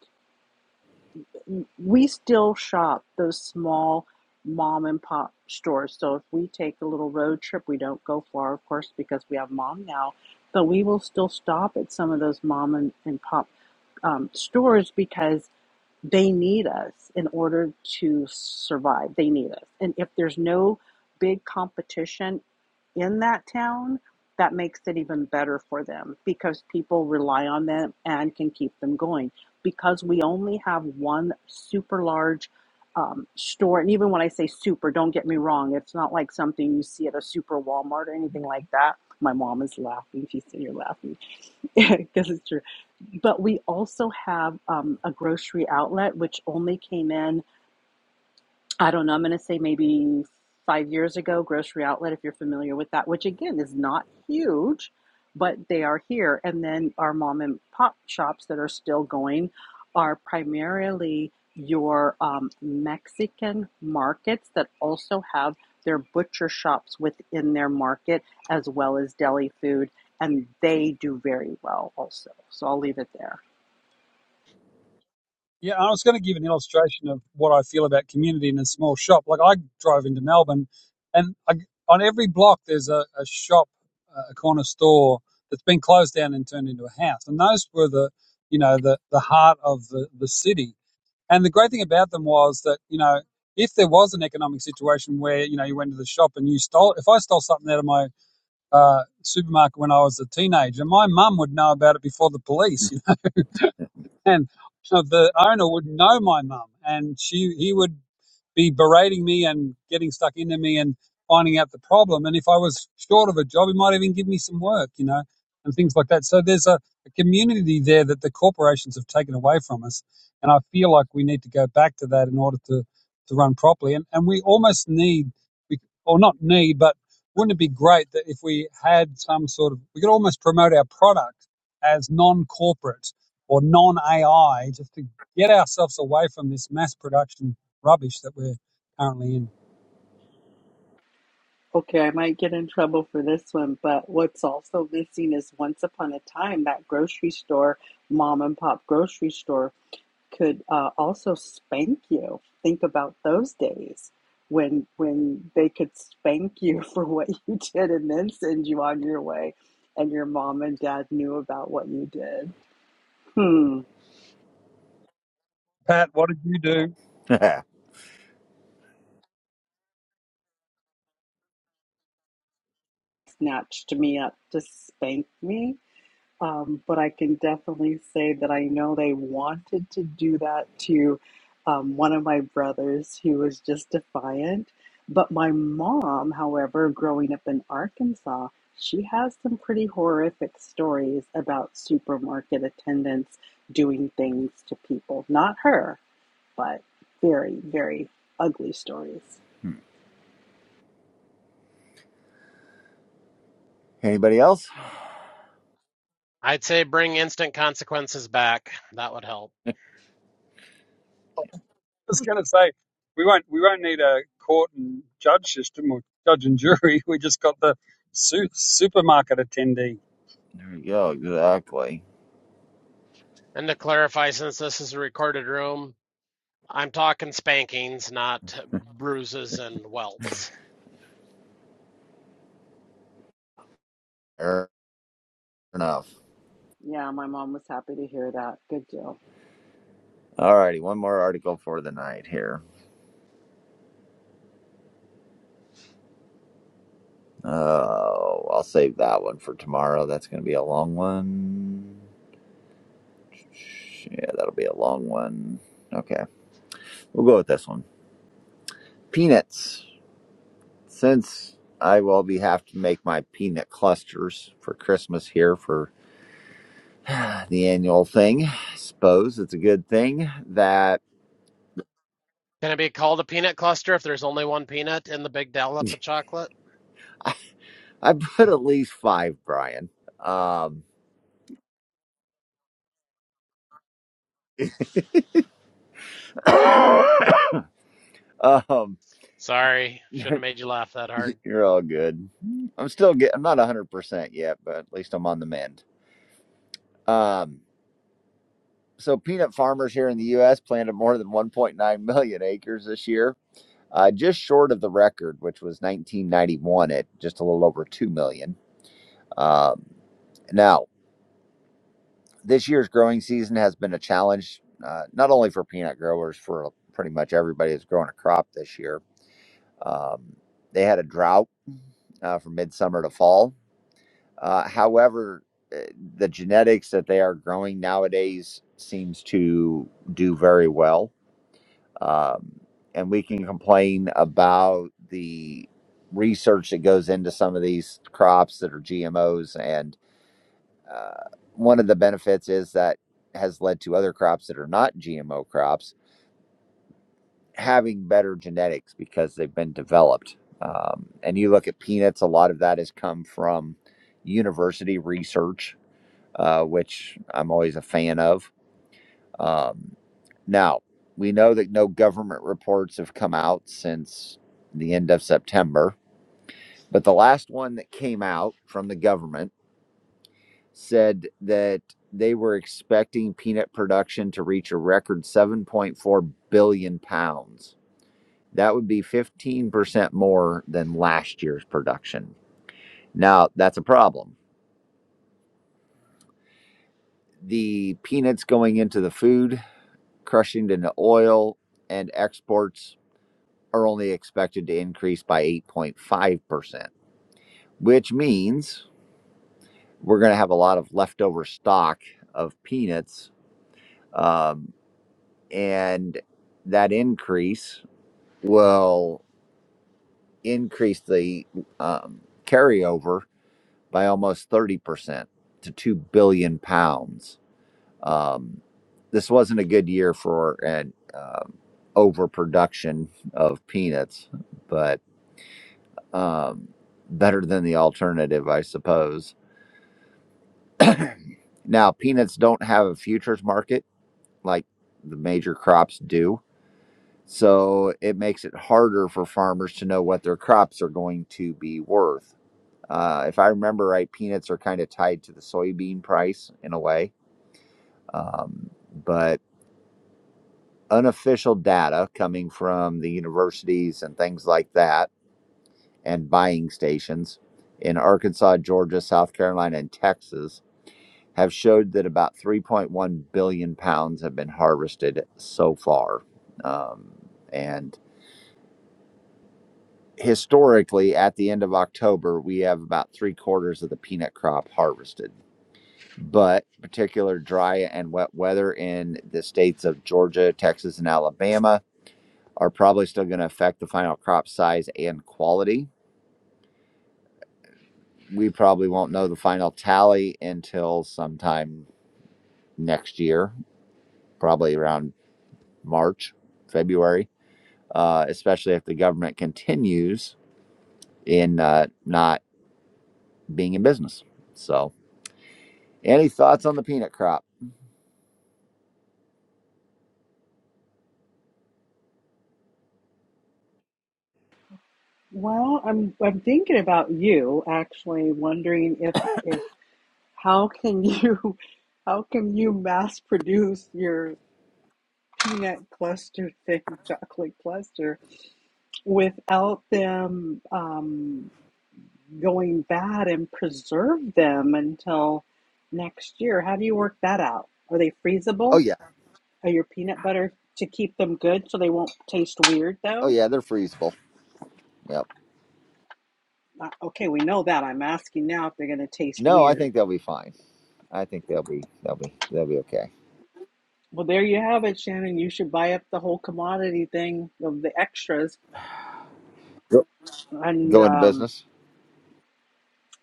we still shop those small mom and pop stores. So if we take a little road trip, we don't go far, of course, because we have mom now, but we will still stop at some of those mom and, and pop um, stores because they need us in order to survive. They need us. And if there's no big competition in that town, that makes it even better for them because people rely on them and can keep them going. Because we only have one super large um, store, and even when I say super, don't get me wrong, it's not like something you see at a super Walmart or anything like that. My mom is laughing. She said, You're laughing. [LAUGHS] Yeah, because it's true. But we also have um, a grocery outlet which only came in I don't know, I'm going to say maybe five years ago, Grocery Outlet, if you're familiar with that, which again is not huge, but they are here. And then our mom and pop shops that are still going are primarily your um, Mexican markets that also have their butcher shops within their market as well as deli food. And they do very well also. So I'll leave it there.
Yeah, I was going to give an illustration of what I feel about community in a small shop. Like I drove into Melbourne, and I, on every block there's a, a shop, uh, a corner store that's been closed down and turned into a house. And those were the, you know, the the heart of the the city. And the great thing about them was that you know, if there was an economic situation where you know you went to the shop and you stole, if I stole something out of my uh, supermarket when I was a teenager, my mum would know about it before the police. You and uh, the owner would know my mum, and she he would be berating me and getting stuck into me and finding out the problem. And if I was short of a job, he might even give me some work, you know, and things like that. So there's a, a community there that the corporations have taken away from us. And I feel like we need to go back to that in order to, to run properly. And, and we almost need, we, or not need, but wouldn't it be great that if we had some sort of, we could almost promote our product as non corporate or non AI just to get ourselves away from this mass production rubbish that we're currently in.
Okay, I might get in trouble for this one, but what's also missing is once upon a time that grocery store, mom and pop grocery store, could uh, also spank you. Think about those days when when they could spank you [LAUGHS] for what you did and then send you on your way, and your mom and dad knew about what you did. Hmm,
Pat, what did you do? I
[LAUGHS]
snatched me up to spank me. Um, but I can definitely say that I know they wanted to do that to um, one of my brothers who was just defiant. But my mom, however, growing up in Arkansas, she has some pretty horrific stories about supermarket attendants doing things to people. Not her, but very, very ugly stories.
Hmm. Anybody else?
I'd say bring instant consequences back. That would help.
was going to say we won't we won't need a court and judge system or judge and jury. [LAUGHS] We just got the su- supermarket attendee.
There we go. Exactly.
And to clarify, since this is a recorded room, I'm talking spankings, not bruises and welts.
Fair enough.
Yeah, my mom was happy to hear that. Good deal.
All righty, one more article for the night here. Oh, I'll save that one for tomorrow. That's going to be a long one. Yeah, that'll be a long one. Okay, we'll go with this one. Peanuts Since I will be have to make my peanut clusters for Christmas here for [SIGHS] the annual thing, I suppose it's a good thing that
Can it be called a peanut cluster if there's only one peanut in the big dollop of chocolate?
I [LAUGHS] put at least five, Brian. Um, [COUGHS] um,
Sorry, shouldn't have made you laugh that hard.
you're all good. I'm still get. I'm not 100 percent yet, but at least I'm on the mend. Um, so peanut farmers here in the U.S. planted more than 1.9 million acres this year, uh, just short of the record, which was 1991 at just a little over 2 million. Um, now, this year's growing season has been a challenge, uh, not only for peanut growers, for pretty much everybody that's growing a crop this year. Um, they had a drought uh, from midsummer to fall. Uh, however, eh, the genetics that they are growing nowadays seems to do very well. Um, and we can complain about the research that goes into some of these crops that are GMOs Uh, one of the benefits is that has led to other crops that are not GMO crops having better genetics because they've been developed. Um, and you look at peanuts, a lot of that has come from university research, uh, which I'm always a fan of. Um, now, we know that no government reports have come out since the end of September, but the last one that came out from the government said that they were expecting peanut production to reach a record 7.4 billion pounds. That would be 15% more than last year's production. Now, that's a problem. The peanuts going into the food, crushing into oil, and exports are only expected to increase by 8.5%, which means we're going to have a lot of leftover stock of peanuts. Um, and that increase will increase the um, carryover by almost 30% to 2 billion pounds. Um, this wasn't a good year for an um, overproduction of peanuts, but um, better than the alternative, I suppose. Now, peanuts don't have a futures market like the major crops do. So it makes it harder for farmers to know what their crops are going to be worth Uh, if I remember right, peanuts are kind of tied to the soybean price in a way. Um, but unofficial data coming from the universities and things like that and buying stations in Arkansas, Georgia, South Carolina, and Texas have showed that about 3.1 billion pounds have been harvested so far. Um, and historically, at the end of October, we have about three quarters of the peanut crop harvested. but particular dry and wet weather in the states of Georgia, Texas, and Alabama are probably still going to affect the final crop size and quality. We probably won't know the final tally until sometime next year, probably around March, February, uh, especially if the government continues in uh, not being in business. So, any thoughts on the peanut crop?
Well, I'm I'm thinking about you actually wondering if if how can you [LAUGHS] how can you mass produce your peanut cluster thing, [LAUGHS] chocolate cluster, without them um, going bad and preserve them until next year? How do you work that out? Are they
Oh,
freezable?
yeah.
Are your peanut butter to keep them good so they won't taste weird
Oh,
though?
yeah. They're freezable. Yep.
Uh, Okay, we know that. I'm asking now if they're going to taste
No, I
weird.
think they'll be fine. I think they'll be they'll be they'll be okay.
Well, there you have it, Shannon. You should buy up the whole commodity thing of the extras
Go,
and
go into
um,
business.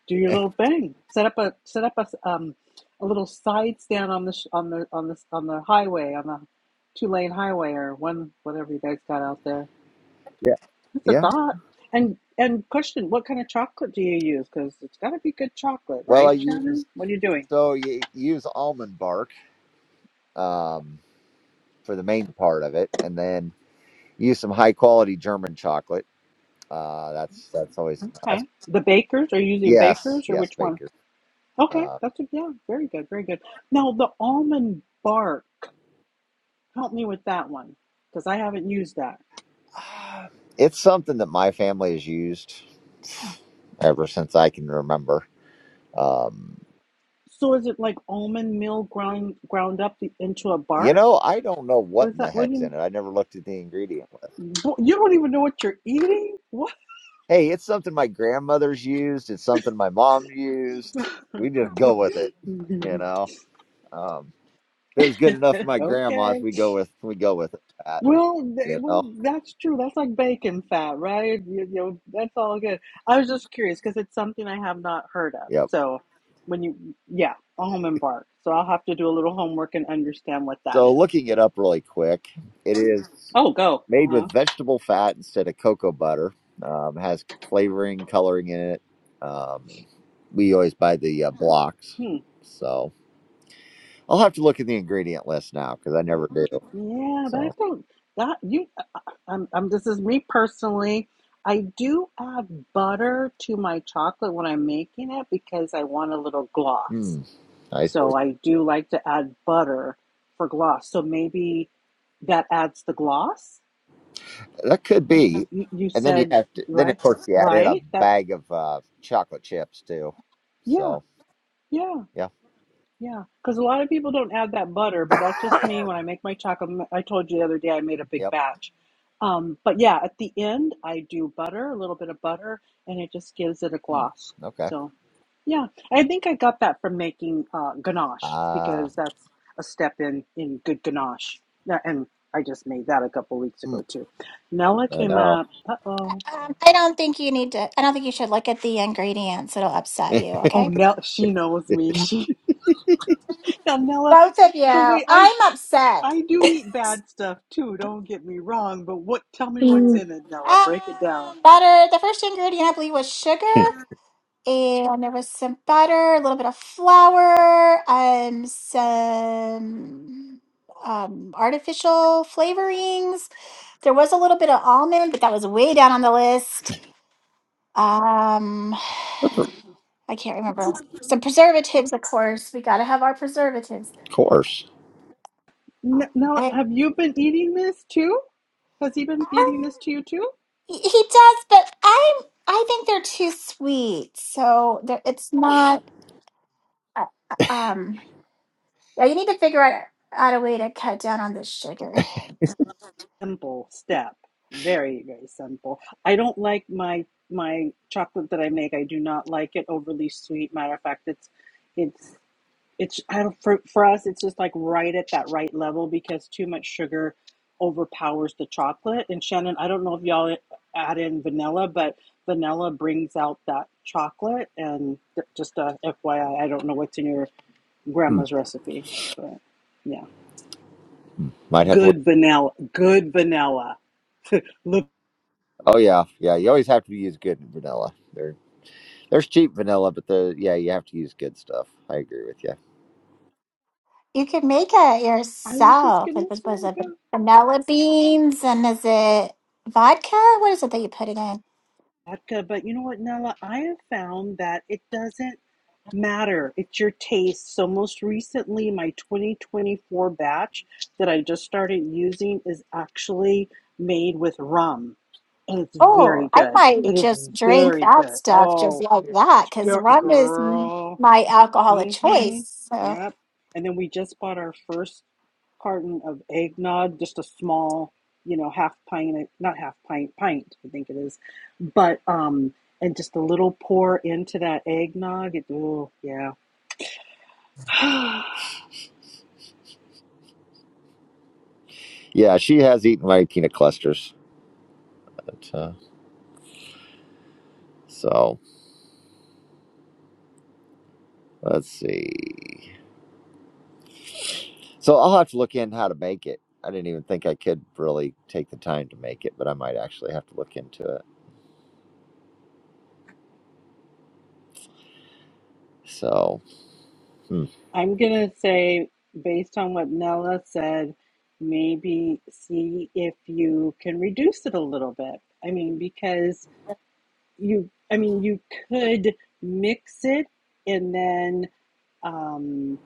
do your
[LAUGHS]
little thing. Set up a set up a um, a little side stand on the sh- on the on the on the highway on the two lane highway or one whatever you guys got out there.
Yeah,
That's a
yeah.
thought. And and question: What kind of chocolate do you use? Because it's got to be good chocolate,
Well, I
right,
use
Shannon? What are you doing?
so you use almond bark um, for the main part of it, and then use some high quality German chocolate. Uh, that's that's always a plus.
Okay, the bakers are you using
Yes,
bakers or
yes,
which one?
Baker.
Okay,
Uh,
that's a, yeah, very good, very good. Now the almond bark. Help me with that one because I haven't used that.
it's something that my family has used ever since I can remember. Um,
So is it like almond meal ground ground up the, into a
you
bark?
know, I don't know what
What is
in the
that? What do
heck's in
you?
it. I never looked at the ingredient
You don't even know what you're eating. What?
Hey, it's something my grandmother's used. It's something my mom used. We just go with it, you
[LAUGHS]
know. Um, if it was good enough for my grandma's.
okay.
We go with we go with that,
Well, they,
you
well,
know.
that's true. That's like bacon fat, right? You, you know, that's all good. I was just curious because it's something I have not heard of.
Yep.
So when you, yeah, almond bark. So I'll have to do a little homework and understand what that
So
is.
looking it up really quick, it is
Oh, go. Uh
made
huh.
with vegetable fat instead of cocoa butter. Um, has flavoring, coloring in it. Um, we always buy the uh, blocks,
Hmm.
so I'll have to look at the ingredient list now because I never do.
Yeah, but I
So,
think that you, I'm I'm. this is me personally. I do add butter to my chocolate when I'm making it because I want a little gloss.
mm, nice.
So I do like to add butter for gloss. So maybe that adds the gloss.
That could be.
You, you
And then you
said,
have to, then of
right?
course you add in a
Right? That,
bag of uh, chocolate chips too.
yeah,
So,
yeah.
yeah.
Yeah, because a lot of people don't add that butter, but
[COUGHS]
that's just me when I make my chocolate. m- I told you the other day I made a big
Yep.
batch. Um, but yeah, at the end, I do butter, a little bit of butter, and it just gives it a
Hmm.
gloss.
Okay.
So yeah, I think I got that from making uh, ganache
Uh,
because that's a step in in good ganache. Yeah, And I just made that a couple weeks
hmm.
ago too. Nella
I
came
know.
up. Uh oh.
Um, I don't think you need to. I don't think you should look at the ingredients. It'll upset
[LAUGHS]
you.
Oh,
Okay.
Nella, she knows me. [LAUGHS] She now Nella,
Both of you.
the way I
I'm upset.
I do eat bad stuff too, don't get me wrong, but what tell me what's in it, Nella.
Um,
Break it down.
butter. The first ingredient I believe was sugar. And there was some butter, a little bit of flour, um, some um, artificial flavorings. There was a little bit of almond, but that was way down on the list. Um,
of
I can't remember. Some preservatives, of course. We got to have our preservatives.
course.
N- Nella,
And,
have you been eating this too? Has he been
um,
feeding this to you too?
he he does, but I'm. I think they're too sweet, so there- it's not. Uh, uh, um, yeah, you need to figure out, out a way to cut down on the sugar.
Simple step. Very, very simple. I don't like my my chocolate that I make. I do not like it overly sweet. Matter of fact, it's it's it's I don't, for for us it's just like right at that right level because too much sugar overpowers the chocolate and Shannon I don't know if y'all add in vanilla but vanilla brings out that chocolate and th- just a FYI I I don't know what's in your
Hmm.
grandma's recipe but yeah
Hmm. Might have to look.
good vanilla good vanilla [LAUGHS] look
Oh, yeah. Yeah. You always have to use good vanilla. There, there's cheap vanilla, but the, yeah, you have to use good stuff. I agree with you.
You could make it
I was just
yourself.
gonna
Like, what was
say
it?
go
Vanilla beans and is it vodka? What is it that you put it in?
vodka but you know what Nella I have found that it doesn't matter. It's your taste. So most recently, my 2024 batch that I just started using is actually made with rum, and it's very
Oh, I
good.
might
It is
just drink
very
that
good.
stuff just
Oh,
like that because rum is m-
girl.
my alcohol of
Mm-hmm.
choice. So,
Yep. And then we just bought our first carton of eggnog, just a small, you know, half pint, not half pint, pint, I think it is, but um, and just a little pour into that eggnog. It, oh, yeah [SIGHS] I'm
Yeah. She has eaten my peanut clusters. But, uh, so let's see. So I'll have to look in how to make it. I didn't even think I could really take the time to make it, but I might actually have to look into it. So, hmm.
going to say, based on what Nella said, maybe see if you can reduce it a little bit. I mean, because you, I mean, you could mix it and then um,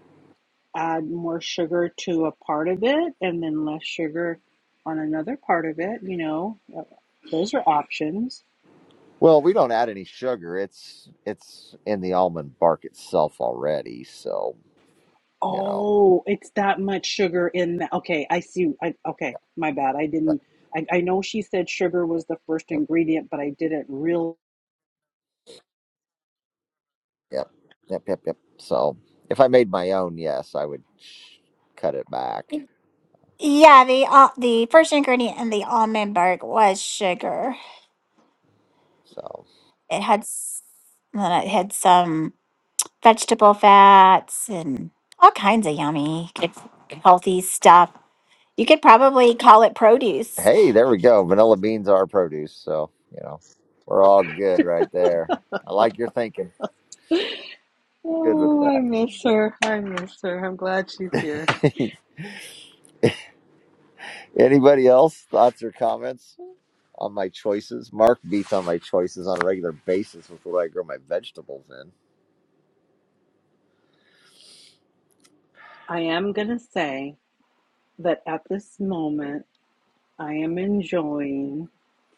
add more sugar to a part of it and then less sugar on another part of it. You know, uh, those are options.
well, we don't add any sugar. It's it's in the almond bark itself already. So you know,
Oh, it's that much sugar in that. Okay, I see. I, okay, my bad. I
but,
didn't. I, I know she said sugar was the first
yep,
ingredient, but I didn't real.
yep, yep, yep, yep. So if I made my own, yes, I would sh- cut it back.
yeah, the uh, the first ingredient in the almond bark was sugar.
So
It had s- then it had some vegetable fats and all kinds of yummy, good, healthy stuff. You could probably call it produce
hey, there we go. Vanilla beans are produce. So you know, we're all good right there. I like your thinking. Good with
Oh, I
that.
miss her. I miss her. I'm glad she's here.
[LAUGHS] Anybody else? Thoughts or comments on my choices? Mark beats on my choices on a regular basis with what I grow my vegetables in.
I am gonna say that at this moment. I am enjoying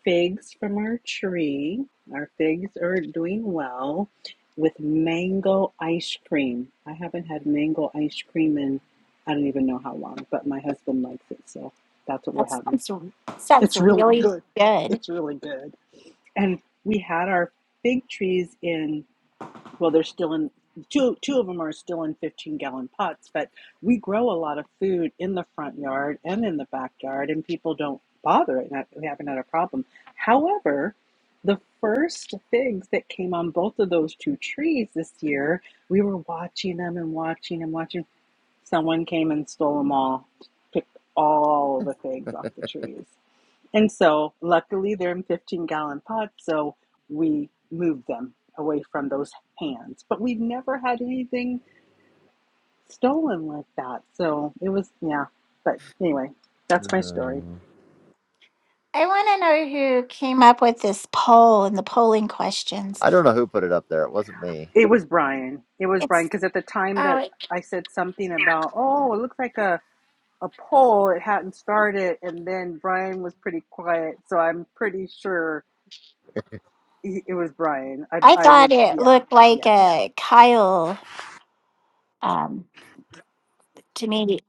figs from our tree. Our figs are doing well with mango ice cream. I haven't had mango ice cream in I don't even know how long, but my husband likes it, so that's what we're
That
having.
sounds r- sounds
It's really
really
good.
good.
It's really good. And we had our fig trees in well they're still in two two of them are still in 15 gallon pots but we grow a lot of food in the front yard and in the backyard and people don't bother it and we haven't had a problem however the first figs that came on both of those two trees this year we were watching them and watching and watching someone came and stole them all picked all the figs off the trees and so, luckily, they're in 15 gallon pots, so we moved them away from those hands. But we've never had anything stolen like that. So it was, yeah. But anyway, that's my story.
Hmm.
I want to know who came up with this poll and the polling questions.
I don't know who put it up there. It wasn't me.
It was Brian. It was
It's
Brian, because at the time
oh,
that I said something about, oh, it looks like a, a poll, it hadn't started. And then Brian was pretty quiet. So I'm pretty sure it was Brian. I,
I
I
thought
would,
it
yeah,
looked
yeah.
like a Kyle um, to me.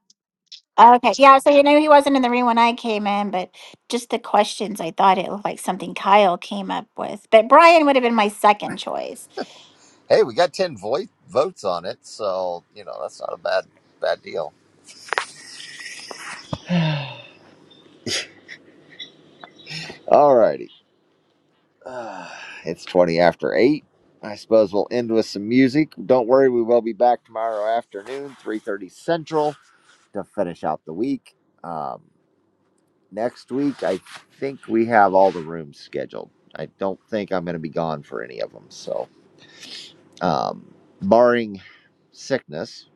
Okay, yeah. So you know he wasn't in the room when I came in, but just the questions, I thought it looked like something Kyle came up with. But Brian would have been my second choice.
Hey, we got ten vo- votes on it, so you know that's not a bad bad deal. Alrighty, [SIGHS] uh, it's twenty after eight. I suppose we'll end with some music. Don't worry, we will be back tomorrow afternoon, three thirty central, to finish out the week. Um, Next week, I think we have all the rooms scheduled. I don't think I'm going to be gone for any of them. So, um, barring sickness,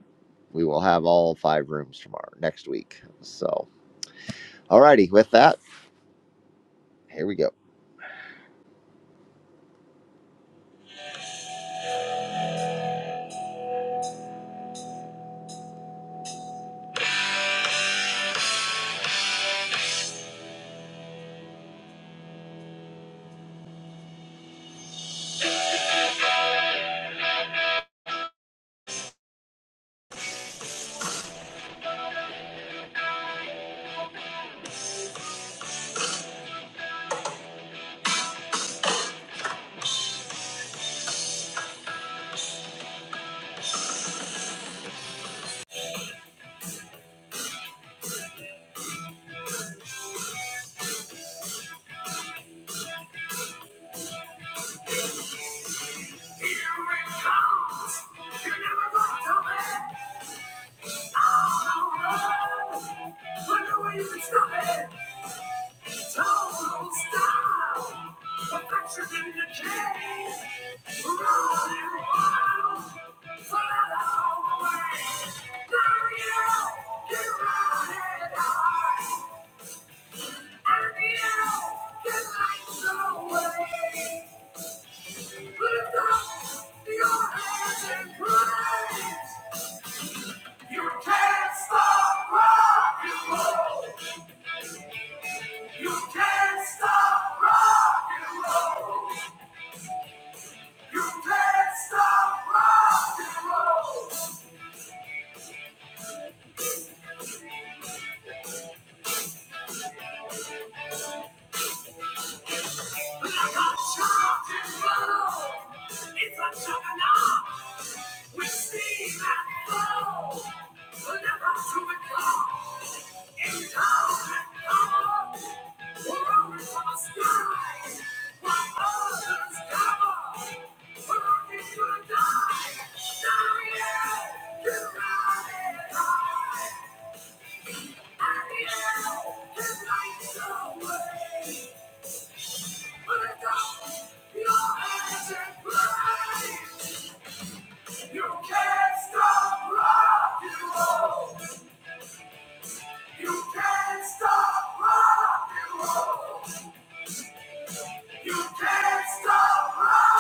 we will have all five rooms tomorrow next week. So, alrighty, with that, here we go. Don't stop. Perfection in the cage. Running wild. Follow the way. There you get running high. And you can light the way. Lift up your hands and praise. You can't stop rock and roll. You can't stop rock and roll. You can't stop rock and roll. Die! I am the light away. You can't stop rock and roll. You can't stop rock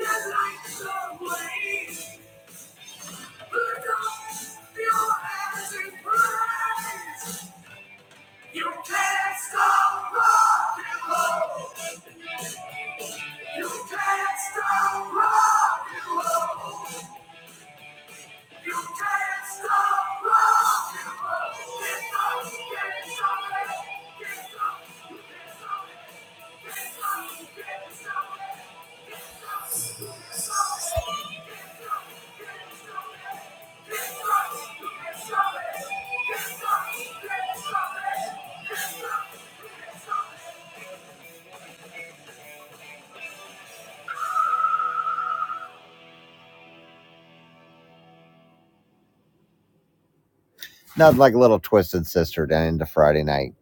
Get like the away! You can't stop rock and roll. You can't stop rock and roll. Nothing like a little twisted sister down into Friday night.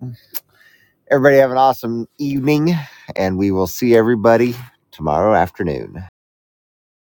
Everybody have an awesome evening, and we will see everybody tomorrow afternoon.